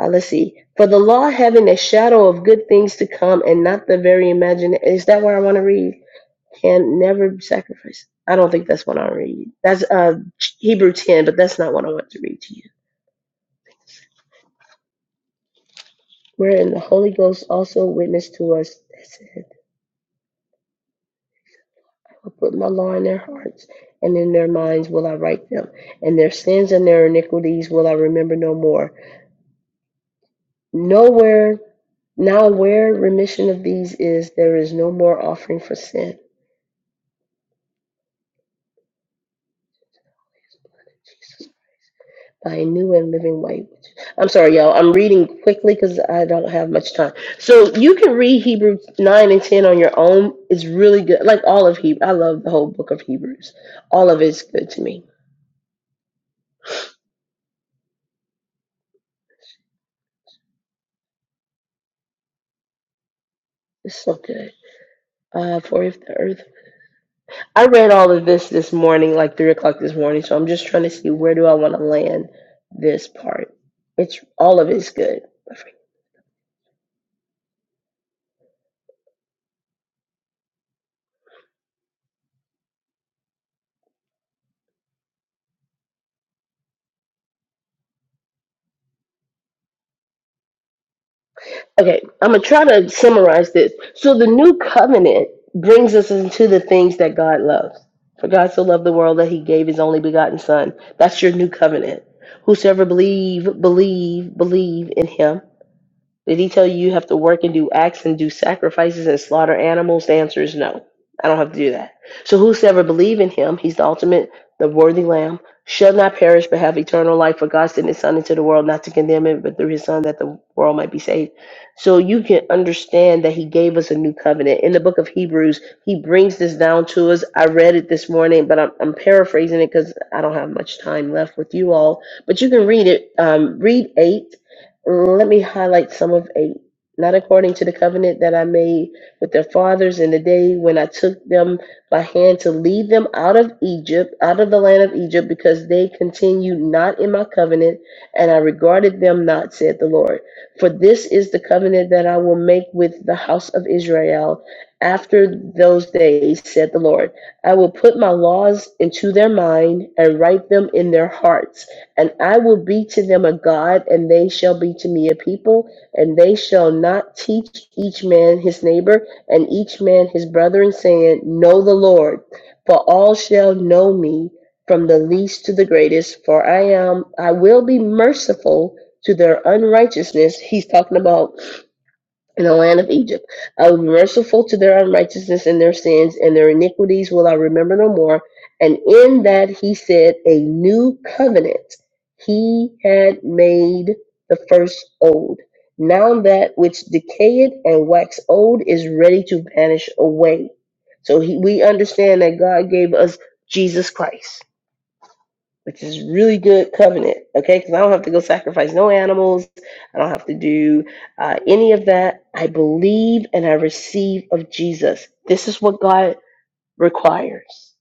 Speaker 1: Uh, let's see. For the law having a shadow of good things to come and not the very imagination. Is that what I want to read? Can never sacrifice. I don't think that's what I read. That's uh, Hebrew 10, but that's not what I want to read to you. Wherein the Holy Ghost also witnessed to us. put my law in their hearts, and in their minds will I write them, and their sins and their iniquities will I remember no more. Nowhere, now where remission of these is, there is no more offering for sin by a new and living way. I'm sorry, y'all. I'm reading quickly because I don't have much time. So you can read Hebrews 9 and 10 on your own. It's really good. Like all of Hebrew. I love the whole book of Hebrews. All of it's good to me. It's so good. Uh, for if the earth I read all of this this morning, like three o'clock this morning. So I'm just trying to see where do I want to land this part. It's all of it's good. Okay, I'm gonna try to summarize this. So the new covenant brings us into the things that God loves. For God so loved the world that He gave His only begotten Son. That's your new covenant. Whosoever believe, believe, believe in Him Did he tell you you have to work and do acts and do sacrifices and slaughter animals? The answer is no. I don't have to do that. So whosoever believe in him, he's the ultimate, the worthy lamb, shall not perish but have eternal life. For God sent his son into the world not to condemn it, but through his son that the world might be saved. So you can understand that he gave us a new covenant. In the book of Hebrews, he brings this down to us. I read it this morning, but I'm, I'm paraphrasing it because I don't have much time left with you all. But you can read it. Um, read 8 let me highlight some of eight. Not according to the covenant that I made with their fathers in the day when I took them by hand to lead them out of Egypt, out of the land of Egypt, because they continued not in my covenant, and I regarded them not, said the Lord. For this is the covenant that I will make with the house of Israel after those days, said the Lord. I will put my laws into their mind and write them in their hearts and I will be to them a God, and they shall be to me a people, and they shall not teach each man his neighbor and each man his brother, and saying, Know the Lord, for all shall know me, from the least to the greatest, for I am I will be merciful to their unrighteousness. He's talking about in the land of Egypt. I will be merciful to their unrighteousness and their sins, and their iniquities will I remember no more. And in that he said, A new covenant. He had made the first old. Now that which decayed and waxed old is ready to vanish away. So he, we understand that God gave us Jesus Christ which is really good covenant, okay? Because I don't have to go sacrifice no animals. I don't have to do uh, any of that. I believe and I receive of Jesus. This is what God requires.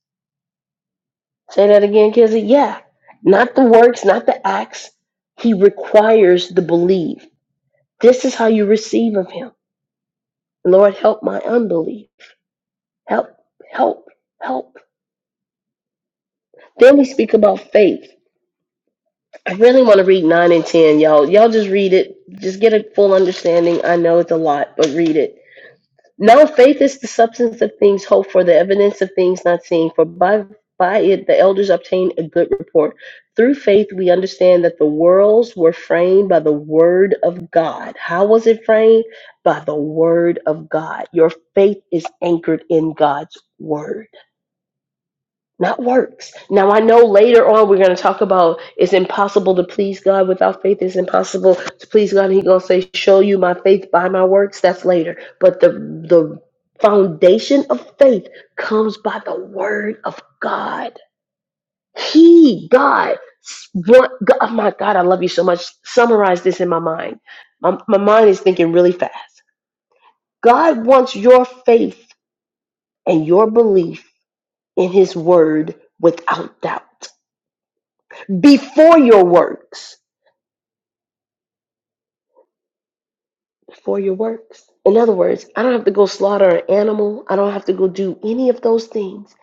Speaker 1: Say that again, Kizzy. Yeah. Not the works, not the acts. He requires the belief. This is how you receive of him. Lord, help my unbelief. Help, help, help. Then we speak about faith. I really want to read 9 and 10, y'all. Y'all just read it. Just get a full understanding. I know it's a lot, but read it. Now faith is the substance of things hoped for, the evidence of things not seen. For by, by it the elders obtained a good report. Through faith we understand that the worlds were framed by the word of God. How was it framed? By the word of God. Your faith is anchored in God's word not works. Now I know later on we're gonna talk about it's impossible to please God without faith. It's impossible to please God. And He's gonna say, "Show you my faith by my works." That's later. But the the foundation of faith comes by the word of God. He, God, s- want, God, oh my God, I love you so much. Summarize this in my mind. My, my mind is thinking really fast. God wants your faith and your belief in His word without doubt. before your works. Before your works. In other words, I don't have to go slaughter an animal. I don't have to go do any of those things.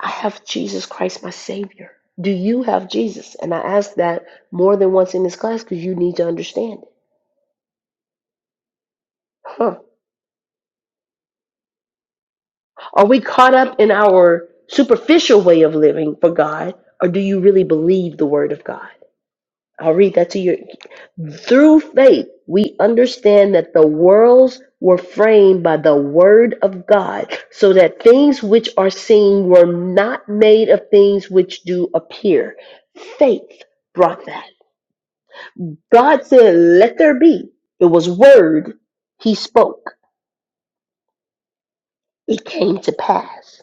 Speaker 1: I have Jesus Christ, my Savior. Do you have Jesus? And I ask that more than once in this class because you need to understand it. Huh. Are we caught up in our superficial way of living for God, or do you really believe the Word of God? I'll read that to you. Through faith, we understand that the worlds were framed by the word of God, so that things which are seen were not made of things which do appear. Faith brought that. God said, Let there be. It was word. He spoke. It came to pass.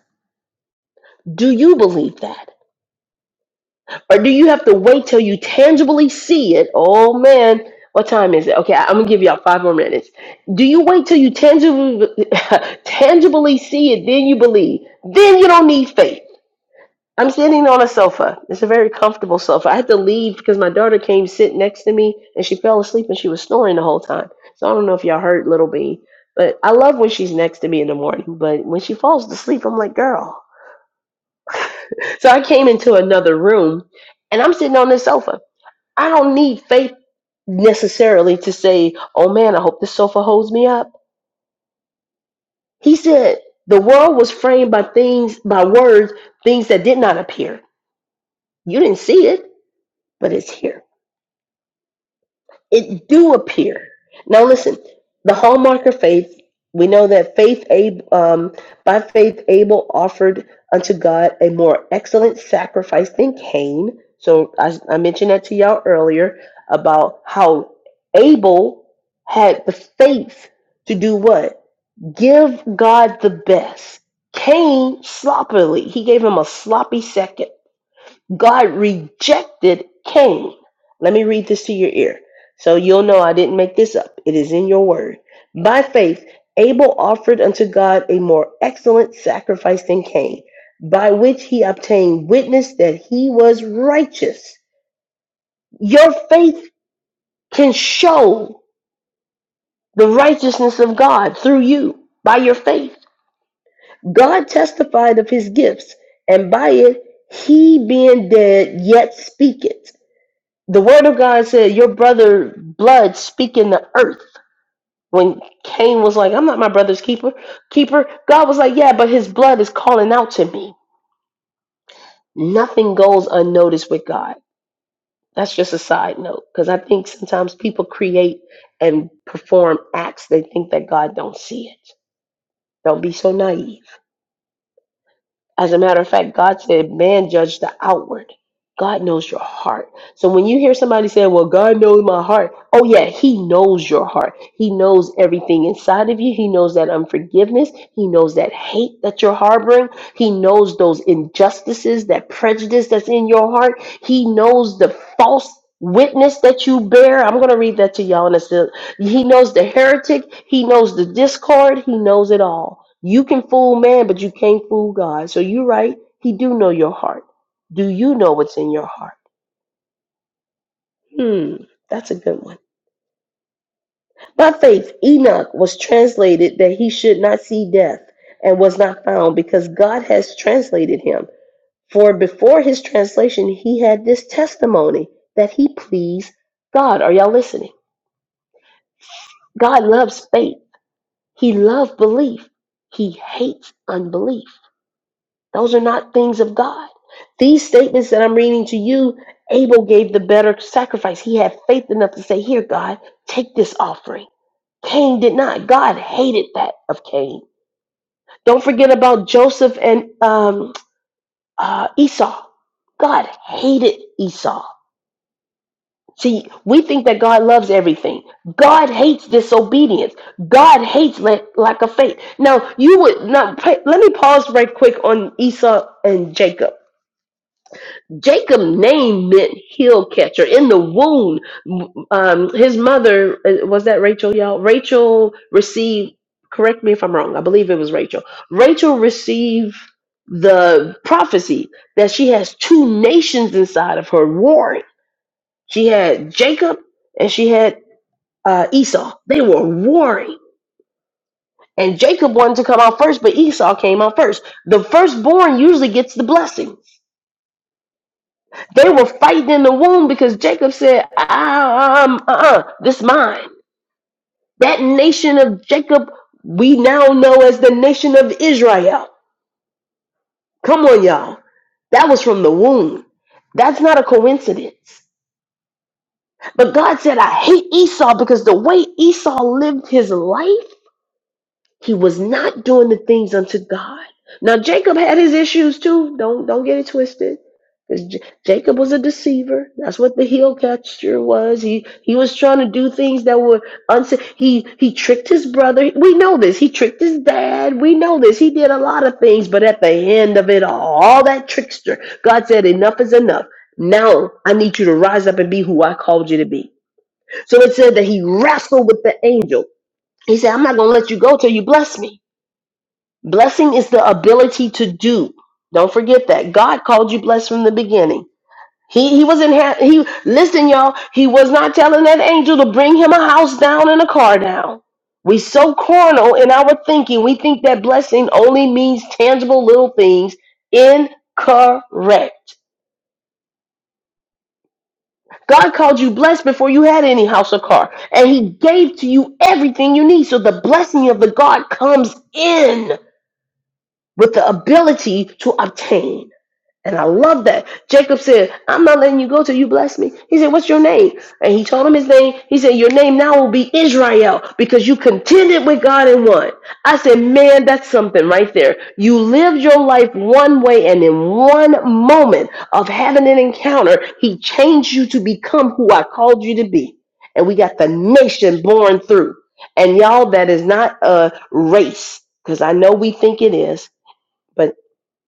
Speaker 1: Do you believe that? Or do you have to wait till you tangibly see it? Oh man, what time is it? Okay, I- I'm gonna give y'all five more minutes. Do you wait till you tangibly tangibly see it, then you believe? Then you don't need faith. I'm sitting on a sofa. It's a very comfortable sofa. I had to leave because my daughter came sit next to me and she fell asleep and she was snoring the whole time. So I don't know if y'all heard Little Bean, but I love when she's next to me in the morning. But when she falls asleep, I'm like, girl. So I came into another room and I'm sitting on this sofa. I don't need faith necessarily to say, "Oh man, I hope this sofa holds me up." He said, "The world was framed by things, by words, things that did not appear. You didn't see it, but it's here." it do appear. Now listen, the hallmark of faith, we know that faith Ab- um, by faith Abel offered unto God a more excellent sacrifice than Cain. So I, I mentioned that to y'all earlier about how Abel had the faith to do what? Give God the best. Cain sloppily, he gave him a sloppy second. God rejected Cain. Let me read this to your ear so you'll know I didn't make this up. It is in your word. By faith, Abel offered unto God a more excellent sacrifice than Cain, by which he obtained witness that he was righteous. Your faith can show the righteousness of God through you by your faith. God testified of his gifts, and by it, he being dead yet speaketh the word of God said, Your brother blood speaking the earth. When Cain was like, I'm not my brother's keeper keeper, God was like, Yeah, but his blood is calling out to me. Nothing goes unnoticed with God. That's just a side note, because I think sometimes people create and perform acts they think that God don't see it. Don't be so naive. As a matter of fact, God said, man judge the outward. God knows your heart. So when you hear somebody say, well, God knows my heart, oh, yeah, He knows your heart. He knows everything inside of you. He knows that unforgiveness. He knows that hate that you're harboring. He knows those injustices, that prejudice that's in your heart. He knows the false witness that you bear. I'm going to read that to y'all in a sec. He knows the heretic. He knows the discord. He knows it all. You can fool man, but you can't fool God. So you're right. He do know your heart. Do you know what's in your heart? Hmm, that's a good one. By faith, Enoch was translated that he should not see death and was not found because God has translated him. For before his translation, he had this testimony that he pleased God. Are y'all listening? God loves faith. He loved belief. He hates unbelief. Those are not things of God. These statements that I'm reading to you, Abel gave the better sacrifice. He had faith enough to say, Here, God, take this offering. Cain did not. God hated that of Cain. Don't forget about Joseph and um, uh, Esau. God hated Esau. See, we think that God loves everything. God hates disobedience. God hates la- lack of faith. Now, you would not. pa- Let me pause right quick on Esau and Jacob Jacob' name meant heel catcher in the womb. Um, his mother uh, was that Rachel, y'all. Rachel received. Correct me if I'm wrong. I believe it was Rachel. Rachel received the prophecy that she has two nations inside of her warring. She had Jacob and she had uh, Esau. They were warring. And Jacob wanted to come out first, but Esau came out first. The firstborn usually gets the blessing They were fighting in the womb because Jacob said, um, uh-uh, this mine. That nation of Jacob, we now know as the nation of Israel. Come on, y'all. That was from the womb. That's not a coincidence. But God said, I hate Esau because the way Esau lived his life He was not doing the things unto God. Now Jacob had his issues too. Don't don't get it twisted. Because J- Jacob was a deceiver. That's what the heel catcher was. He he was trying to do things that were unsa he he tricked his brother. We know this. He tricked his dad. We know this. He did a lot of things, but at the end of it all, all that trickster, God said, Enough is enough. Now I need you to rise up and be who I called you to be. So it said that he wrestled with the angel. He said, I'm not gonna let you go till you bless me. Blessing is the ability to do. Don't forget that. God called you blessed from the beginning. He he was not ha- he listen y'all, he was not telling that angel to bring him a house down and a car down. We so carnal in our thinking. We think that blessing only means tangible little things. Incorrect. God called you blessed before you had any house or car, and he gave to you everything you need. So the blessing of the God comes in with the ability to obtain. And I love that. Jacob said, I'm not letting you go till you bless me. He said, What's your name? And he told him his name. He said, Your name now will be Israel because you contended with God and won. I said, Man, that's something right there. You lived your life one way, and in one moment of having an encounter, he changed you to become who I called you to be. And we got the nation born through. And y'all, that is not a race because I know we think it is but.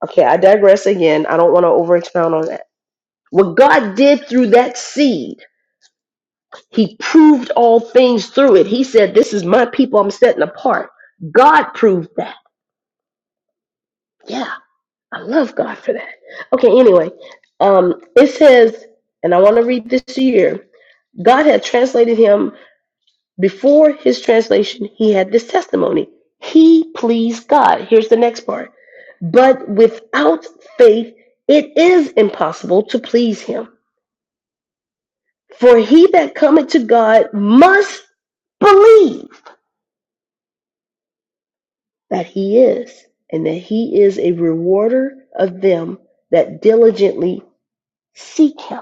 Speaker 1: Okay, I digress again. I don't want to over expound on that. What God did through that seed, He proved all things through it. He said, This is my people I'm setting apart. God proved that. Yeah, I love God for that. Okay, anyway, um, it says, and I want to read this here God had translated him. Before his translation, he had this testimony. He pleased God. Here's the next part. But without faith, it is impossible to please him. For he that cometh to God must believe that he is, and that he is a rewarder of them that diligently seek him.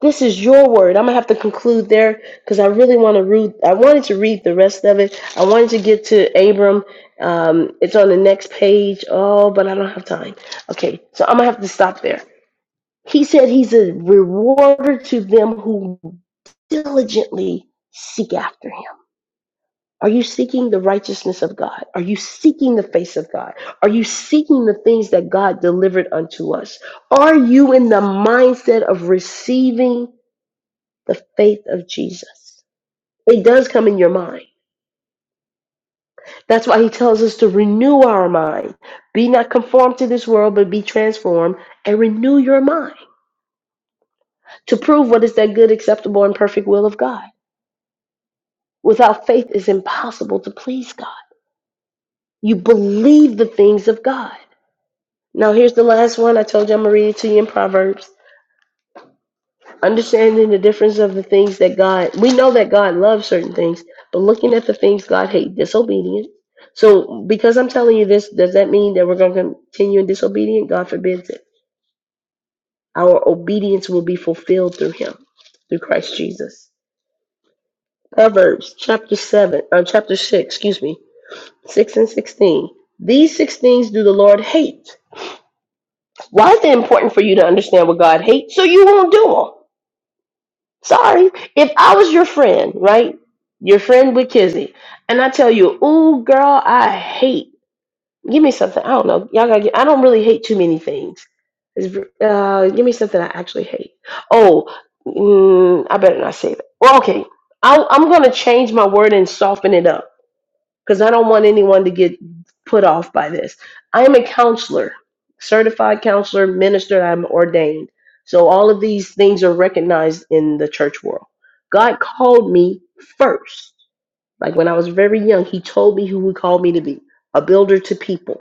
Speaker 1: This is your word. I'm gonna have to conclude there because I really want to read. I wanted to read the rest of it. I wanted to get to Abram. Um, it's on the next page. Oh, but I don't have time. Okay, so I'm gonna have to stop there. He said he's a rewarder to them who diligently seek after him. Are you seeking the righteousness of God? Are you seeking the face of God? Are you seeking the things that God delivered unto us? Are you in the mindset of receiving the faith of Jesus? It does come in your mind. That's why he tells us to renew our mind. Be not conformed to this world, but be transformed and renew your mind to prove what is that good, acceptable, and perfect will of God. Without faith, it's impossible to please God. You believe the things of God. Now, here's the last one. I told you I'm going to read it to you in Proverbs. Understanding the difference of the things that God, we know that God loves certain things, but looking at the things God hates, disobedience. So, because I'm telling you this, does that mean that we're going to continue in disobedience? God forbids it. Our obedience will be fulfilled through Him, through Christ Jesus. Proverbs chapter 7, uh, chapter 6, excuse me, 6 and 16. These six things do the Lord hate. Why is it important for you to understand what God hates so you won't do them? Sorry, if I was your friend, right? Your friend with Kizzy, and I tell you, ooh, girl, I hate. Give me something. I don't know. Y'all gotta. Get, I don't really hate too many things. It's, uh, give me something I actually hate. Oh, mm, I better not say that. Well, okay. I'll, I'm gonna change my word and soften it up because I don't want anyone to get put off by this. I am a counselor, certified counselor, minister, I'm ordained. So all of these things are recognized in the church world. God called me first. Like when I was very young, he told me who he called me to be, a builder to people.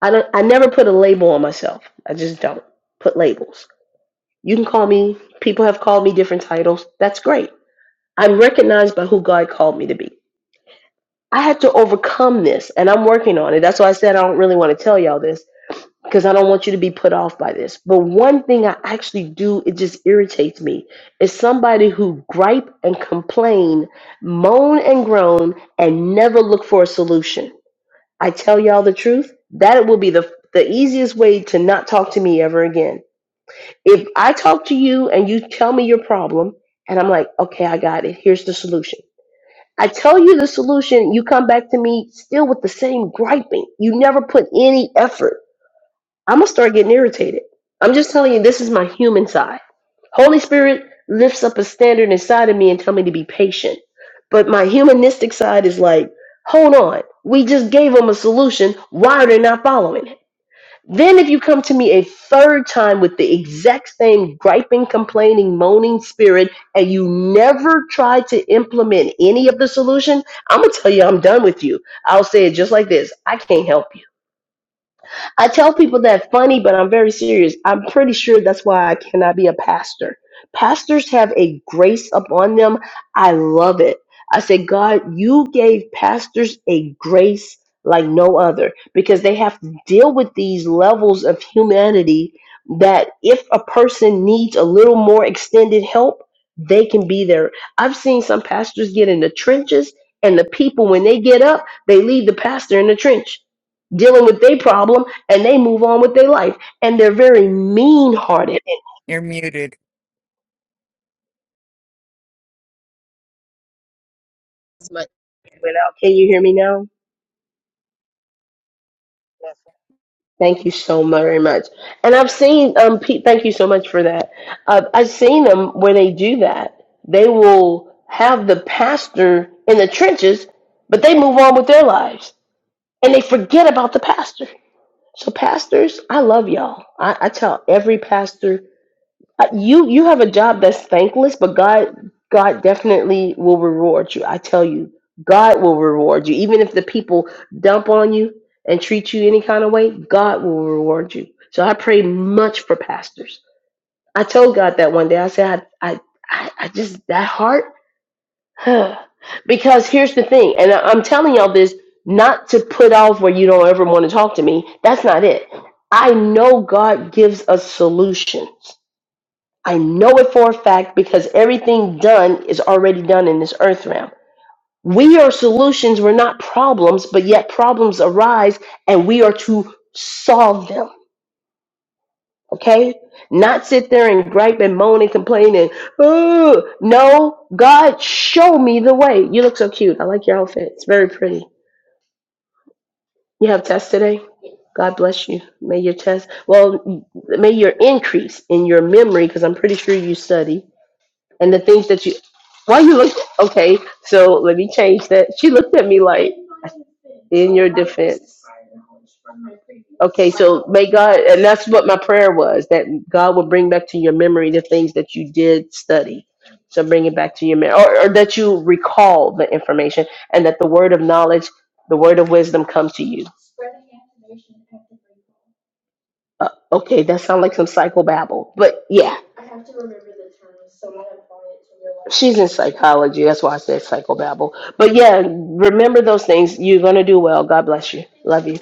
Speaker 1: I don't I never put a label on myself. I just don't put labels. You can call me people have called me different titles. That's great. I'm recognized by who God called me to be. I had to overcome this and I'm working on it. That's why I said I don't really want to tell y'all this because I don't want you to be put off by this. But one thing I actually do, it just irritates me, is somebody who gripe and complain, moan and groan, and never look for a solution. I tell y'all the truth, that will be the the easiest way to not talk to me ever again. If I talk to you and you tell me your problem, and I'm like, okay, I got it. Here's the solution I tell you the solution, you come back to me still with the same griping. You never put any effort. I'm gonna start getting irritated. I'm just telling you, this is my human side. Holy Spirit lifts up a standard inside of me and tell me to be patient. But my humanistic side is like, hold on, we just gave them a solution. Why are they not following it? Then, if you come to me a third time with the exact same griping, complaining, moaning spirit, and you never try to implement any of the solution, I'm going to tell you I'm done with you. I'll say it just like this I can't help you. I tell people that funny, but I'm very serious. I'm pretty sure that's why I cannot be a pastor. Pastors have a grace upon them. I love it. I said, God, you gave pastors a grace like no other because they have to deal with these levels of humanity that if a person needs a little more extended help, they can be there. I've seen some pastors get in the trenches, and the people, when they get up, they leave the pastor in the trench dealing with their problem and they move on with their life. And they're very mean hearted.
Speaker 3: You're muted.
Speaker 1: Can you hear me now? Thank you so very much. And I've seen um Pete. Thank you so much for that. Uh, I've seen them where they do that. They will have the pastor in the trenches, but they move on with their lives and they forget about the pastor. So pastors, I love y'all. I, I tell every pastor Uh, You you have a job that's thankless, but God God definitely will reward you. I tell you, God will reward you. Even if the people dump on you and treat you any kind of way, God will reward you. So I pray much for pastors. I told God that one day. I said, I I I, I just that heart, Huh. because here's the thing, and I, I'm telling y'all this not to put off where you don't ever want to talk to me. That's not it. I know God gives us solutions. I know it for a fact because everything done is already done in this earth realm. We are solutions, we're not problems, but yet problems arise and we are to solve them, okay? Not sit there and gripe and moan and complain and, oh, no, God, show me the way. You look so cute. I like your outfit. It's very pretty. You have tests today? God bless you. May your test, well, may your increase in your memory, because I'm pretty sure you study and the things that you why you look okay so let me change that she looked at me like in your defense okay so may god and that's what my prayer was that god will bring back to your memory the things that you did study so bring it back to your memory or, or that you recall the information and that the word of knowledge the word of wisdom comes to you Uh, okay, that sounds like some psychobabble, but yeah. She's in psychology. That's why I said psychobabble. But yeah, remember those things. You're gonna do well. God bless you. Love you.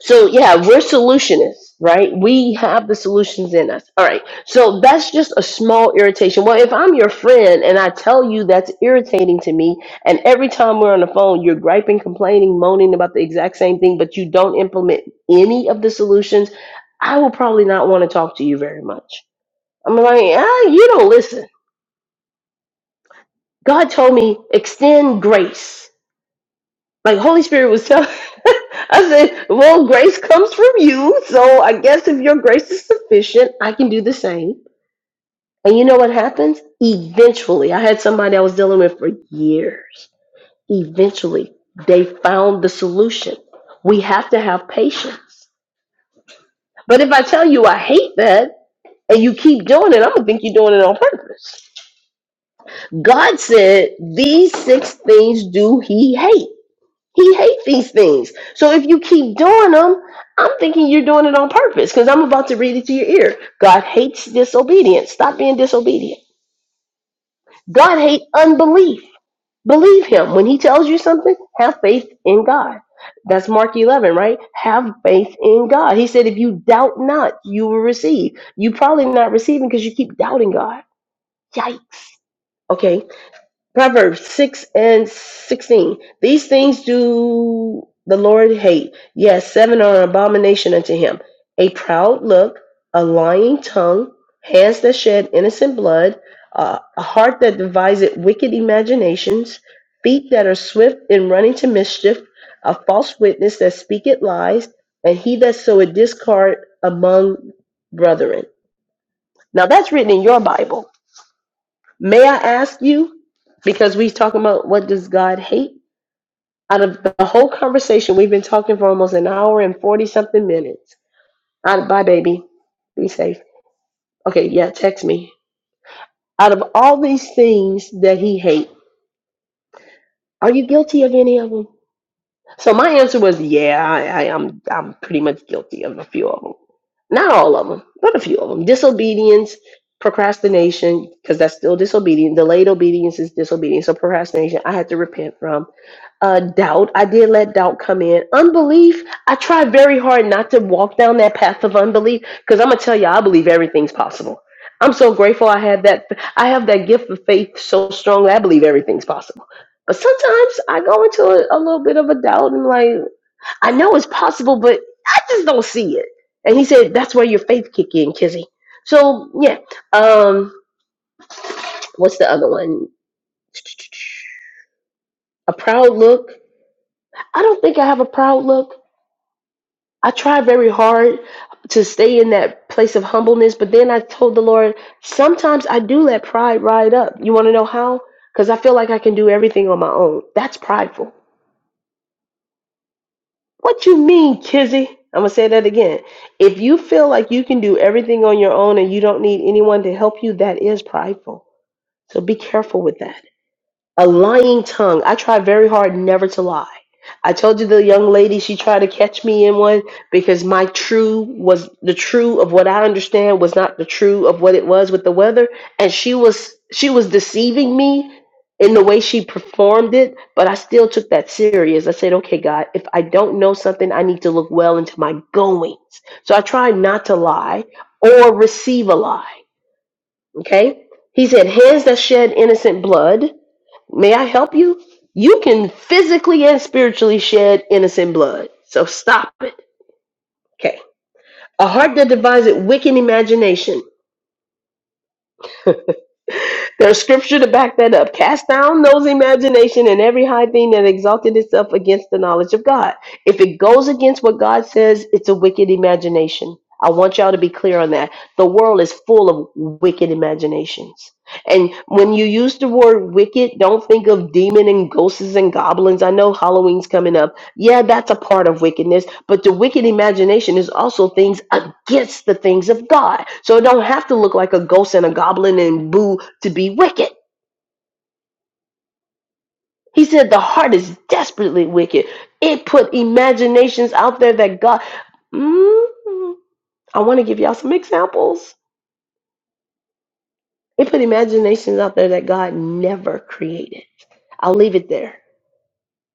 Speaker 1: So yeah, we're solutionists, right? We have the solutions in us. All right. So that's just a small irritation. Well, if I'm your friend and I tell you that's irritating to me, and every time we're on the phone, you're griping, complaining, moaning about the exact same thing, but you don't implement any of the solutions, I will probably not want to talk to you very much. I'm like, ah, you don't listen. God told me extend grace Like Holy Spirit was telling I said, Well, grace comes from you. So I guess if your grace is sufficient, I can do the same. And you know what happens? Eventually, I had somebody I was dealing with for years. Eventually, they found the solution. We have to have patience. But if I tell you I hate that and you keep doing it, I'm going to think you're doing it on purpose. God said, These six things do he hate. He hates these things. So if you keep doing them, I'm thinking you're doing it on purpose because I'm about to read it to your ear. God hates disobedience. Stop being disobedient. God hates unbelief. Believe him. When he tells you something, have faith in God. That's Mark 11, right? Have faith in God. He said, if you doubt not, you will receive. You probably not receiving because you keep doubting God. Yikes. Okay. Proverbs 6 and 16. These things do the Lord hate. Yes, seven are an abomination unto him. A proud look, a lying tongue, hands that shed innocent blood, uh, a heart that deviseth wicked imaginations, feet that are swift in running to mischief, a false witness that speaketh lies, and he that soweth discord among brethren. Now that's written in your Bible May I ask you, because we talking about what does God hate? Out of the whole conversation, we've been talking for almost an hour and 40 something minutes. Out bye, baby. Be safe. Okay, yeah, text me. Out of all these things that he hates, are you guilty of any of them? So my answer was, yeah, I, I, I'm I'm pretty much guilty of a few of them. Not all of them, but a few of them. Disobedience, procrastination, because that's still disobedience. Delayed obedience is disobedience. So procrastination, I had to repent from. Uh, doubt, I did let doubt come in. Unbelief, I tried very hard not to walk down that path of unbelief, because I'm gonna tell you, I believe everything's possible. I'm so grateful I had that. I have that gift of faith so strong. that I believe everything's possible. But sometimes I go into a, a little bit of a doubt and like, I know it's possible, but I just don't see it. And he said, that's where your faith kick in, Kizzy. So yeah. Um, what's the other one? A proud look. I don't think I have a proud look. I try very hard to stay in that place of humbleness, but then I told the Lord, sometimes I do let pride ride up. You want to know how? Because I feel like I can do everything on my own. That's prideful. What you mean, Kizzy? I'm gonna say that again. If you feel like you can do everything on your own and you don't need anyone to help you, that is prideful. So be careful with that. A lying tongue. I try very hard never to lie. I told you the young lady she tried to catch me in one because my true was the true of what I understand was not the true of what it was with the weather and she was she was deceiving me in the way she performed it, but I still took that serious. I said, "Okay, God, if I don't know something, I need to look well into my goings." So I try not to lie or receive a lie, okay? He said, "Hands that shed innocent blood." May I help you? You can physically and spiritually shed innocent blood. So stop it. Okay. A heart that devises wicked imagination. There's scripture to back that up. Cast down those imagination and every high thing that exalted itself against the knowledge of God. If it goes against what God says, it's a wicked imagination. I want y'all to be clear on that. The world is full of wicked imaginations. And when you use the word wicked, don't think of demon and ghosts and goblins. I know Halloween's coming up Yeah, that's a part of wickedness, but the wicked imagination is also things against the things of God. So it don't have to look like a ghost and a goblin and boo to be wicked. He said the heart is desperately wicked. It put imaginations out there that God. Mm, I want to give y'all some examples. It put imaginations out there that God never created. I'll leave it there.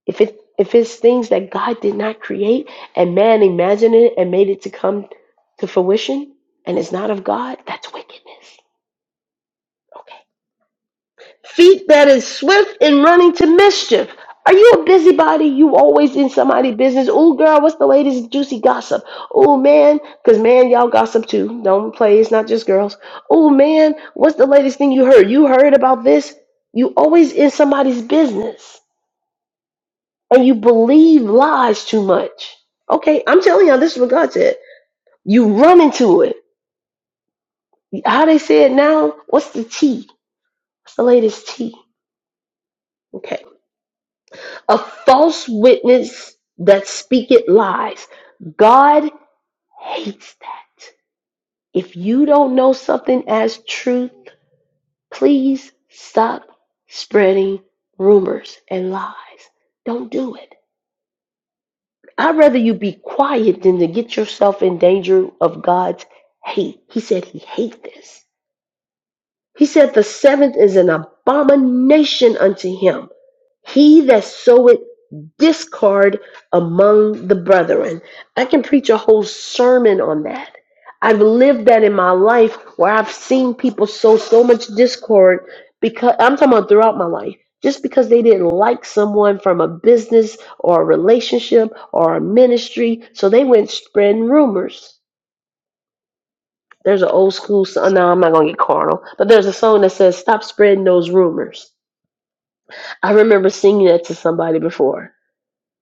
Speaker 1: If it if it's things that God did not create and man imagined it and made it to come to fruition and it's not of God, that's wickedness. Feet that is swift in running to mischief. Are you a busybody? You always in somebody's business. Oh girl, what's the latest juicy gossip? Oh man, cause man, y'all gossip too. Don't play, it's not just girls. Oh man, what's the latest thing you heard? You heard about this? You always in somebody's business. and you believe lies too much. Okay, I'm telling y'all, this is what You run into it. How they say it now? What's the T? What's the latest T? Okay. A false witness that speaketh lies. God hates that. If you don't know something as truth, please stop spreading rumors and lies. Don't do it. I'd rather you be quiet than to get yourself in danger of God's hate. He said he hates this. He said the seventh is an abomination unto him. He that soweth discord among the brethren. I can preach a whole sermon on that. I've lived that in my life where I've seen people sow so much discord because I'm talking about throughout my life. Just because they didn't like someone from a business or a relationship or a ministry, so they went spreading rumors. There's an old school song. No, I'm not gonna get carnal, but there's a song that says, "Stop spreading those rumors." I remember singing that to somebody before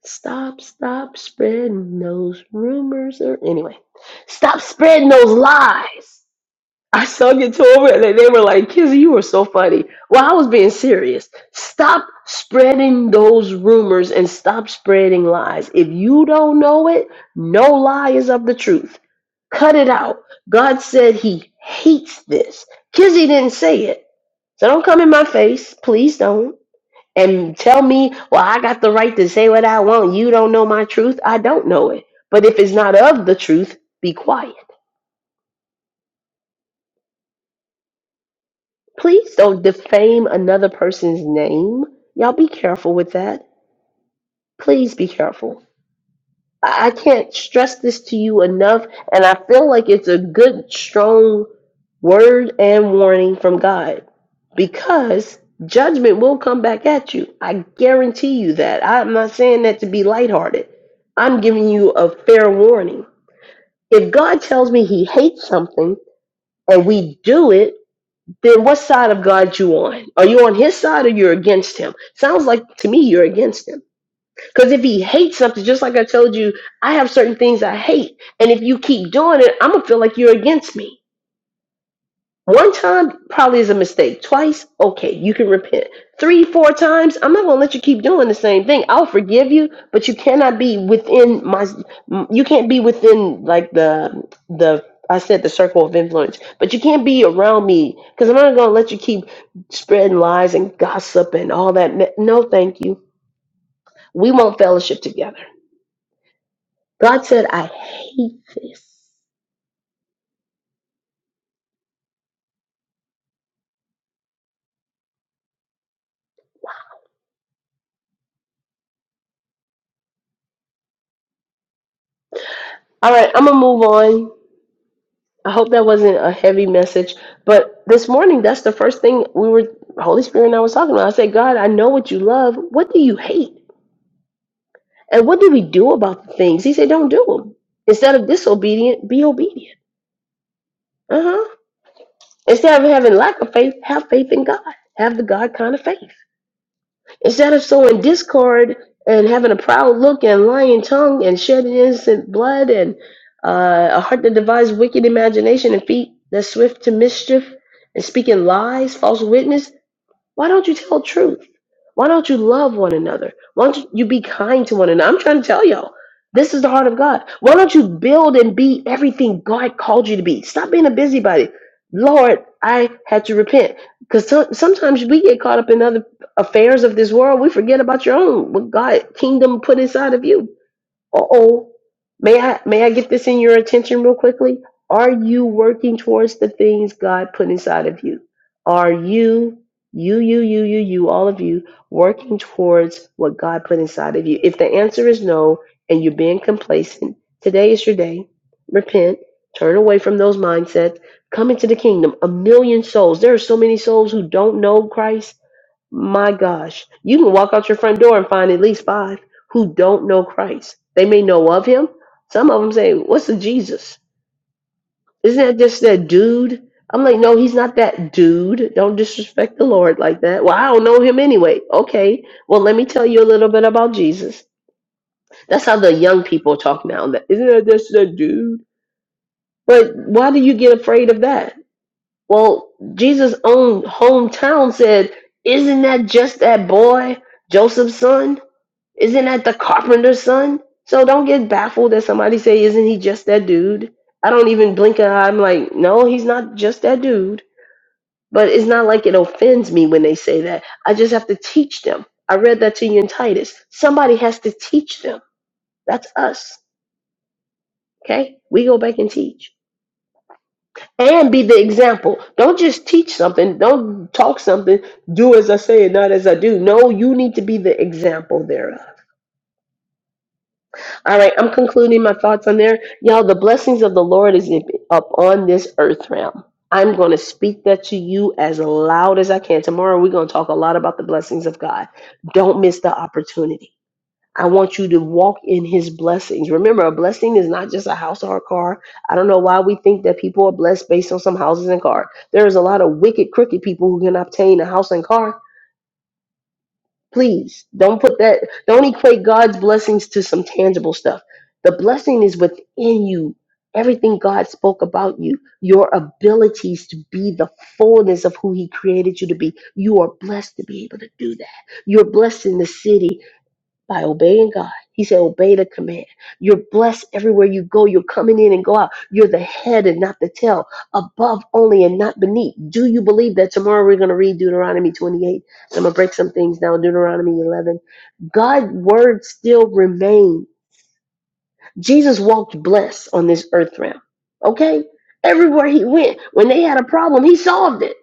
Speaker 1: Stop, stop spreading those rumors. Or, anyway, stop spreading those lies. I sung it to them and they they were like, Kizzy, you were so funny. Well, I was being serious. Stop spreading those rumors and stop spreading lies. If you don't know it, no lie is of the truth. Cut it out. God said he hates this. Kizzy didn't say it. So don't come in my face. Please don't and tell me, well, I got the right to say what I want. You don't know my truth. I don't know it. But if it's not of the truth, be quiet. Please don't defame another person's name. Y'all be careful with that. Please be careful. I I can't stress this to you enough, and I feel like it's a good, strong word and warning from God because judgment will come back at you. I guarantee you that. I'm not saying that to be lighthearted, I'm giving you a fair warning. If God tells me he hates something and we do it, then what side of God you on? Are you on his side or you're against him? Sounds like to me you're against him because if he hates something, just like I told you, I have certain things I hate. And if you keep doing it, I'm going to feel like you're against me. One time probably is a mistake. Twice, okay, you can repent. Three, four times, I'm not going to let you keep doing the same thing. I'll forgive you, but you cannot be within my, you can't be within like the, the, I said the circle of influence, but you can't be around me because I'm not going to let you keep spreading lies and gossip and all that. No, thank you. We won't fellowship together. God said, I hate this. All right, I'm going to move on. I hope that wasn't a heavy message, but this morning, that's the first thing we were, Holy Spirit and I was talking about. I said, God, I know what you love. What do you hate? And what do we do about the things? He said, don't do them. Instead of disobedient, be obedient. Uh huh. Instead of having lack of faith, have faith in God. Have the God kind of faith. Instead of sowing discord and having a proud look and lying tongue and shedding innocent blood and uh, a heart that devises wicked imagination and feet that's swift to mischief and speaking lies, false witness, why don't you tell truth? Why don't you love one another? Why don't you be kind to one another? I'm trying to tell y'all. This is the heart of God. Why don't you build and be everything God called you to be? Stop being a busybody. Lord, I had to repent because sometimes we get caught up in other affairs of this world. We forget about your own, what God kingdom put inside of you. Uh-oh. May I may I get this in your attention real quickly? Are you working towards the things God put inside of you? Are you you you you you you all of you working towards what God put inside of you? If the answer is no and you're being complacent, today is your day. Repent, turn away from those mindsets, come into the kingdom. A million souls. There are so many souls who don't know Christ my gosh, you can walk out your front door and find at least five who don't know Christ. They may know of him. Some of them say, What's the Jesus? Isn't that just that dude? I'm like, No, he's not that dude. Don't disrespect the Lord like that. Well, I don't know him anyway. Okay, well, let me tell you a little bit about Jesus. That's how the young people talk now. That isn't that just that dude? But why do you get afraid of that? Well, Jesus' own hometown said, Isn't that just that boy, Joseph's son? Isn't that the carpenter's son? So don't get baffled that somebody say, "Isn't he just that dude?" I don't even blink an eye. I'm like, no, he's not just that dude. But it's not like it offends me when they say that. I just have to teach them. I read that to you in Titus. Somebody has to teach them. That's us. Okay, we go back and teach and be the example. Don't just teach something. Don't talk something. Do as I say and not as I do. No, you need to be the example thereof. All right, I'm concluding my thoughts on there. Y'all, the blessings of the Lord is up on this earth realm. I'm going to speak that to you as loud as I can. Tomorrow, we're going to talk a lot about the blessings of God. Don't miss the opportunity. I want you to walk in his blessings. Remember, a blessing is not just a house or a car. I don't know why we think that people are blessed based on some houses and car. There is a lot of wicked, crooked people who can obtain a house and car Please don't put that, don't equate God's blessings to some tangible stuff. The blessing is within you. Everything God spoke about you, your abilities to be the fullness of who He created you to be. You are blessed to be able to do that. You're blessed in the city by obeying God. He said, Obey the command. You're blessed everywhere you go. You're coming in and go out. You're the head and not the tail, above only and not beneath. Do you believe that tomorrow we're going to read Deuteronomy 28? I'm going to break some things down, Deuteronomy 11. God's word still remain. Jesus walked blessed on this earth realm. Okay? Everywhere he went, when they had a problem, he solved it.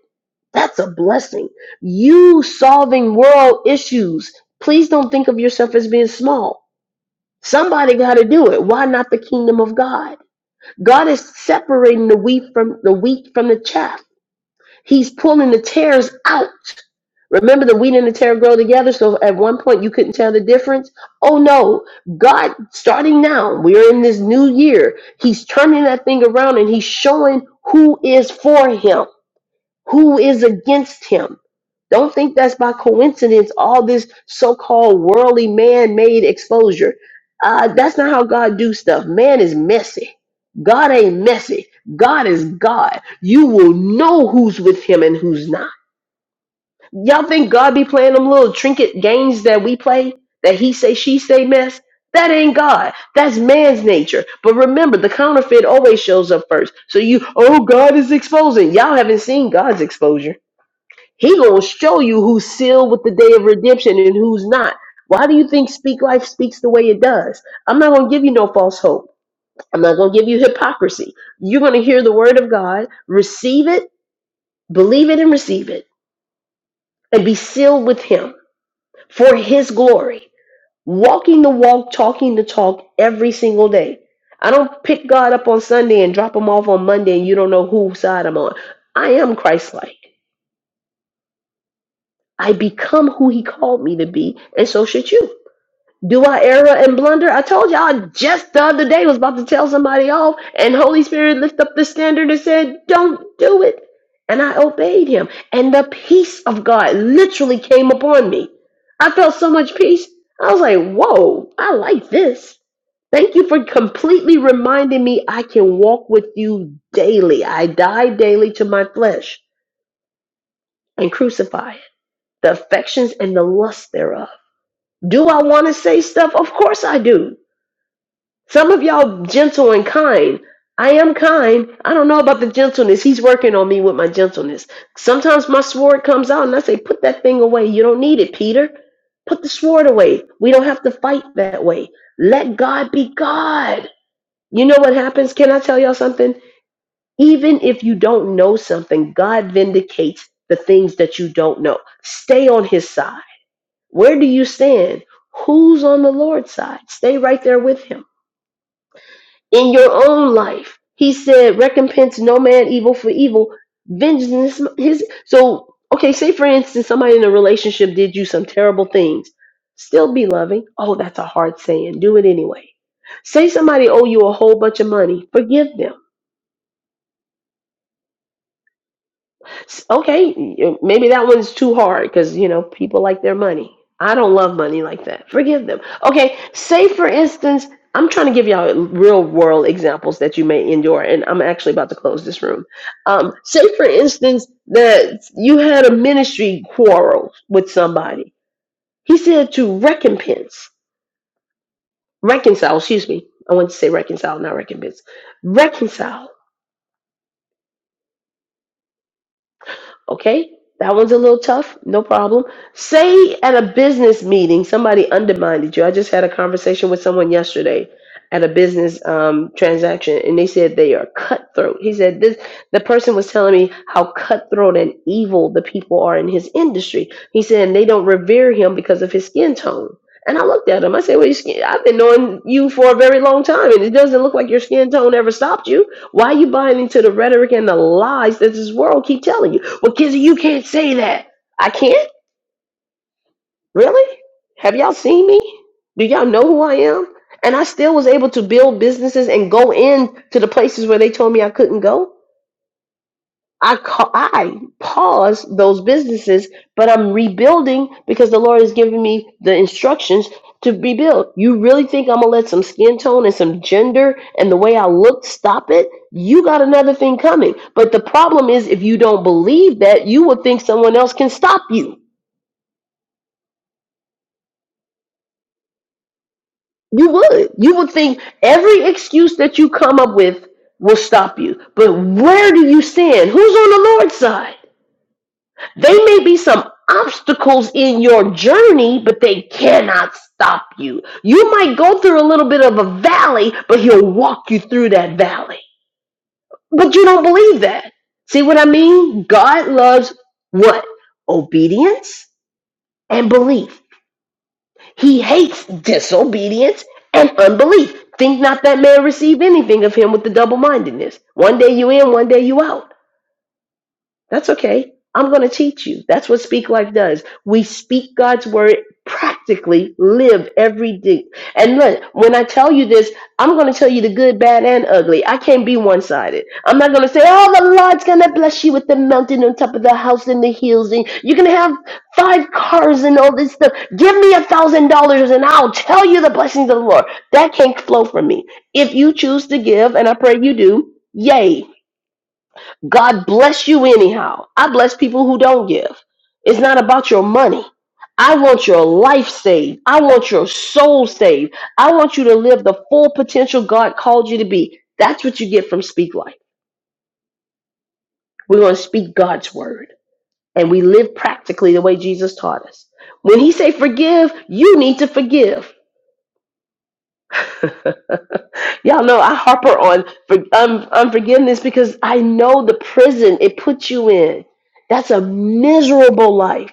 Speaker 1: That's a blessing. You solving world issues. Please don't think of yourself as being small. Somebody got to do it. Why not the kingdom of God? God is separating the wheat from the wheat from the chaff. He's pulling the tares out. Remember the wheat and the tare grow together, so at one point you couldn't tell the difference? Oh no, God, starting now, we're in this new year. He's turning that thing around and he's showing who is for him, who is against him. Don't think that's by coincidence, all this so called worldly man made exposure. Uh, that's not how God do stuff. Man is messy. God ain't messy. God is God. You will know who's with him and who's not. Y'all think God be playing them little trinket games that we play that he say she say mess? That ain't God. That's man's nature. But remember, the counterfeit always shows up first. So you, oh, God is exposing. Y'all haven't seen God's exposure. He gonna show you who's sealed with the day of redemption and who's not. Why do you think Speak Life speaks the way it does? I'm not gonna give you no false hope. I'm not gonna give you hypocrisy. You're gonna hear the word of God, receive it, believe it, and receive it, and be sealed with Him for His glory. Walking the walk, talking the talk every single day. I don't pick God up on Sunday and drop Him off on Monday, and you don't know whose side I'm on. I am Christ-like. I become who He called me to be, and so should you. Do I err and blunder? I told y'all just the other day was about to tell somebody off, and Holy Spirit lifted up the standard and said, Don't do it. And I obeyed him. And the peace of God literally came upon me. I felt so much peace. I was like, Whoa, I like this. Thank you for completely reminding me I can walk with you daily. I die daily to my flesh and crucify it, the affections and the lust thereof. Do I want to say stuff? Of course I do. Some of y'all gentle and kind. I am kind. I don't know about the gentleness. He's working on me with my gentleness. Sometimes my sword comes out and I say, Put that thing away. You don't need it, Peter. Put the sword away. We don't have to fight that way. Let God be God. You know what happens? Can I tell y'all something? Even if you don't know something, God vindicates the things that you don't know. Stay on his side. Where do you stand? Who's on the Lord's side? Stay right there with him in your own life. He said, recompense no man evil for evil. Vengeance his. So, okay, say for instance, somebody in a relationship did you some terrible things. Still be loving. Oh, that's a hard saying. Do it anyway. Say somebody owe you a whole bunch of money. Forgive them S- Okay, y- maybe that one's too hard because, you know, people like their money. I don't love money like that. Forgive them. Okay, say for instance, I'm trying to give y'all real world examples that you may endure, and I'm actually about to close this room. Um, say for instance that you had a ministry quarrel with somebody. He said to recompense, reconcile, excuse me. I want to say reconcile, not recompense. Reconcile Okay, that one's a little tough, no problem. Say at a business meeting, somebody undermined you. I just had a conversation with someone yesterday at a business um, transaction, and they said they are cutthroat. He said this. The person was telling me how cutthroat and evil the people are in his industry. He said and they don't revere him because of his skin tone. And I looked at him. I said, "Well, your skin, I've been knowing you for a very long time, and it doesn't look like your skin tone ever stopped you." Why are you buying into the rhetoric and the lies that this world keep telling you? Well, Kizzy, you can't say that. I can't? Really? Have y'all seen me? Do y'all know who I am? And I still was able to build businesses and go in to the places where they told me I couldn't go. I ca- I pause those businesses, but I'm rebuilding because the Lord has given me the instructions to rebuild. You really think I'm gonna let some skin tone and some gender and the way I look stop it? You got another thing coming. But the problem is, if you don't believe that, you would think someone else can stop you. You would. You would think every excuse that you come up with will stop you. But where do you stand? Who's on the Lord's side? They may be some obstacles in your journey, but they cannot stop you. You might go through a little bit of a valley, but he'll walk you through that valley. But you don't believe that. See what I mean? God loves what? Obedience and belief. He hates disobedience and unbelief. Think not that man receive anything of him with the double mindedness. One day you in, one day you out. That's okay. I'm going to teach you. That's what Speak Life does. We speak God's word practically, live every day. And look, when I tell you this, I'm going to tell you the good, bad, and ugly. I can't be one sided. I'm not going to say, oh, the Lord's going to bless you with the mountain on top of the house and the hills, and you're going to have five cars and all this stuff. Give me a thousand dollars and I'll tell you the blessings of the Lord. That can't flow from me. If you choose to give, and I pray you do, yay. God bless you anyhow. I bless people who don't give. It's not about your money. I want your life saved. I want your soul saved. I want you to live the full potential God called you to be. That's what you get from Speak Life. We're going to speak God's word and we live practically the way Jesus taught us. When he say forgive, you need to forgive. Y'all know I harper on for, um, unforgiveness because I know the prison it puts you in. That's a miserable life.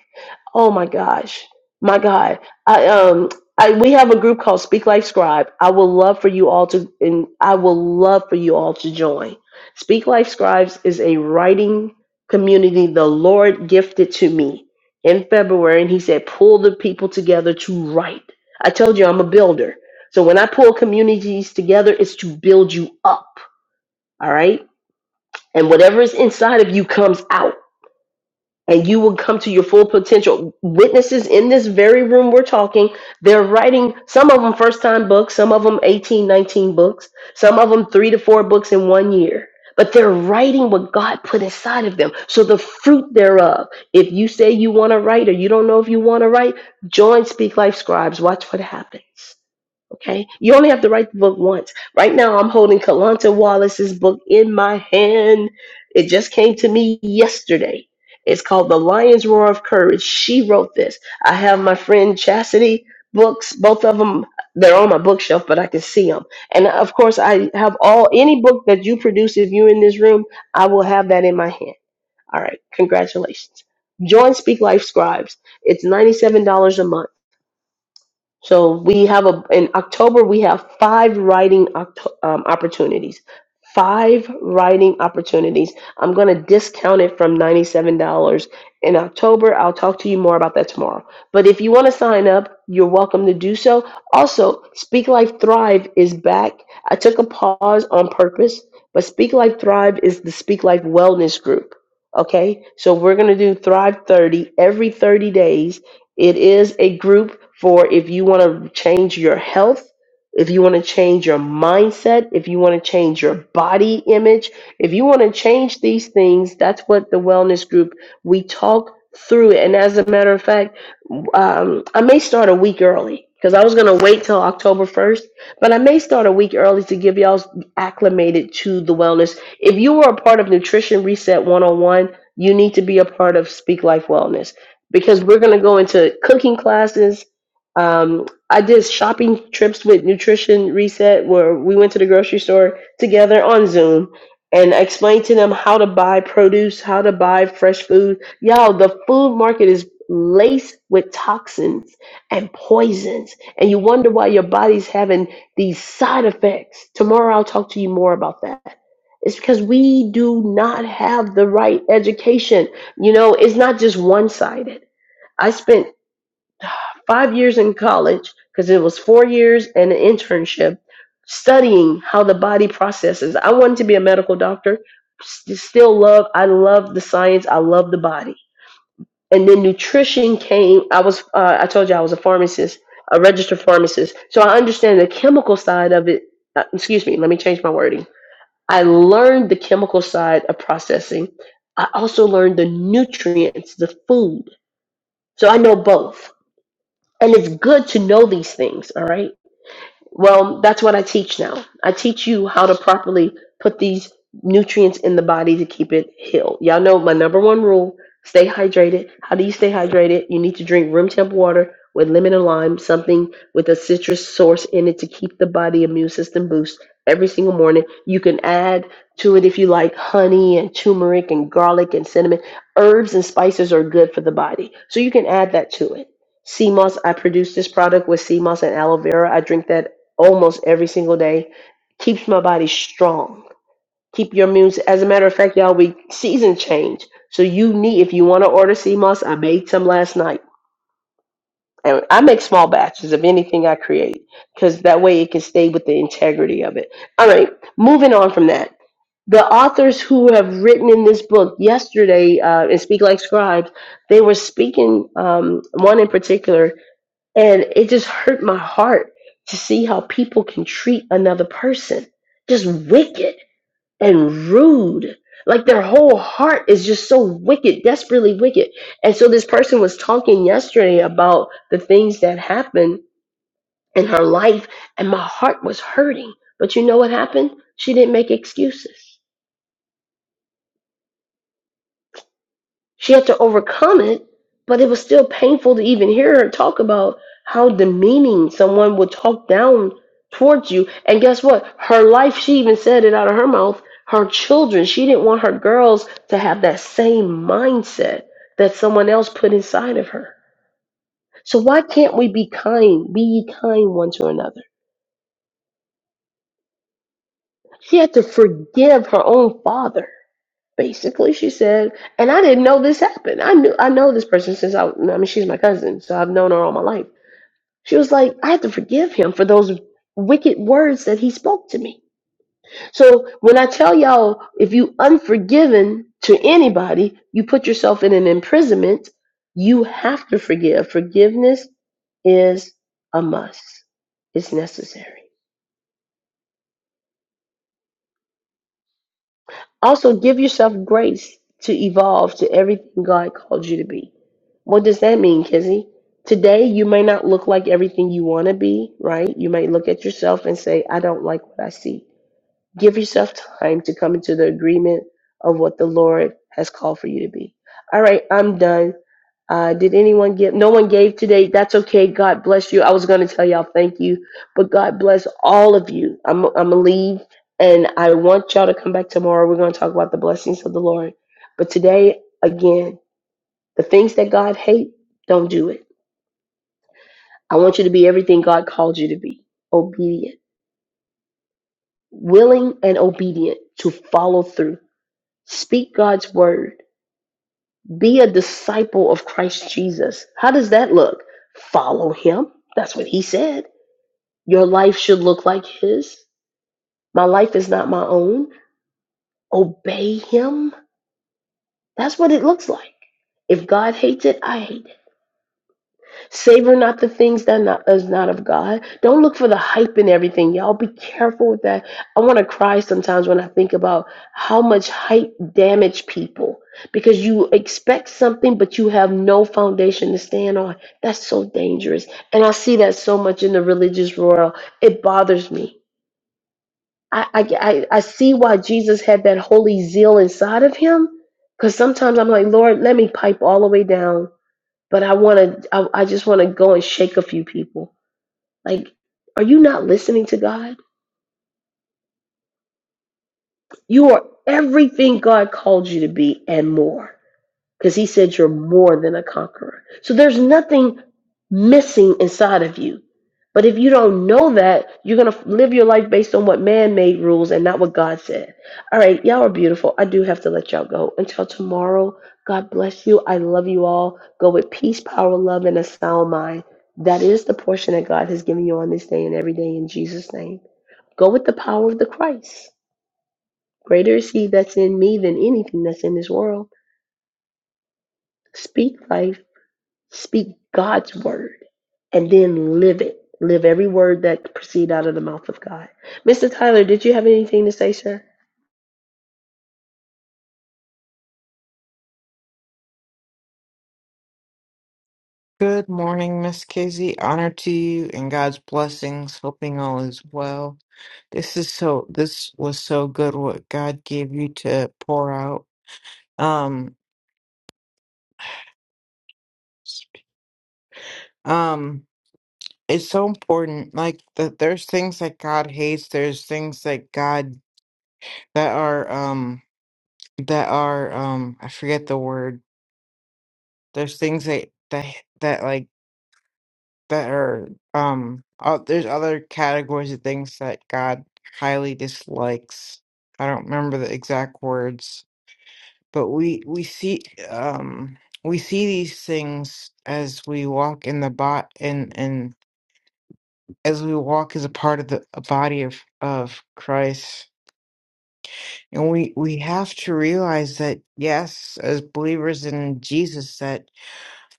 Speaker 1: Oh my gosh, my God. I um, I we have a group called Speak Life Scribe. I would love for you all to, and I would love for you all to join. Speak Life Scribes is a writing community the Lord gifted to me in February, and He said, pull the people together to write. I told you I'm a builder. So when I pull communities together, it's to build you up. All right. And whatever is inside of you comes out and you will come to your full potential. Witnesses in this very room we're talking, they're writing some of them first time books, some of them 18, 19 books, some of them three to four books in one year. But they're writing what God put inside of them. So the fruit thereof. If you say you want to write or you don't know if you want to write, join Speak Life Scribes. Watch what happens. Okay, you only have to write the book once. Right now, I'm holding Kalanta Wallace's book in my hand. It just came to me yesterday. It's called The Lion's Roar of Courage. She wrote this. I have my friend Chastity books, both of them. They're on my bookshelf, but I can see them. And of course, I have all any book that you produce. If you're in this room, I will have that in my hand. All right, congratulations. Join Speak Life Scribes. It's $97 a month. So we have a in October we have five writing oct- um, opportunities. Five writing opportunities. I'm going to discount it from $97 in October. I'll talk to you more about that tomorrow. But if you want to sign up, you're welcome to do so. Also, Speak Life Thrive is back. I took a pause on purpose, but Speak Life Thrive is the Speak Life Wellness Group. Okay, so we're going to do Thrive 30 every 30 days it is a group for if you want to change your health, if you want to change your mindset, if you want to change your body image, if you want to change these things, that's what the wellness group we talk through. it. And as a matter of fact, um, I may start a week early because I was going to wait till October 1st, but I may start a week early to give y'all acclimated to the wellness. If you were a part of Nutrition Reset 101, you need to be a part of Speak Life Wellness because we're going to go into cooking classes. Um, I did shopping trips with Nutrition Reset where we went to the grocery store together on Zoom and I explained to them how to buy produce, how to buy fresh food. Y'all, the food market is laced with toxins and poisons, and you wonder why your body's having these side effects. Tomorrow I'll talk to you more about that. It's because we do not have the right education. You know, it's not just one sided. I spent five years in college because it was four years and an internship studying how the body processes. I wanted to be a medical doctor. St- still love, I love the science. I love the body. And then nutrition came. I was, uh, I told you I was a pharmacist, a registered pharmacist. So I understand the chemical side of it. Uh, excuse me, let me change my wording. I learned the chemical side of processing. I also learned the nutrients, the food so I know both. And it's good to know these things, all right? Well, that's what I teach now. I teach you how to properly put these nutrients in the body to keep it healed. Y'all know my number one rule stay hydrated. How do you stay hydrated? You need to drink room temp water with lemon and lime, something with a citrus source in it to keep the body immune system boost every single morning. You can add to it if you like honey and turmeric and garlic and cinnamon. Herbs and spices are good for the body. So you can add that to it. CMOS, I produce this product with CMOS and aloe vera. I drink that almost every single day. Keeps my body strong. Keep your immune. As a matter of fact, y'all, we season change. So you need, if you want to order sea moss, I made some last night. And I make small batches of anything I create because that way it can stay with the integrity of it. All right, moving on from that the authors who have written in this book yesterday uh, in Speak Like Scribes, they were speaking. Um, one in particular and it just hurt my heart to see how people can treat another person just wicked and rude. Like their whole heart is just so wicked, desperately wicked. And so this person was talking yesterday about the things that happened in her life, and my heart was hurting. But you know what happened? She didn't make excuses. She had to overcome it, but it was still painful to even hear her talk about how demeaning someone would talk down towards you. And guess what? Her life, she even said it out of her mouth, her children, she didn't want her girls to have that same mindset that someone else put inside of her. So why can't we be kind? Be ye kind one to another. She had to forgive her own father. Basically, she said, and I didn't know this happened. I knew I know this person since I, I mean, she's my cousin, so I've known her all my life. She was like, I have to forgive him for those wicked words that he spoke to me. So when I tell y'all, if you unforgiven to anybody, you put yourself in an imprisonment. You have to forgive. Forgiveness is a must. It's necessary. Also, give yourself grace to evolve to everything God called you to be. What does that mean, Kizzy? Today, you may not look like everything you want to be, right? You may look at yourself and say, I don't like what I see. Give yourself time to come into the agreement of what the Lord has called for you to be. All right, I'm done. Uh, did anyone give? No one gave today. That's okay. God bless you. I was going to tell y'all thank you, but God bless all of you. I'm I'm gonna leave, and I want y'all to come back tomorrow. We're going to talk about the blessings of the Lord. But today, again, the things that God hate, don't do it. I want you to be everything God called you to be: obedient, willing, and obedient to follow through. Speak God's word. Be a disciple of Christ Jesus. How does that look? Follow Him. That's what He said Your life should look like His. My life is not my own. Obey Him. That's what it looks like. If God hates it, I hate it. Savor not the things that not, is not of God. Don't look for the hype and everything. Y'all be careful with that. I want to cry sometimes when I think about how much hype damage people because you expect something, but you have no foundation to stand on. That's so dangerous. And I see that so much in the religious world. It bothers me I, I, I I see why Jesus had that holy zeal inside of him. Because sometimes I'm like, Lord, let me pipe all the way down, but I want to, I, I just want to go and shake a few people. Like, are you not listening to God? You are everything God called you to be and more. because he said you're more than a conqueror. So there's nothing missing inside of you. But if you don't know that, you're going to live your life based on what man made rules and not what God said. All right, y'all are beautiful. I do have to let y'all go. Until tomorrow, God bless you. I love you all. Go with peace, power, love, and a sound mind. That is the portion that God has given you on this day and every day in Jesus' name. Go with the power of the Christ. Greater is He that's in me than anything that's in this world. Speak life Speak God's word and then live it. Live every word that proceed out of the mouth of God. Mr. Tyler, did you have anything to say, sir?
Speaker 3: Good morning, Miss Kizzy. Honor to you and God's blessings. Hoping all is well. This is so. This was so good. What God gave you to pour out. Um, um, it's so important. Like that, there's things that God hates. There's things that God that are um that are um I forget the word. There's things that that that like. that are um uh, there's other categories of things that God highly dislikes. I don't remember the exact words, but we we see um we see these things as we walk in the bot and and as we walk as a part of the a body of of Christ. And we we have to realize that yes, as believers in Jesus,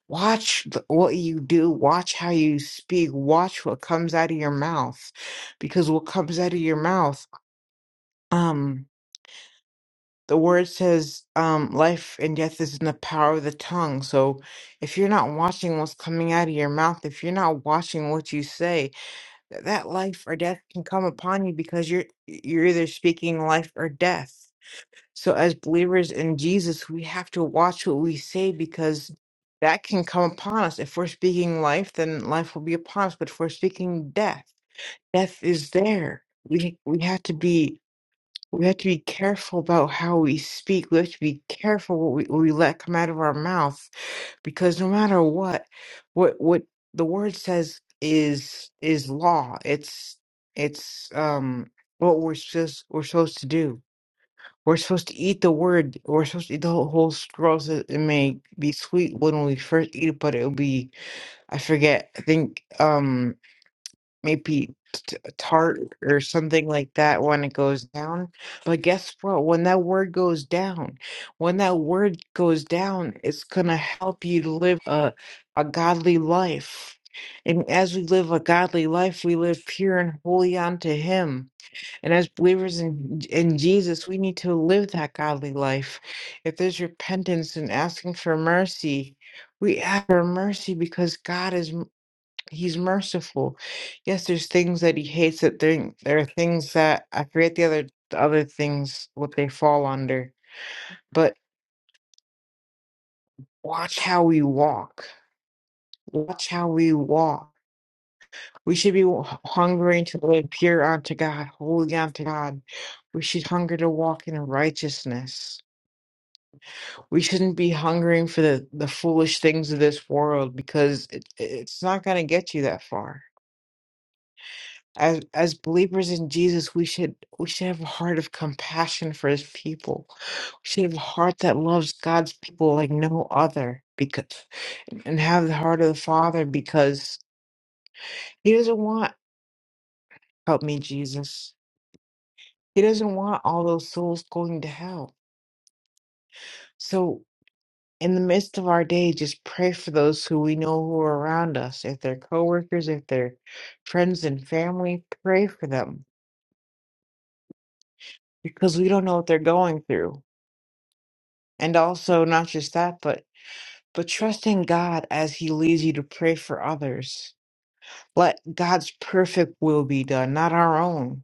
Speaker 3: Watch th- what you do, watch how you speak, watch what comes out of your mouth because what comes out of your mouth um the word says um life and death is in the power of the tongue. So if you're not watching what's coming out of your mouth, if you're not watching what you say, th- that life or death can come upon you because you're you're either speaking life or death. So, as believers in Jesus, we have to watch what we say because that can come upon us. If we're speaking life, then life will be upon us. But if we're speaking death, death is there. We we have to be we have to be careful about how we speak. We have to be careful what we, what we let come out of our mouth, because no matter what, what what the word says is is law. It's it's um what we're just we're supposed to do we're supposed to eat the word. We're supposed to eat the whole, whole scroll. So it may be sweet when we first eat it, but it'll be I forget. I think um maybe t- tart or something like that when it goes down. But guess what? When that word goes down, when that word goes down, it's gonna help you to live a a godly life. And as we live a godly life, we live pure and holy unto Him and as believers in, in Jesus, we need to live that godly life. If there's repentance and asking for mercy, we ask for mercy because God is m- He's merciful. Yes, there's things that He hates. That there, there are things that I forget the other the other things what they fall under. But watch how we walk. Watch how we walk. We should be wa- hungering to live pure unto God, holy unto God. We should hunger to walk in righteousness we shouldn't be hungering for the, the foolish things of this world because it, it's not going to get you that far. As as believers in Jesus, we should we should have a heart of compassion for His people. We should have a heart that loves God's people like no other, because and have the heart of the Father because He doesn't want help me, Jesus. He doesn't want all those souls going to hell. So in the midst of our day, just pray for those who we know who are around us. If they're coworkers, if they're friends and family, pray for them because we don't know what they're going through. And also, not just that, but but trust in God as He leads you to pray for others. Let God's perfect will be done, not our own.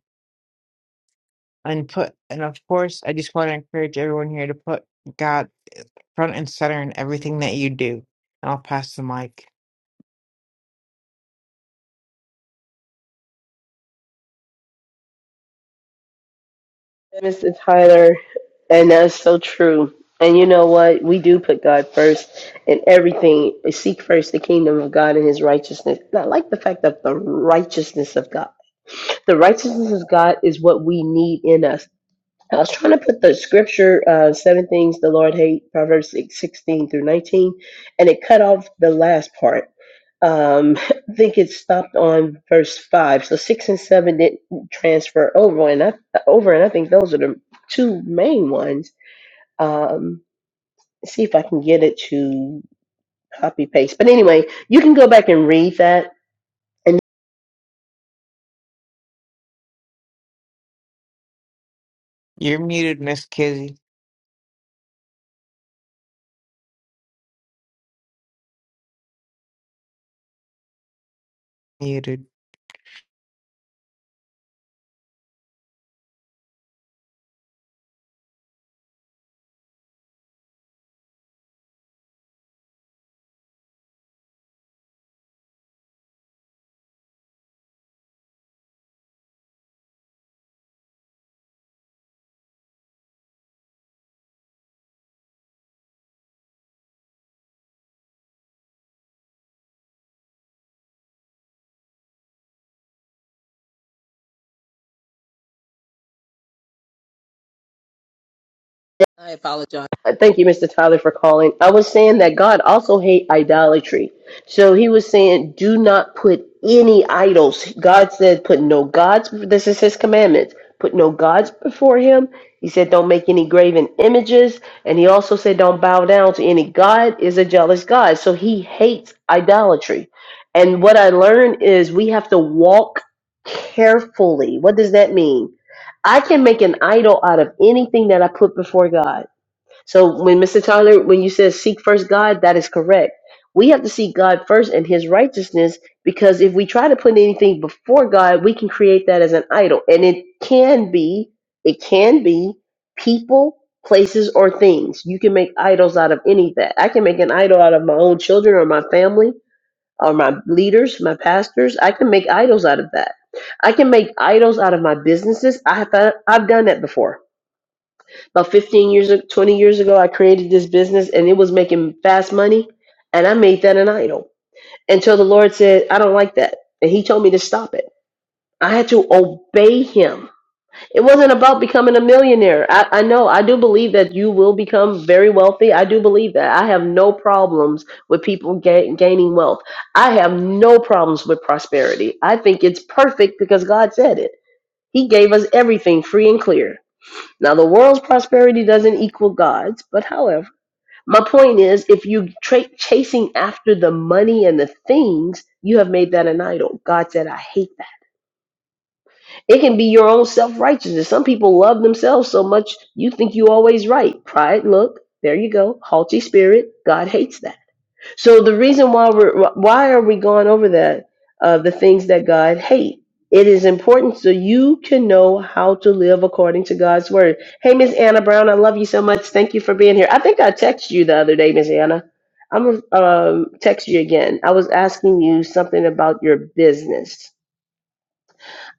Speaker 3: And put and of course, I just want to encourage everyone here to put God front and center in everything that you do. And I'll pass the mic.
Speaker 1: Mr. Tyler, and that's so true. And you know what? We do put God first in everything. Seek first the kingdom of God and his righteousness. And I like the fact that the righteousness of God. The righteousness of God is what we need in us. I was trying to put the scripture, uh, seven things the Lord hate, Proverbs 6 16 through 19, and it cut off the last part. Um, I think it stopped on verse five. So six and seven didn't transfer over, and I, over, and I think those are the two main ones. Um, see if I can get it to copy paste. But anyway, you can go back and read that.
Speaker 3: You're muted, Miss Kizzy. Muted.
Speaker 1: Uh, Thank you, Mr. Tyler, for calling. I was saying that God also hate idolatry. So he was saying, do not put any idols. God said, put no gods. This is his commandments. Put no gods before him. He said, don't make any graven images. And he also said, don't bow down to any God is a jealous God. So he hates idolatry. And what I learned is we have to walk carefully. What does that mean? I can make an idol out of anything that I put before God. So when Mr. Tyler, when you said seek first God, that is correct. We have to seek God first and his righteousness because if we try to put anything before God, we can create that as an idol. And it can be, it can be people, places, or things. You can make idols out of any of that. I can make an idol out of my own children or my family or my leaders, my pastors. I can make idols out of that. I can make idols out of my businesses. I have, I've done that before. About 15 years, ag- 20 years ago, I created this business and it was making fast money. And I made that an idol until the Lord said, I don't like that. And He told me to stop it. I had to obey Him. It wasn't about becoming a millionaire. I, I know, I do believe that you will become very wealthy. I do believe that. I have no problems with people ga- gaining wealth. I have no problems with prosperity. I think it's perfect because God said it. He gave us everything free and clear. Now, the world's prosperity doesn't equal God's, but however, my point is if you tra- chasing after the money and the things, you have made that an idol. God said, I hate that. It can be your own self righteousness. Some people love themselves so much, you think you always right. Pride, look, there you go. Haughty spirit, God hates that. So the reason why we're why are we going over that uh, the things that God hates It is important so you can know how to live according to God's word. Hey, Miss Anna Brown, I love you so much. Thank you for being here. I think I texted you the other day, Miss Anna. I'm gonna um, text you again. I was asking you something about your business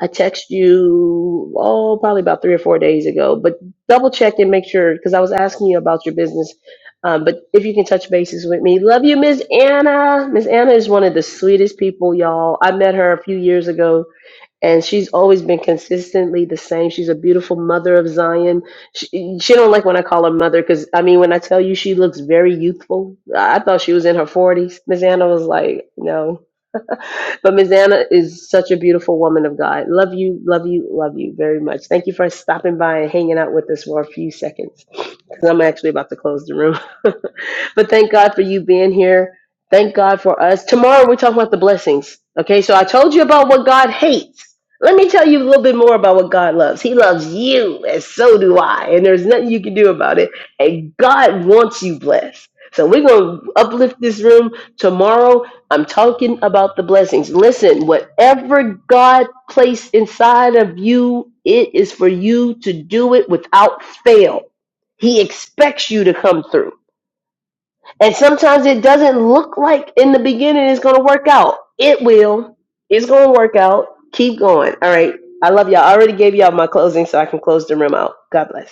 Speaker 1: I texted you, oh, probably about three or four days ago, but double check and make sure because I was asking you about your business. Um, but if you can touch bases with me, love you, Miss Anna. Miss Anna is one of the sweetest people, y'all. I met her a few years ago, and she's always been consistently the same. She's a beautiful mother of Zion. She, she don't like when I call her mother because I mean, when I tell you she looks very youthful, I I thought she was in her forties. Miss Anna was like, no. but Ms. Anna is such a beautiful woman of God. Love you, love you, love you very much. Thank you for stopping by and hanging out with us for a few seconds because I'm actually about to close the room. but thank God for you being here. Thank God for us. Tomorrow we're talking about the blessings. Okay, so I told you about what God hates. Let me tell you a little bit more about what God loves. He loves you, and so do I. And there's nothing you can do about it. And God wants you blessed. So we're going to uplift this room tomorrow I'm talking about the blessings. Listen, whatever God placed inside of you, it is for you to do it without fail. He expects you to come through. And sometimes it doesn't look like in the beginning it's going to work out. It will. It's going to work out. Keep going. All right. I love y'all. I already gave y'all my closing so I can close the room out. God bless.